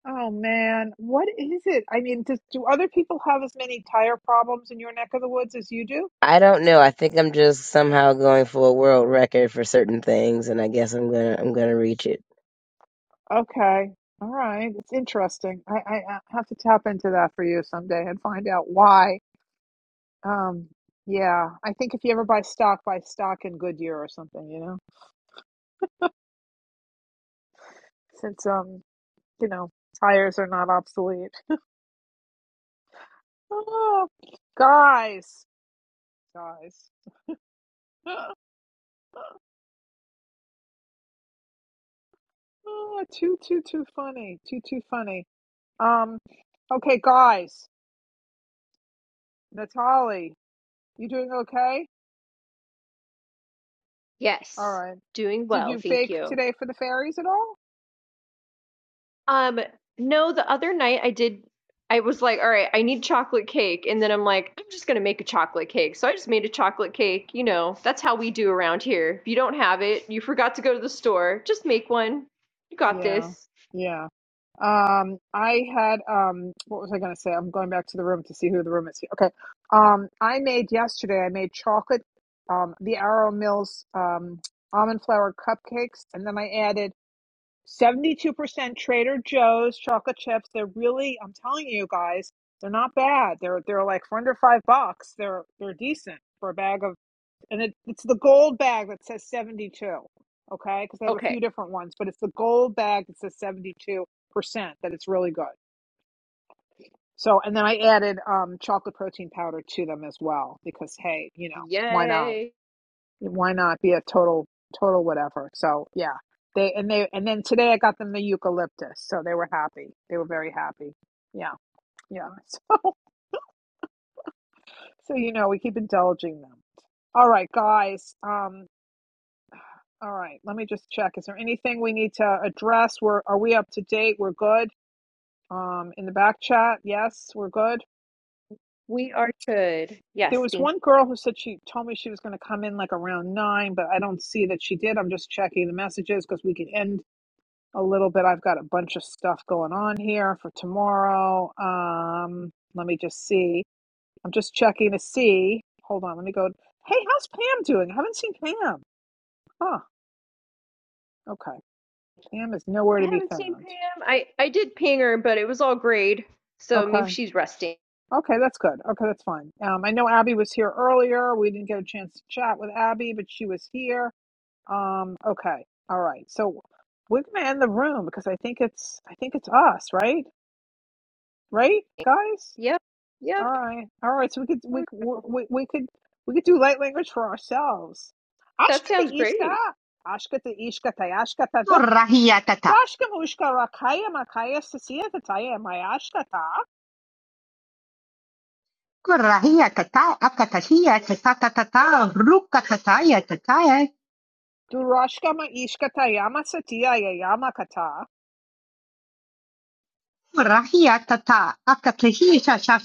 A: oh man. What is it? I mean, does, do other people have as many tire problems in your neck of the woods as you do?
I: I don't know. I think I'm just somehow going for a world record for certain things, and I guess I'm gonna I'm gonna reach it.
A: Okay. All right. It's interesting. I, I, I have to tap into that for you someday and find out why. Um, yeah, I think if you ever buy stock, buy stock in Goodyear or something, you know, since, um, you know, tires are not obsolete. Oh, guys, guys. Oh, too, too, too funny. Too, too funny. Um, okay, guys. Natalie, you doing okay? All
B: Yes.
A: right.
B: Doing
A: Did
B: well,
A: you
B: thank
A: bake
B: you.
A: today for the fairies at all?
B: Um, no, the other night I did. I was like, all right, I need chocolate cake. And then I'm like, I'm just going to make a chocolate cake. So I just made a chocolate cake. You know, that's how we do around here. If you don't have it, you forgot to go to the store, just make one. You got
A: Yeah,
B: this.
A: yeah. Um, I had um, what was I going to say? I'm going back to the room to see who the room is. Okay. Um, I made yesterday. I made chocolate, um, the Arrow Mills um, almond flour cupcakes, and then I added 72% Trader Joe's chocolate chips. They're really, I'm telling you guys, they're not bad. They're they're like for under five bucks. They're they're decent for a bag of and it, it's the gold bag that says 72 okay because i have a
B: Okay.
A: few different ones but it's the gold bag that says 72% that it's really good so and then i added um, chocolate protein powder to them as well because hey you know why not
B: Yay.
A: why not be a total total whatever so yeah they and they and then today i got them the eucalyptus so they were happy they were very happy yeah yeah so, so you know we keep indulging them all right guys Um. All right, let me just check. Is there anything we need to address? We're, are we up to date? We're good. Um, in the back chat, yes, we're good.
B: We are good. Yes,
A: There was
B: thank
A: one girl who said she told me she was going to come in like around nine, but I don't see that she did. I'm just checking the messages because we could end a little bit. I've got a bunch of stuff going on here for tomorrow. Um, let me just see. I'm just checking to see. Hold on, let me go. Hey, how's Pam doing? I haven't seen Pam. Huh. Okay. Pam is nowhere
B: I
A: to be
B: haven't seen
A: found.
B: Pam. I, I did ping her, but it was all grade. So maybe
A: Okay.
B: she's resting.
A: Okay, that's good. Okay, that's fine. Um, I know Abby was here earlier. We didn't get a chance to chat with Abby, but she was here. Um, okay, all right. So we're gonna end the room because I think it's I think it's us, right? Right, guys.
B: Yep.
A: All
B: Yep.
A: right, all right. So we could
B: There
A: we
B: we go.
A: we we could we could do light language for ourselves.
B: That
A: Ashkata
B: sounds
A: ishka,
B: great.
A: ashkata ishka tayashkata
E: Kurahiatata.
A: dashka mushka rakaya makaya sasiya tataya mayashkata
E: Kurahiatata. Akatahiatatatata. Rukate.
A: durashka ma ishka tayama satiya yayama kata.
E: Kurahiatata. Akatahisha sha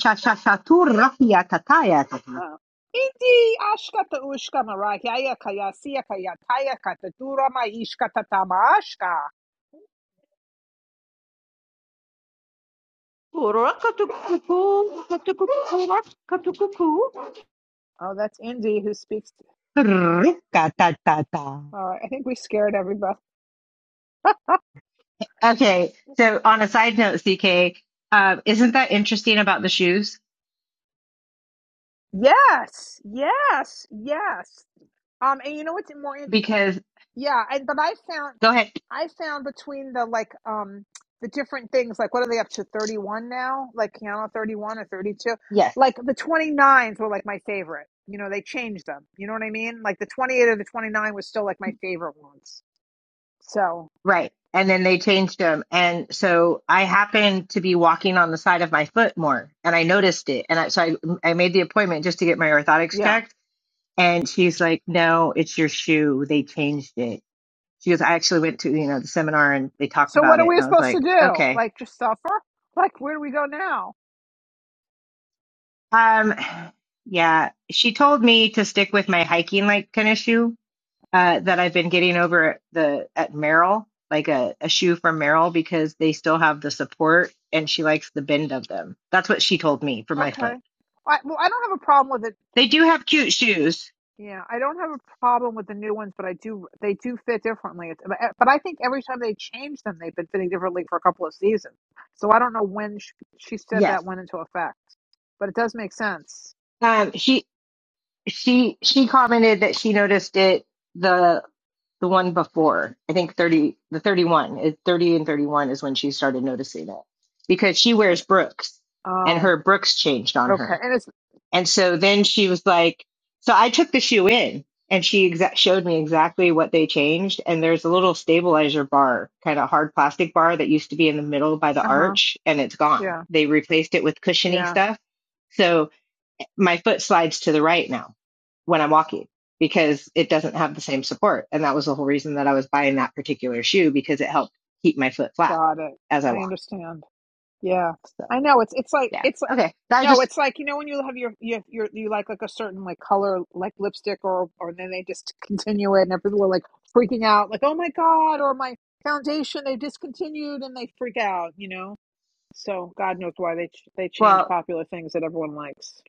A: Ah. Indi ashkata ushkama rahyaya kaya siya kaya kaya kata durama ishkata tama ashka. Oh, that's Indy who speaks. All right, I think we scared everybody.
E: Okay. So on a side note, CK, um, isn't that interesting about the shoes?
A: Yes, yes, yes. Um, and you know what's more?
E: because.
A: yeah and but i found
E: Go ahead.
A: i found between the like um the different things like what are they up to 31 now like Keanu 31 or 32
E: Yes.
A: like the 29s were like my favorite you know they changed them you know what i mean like the 28 or the 29 was still like my favorite ones so
E: Right. And then they changed them. And so I happened to be walking on the side of my foot more and I noticed it. And I, so I, I made the appointment just to get my orthotics
A: yeah
E: checked. And she's like, no, it's your shoe. They changed it. She goes, I actually went to, you know, the seminar and they talked
A: so what
E: about
A: are
E: it. And
A: we
E: I was
A: supposed to
E: like,
A: do
E: okay.
A: like just suffer like where do we go now
E: Um, yeah, she told me to stick with my hiking like kind of shoe uh, that I've been getting over at the at Merrill, like a, a shoe from Merrell, because they still have the support and she likes the bend of them. That's what she told me for my
A: okay
E: foot.
A: I, well, I don't have a problem with it
E: They do have cute shoes.
A: Yeah, I don't have a problem with the new ones, but I do they do fit differently. It's, but eh, but I think every time they change them, they've been fitting differently for a couple of seasons. So I don't know when she, she said that
E: Yes.
A: went into effect, but it does make sense.
E: Um she she she commented that she noticed it the the one before. I think 30 the 31 is 30 and 31 is when she started noticing it because she wears Brooks and
A: Oh,
E: her Brooks changed on
A: okay,
E: her
A: and it's
E: And so then she was like, so I took the shoe in and she exa- showed me exactly what they changed. And there's a little stabilizer bar, kind of hard plastic bar that used to be in the middle by the
A: uh huh,
E: arch and it's gone.
A: yeah,
E: They replaced it with cushiony
A: yeah,
E: stuff. So my foot slides to the right now when I'm walking because it doesn't have the same support. And that was the whole reason that I was buying that particular shoe because it helped keep my foot flat
A: got it.
E: as I
A: I
E: walk.
A: understand. Yeah,
E: So
A: I know. It's it's like
E: yeah.
A: it's like
E: Okay. I
A: no,
E: just,
A: it's like you know when you have your you your you like like a certain like color like lipstick or or then they just continue it and everyone are like freaking out like oh my god or my foundation they discontinued and they freak out you know. So God knows why they ch- they change
E: well,
A: popular things that everyone likes.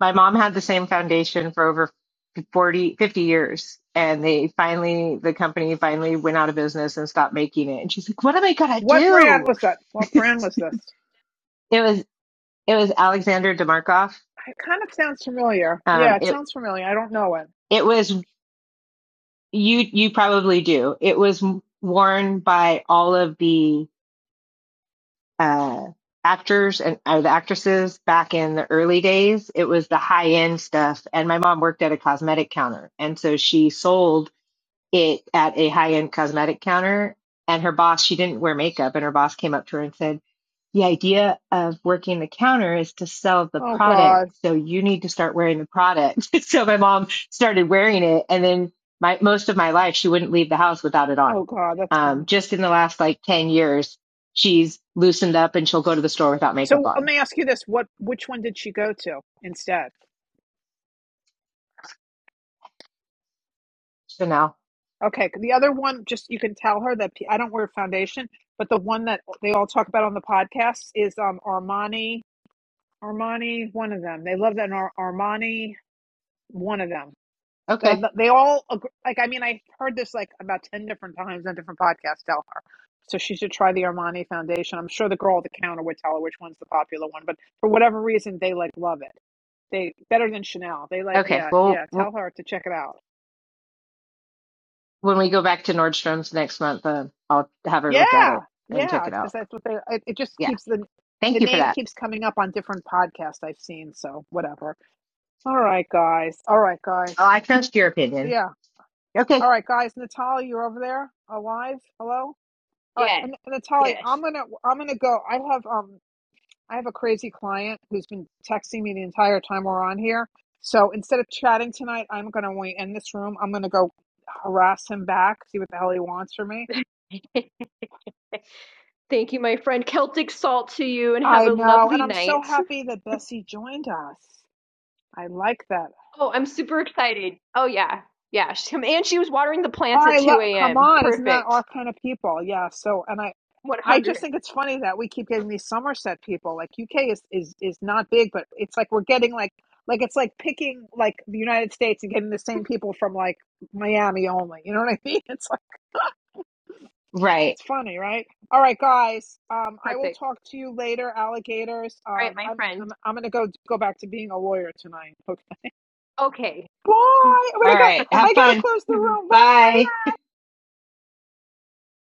E: my mom had the same foundation for over 40, 50 years and they finally the company finally went out of business and stopped making it and she's like what am i going to
A: What brand
E: do
A: was that? What brand was this?
E: it was it was alexander demarkov
A: It kind of sounds familiar. Yeah,
E: um
A: it
E: it
A: sounds familiar. I don't know it.
E: it was you you probably do it was worn by all of the uh actors and uh, the actresses back in the early days it was the high end stuff and my mom worked at a cosmetic counter and so she sold it at a high end cosmetic counter. And her boss, she didn't wear makeup, and her boss came up to her and said, The idea of working the counter is to sell the
A: Oh
E: product.
A: God.
E: So you need to start wearing the product. so my mom started wearing it. And then my, most of my life, she wouldn't leave the house without it on.
A: Oh God, that's
E: Um,
A: funny.
E: just in the last like 10 years, she's loosened up and she'll go to the store without makeup
A: So let
E: on.
A: me ask you this: What which one did she go to instead?
E: So now,
A: Okay, the other one, just you can tell her that I don't wear foundation, but the one that they all talk about on the podcast is um Armani, Armani, one of them. They love that Ar- Armani, one of them. They
E: Okay.
A: they all agree, like. I mean, I heard this like about ten different times on different podcasts. Tell her, so she should try the Armani foundation. I'm sure the girl at the counter would tell her which one's the popular one, but for whatever reason, they like love it. They better than Chanel. They like,
E: Okay.
A: yeah,
E: Well,
A: yeah.
E: we'll
A: Tell her to check it out.
E: when we go back to Nordstrom's next month, uh, I'll have her
A: Yeah,
E: look at it and check
A: yeah,
E: it
A: because
E: out.
A: that's what they. It, it just
E: Yeah.
A: keeps the the
E: Thank you for
A: name
E: that.
A: keeps coming up on different podcasts I've seen. So whatever. All right, guys. All right, guys.
E: Oh, I trust your opinion.
A: Yeah. All
E: Okay.
A: right, guys. Natalie, you're over there, alive. Hello. All right,
B: Yes,
A: and, and Natalie,
B: yes.
A: I'm gonna I'm gonna go. I have um I have a crazy client who's been texting me the entire time we're on here. So instead of chatting tonight, I'm gonna when we end this room. I'm gonna go harass him back, see what the hell he wants from me
B: Thank you, my friend. Celtic salt to you and have
A: I
B: a
A: know, and
B: lovely
A: I'm so
B: night.
A: happy that Bessie joined us. I like that.
B: Oh, I'm super excited. Oh, yeah. Yeah. She, and she was watering the
A: Oh,
B: plants at
A: I
B: 2
A: love. Come
B: a.m.
A: on, isn't that our
B: Perfect.
A: kind of people? Yeah. So, and I, I just
B: 100.
A: think it's funny that we keep getting these Somerset people. Like UK is is is not big, but it's like we're getting like like it's like picking like the United States and getting the same people from like Miami only. You know what I mean? It's like
E: Right.
A: it's funny, right? All right, guys. Um, I will
B: Perfect.
A: talk to you later, alligators.
B: All right,
A: Um,
B: my
A: I'm
B: friend.
A: I'm I'm gonna go go back to being a lawyer tonight. okay?
B: Okay.
A: Bye. I mean,
E: All
A: I got
E: right. Have
A: I gotta
E: fun.
A: close the room.
B: Bye.
A: Bye.
E: Bye.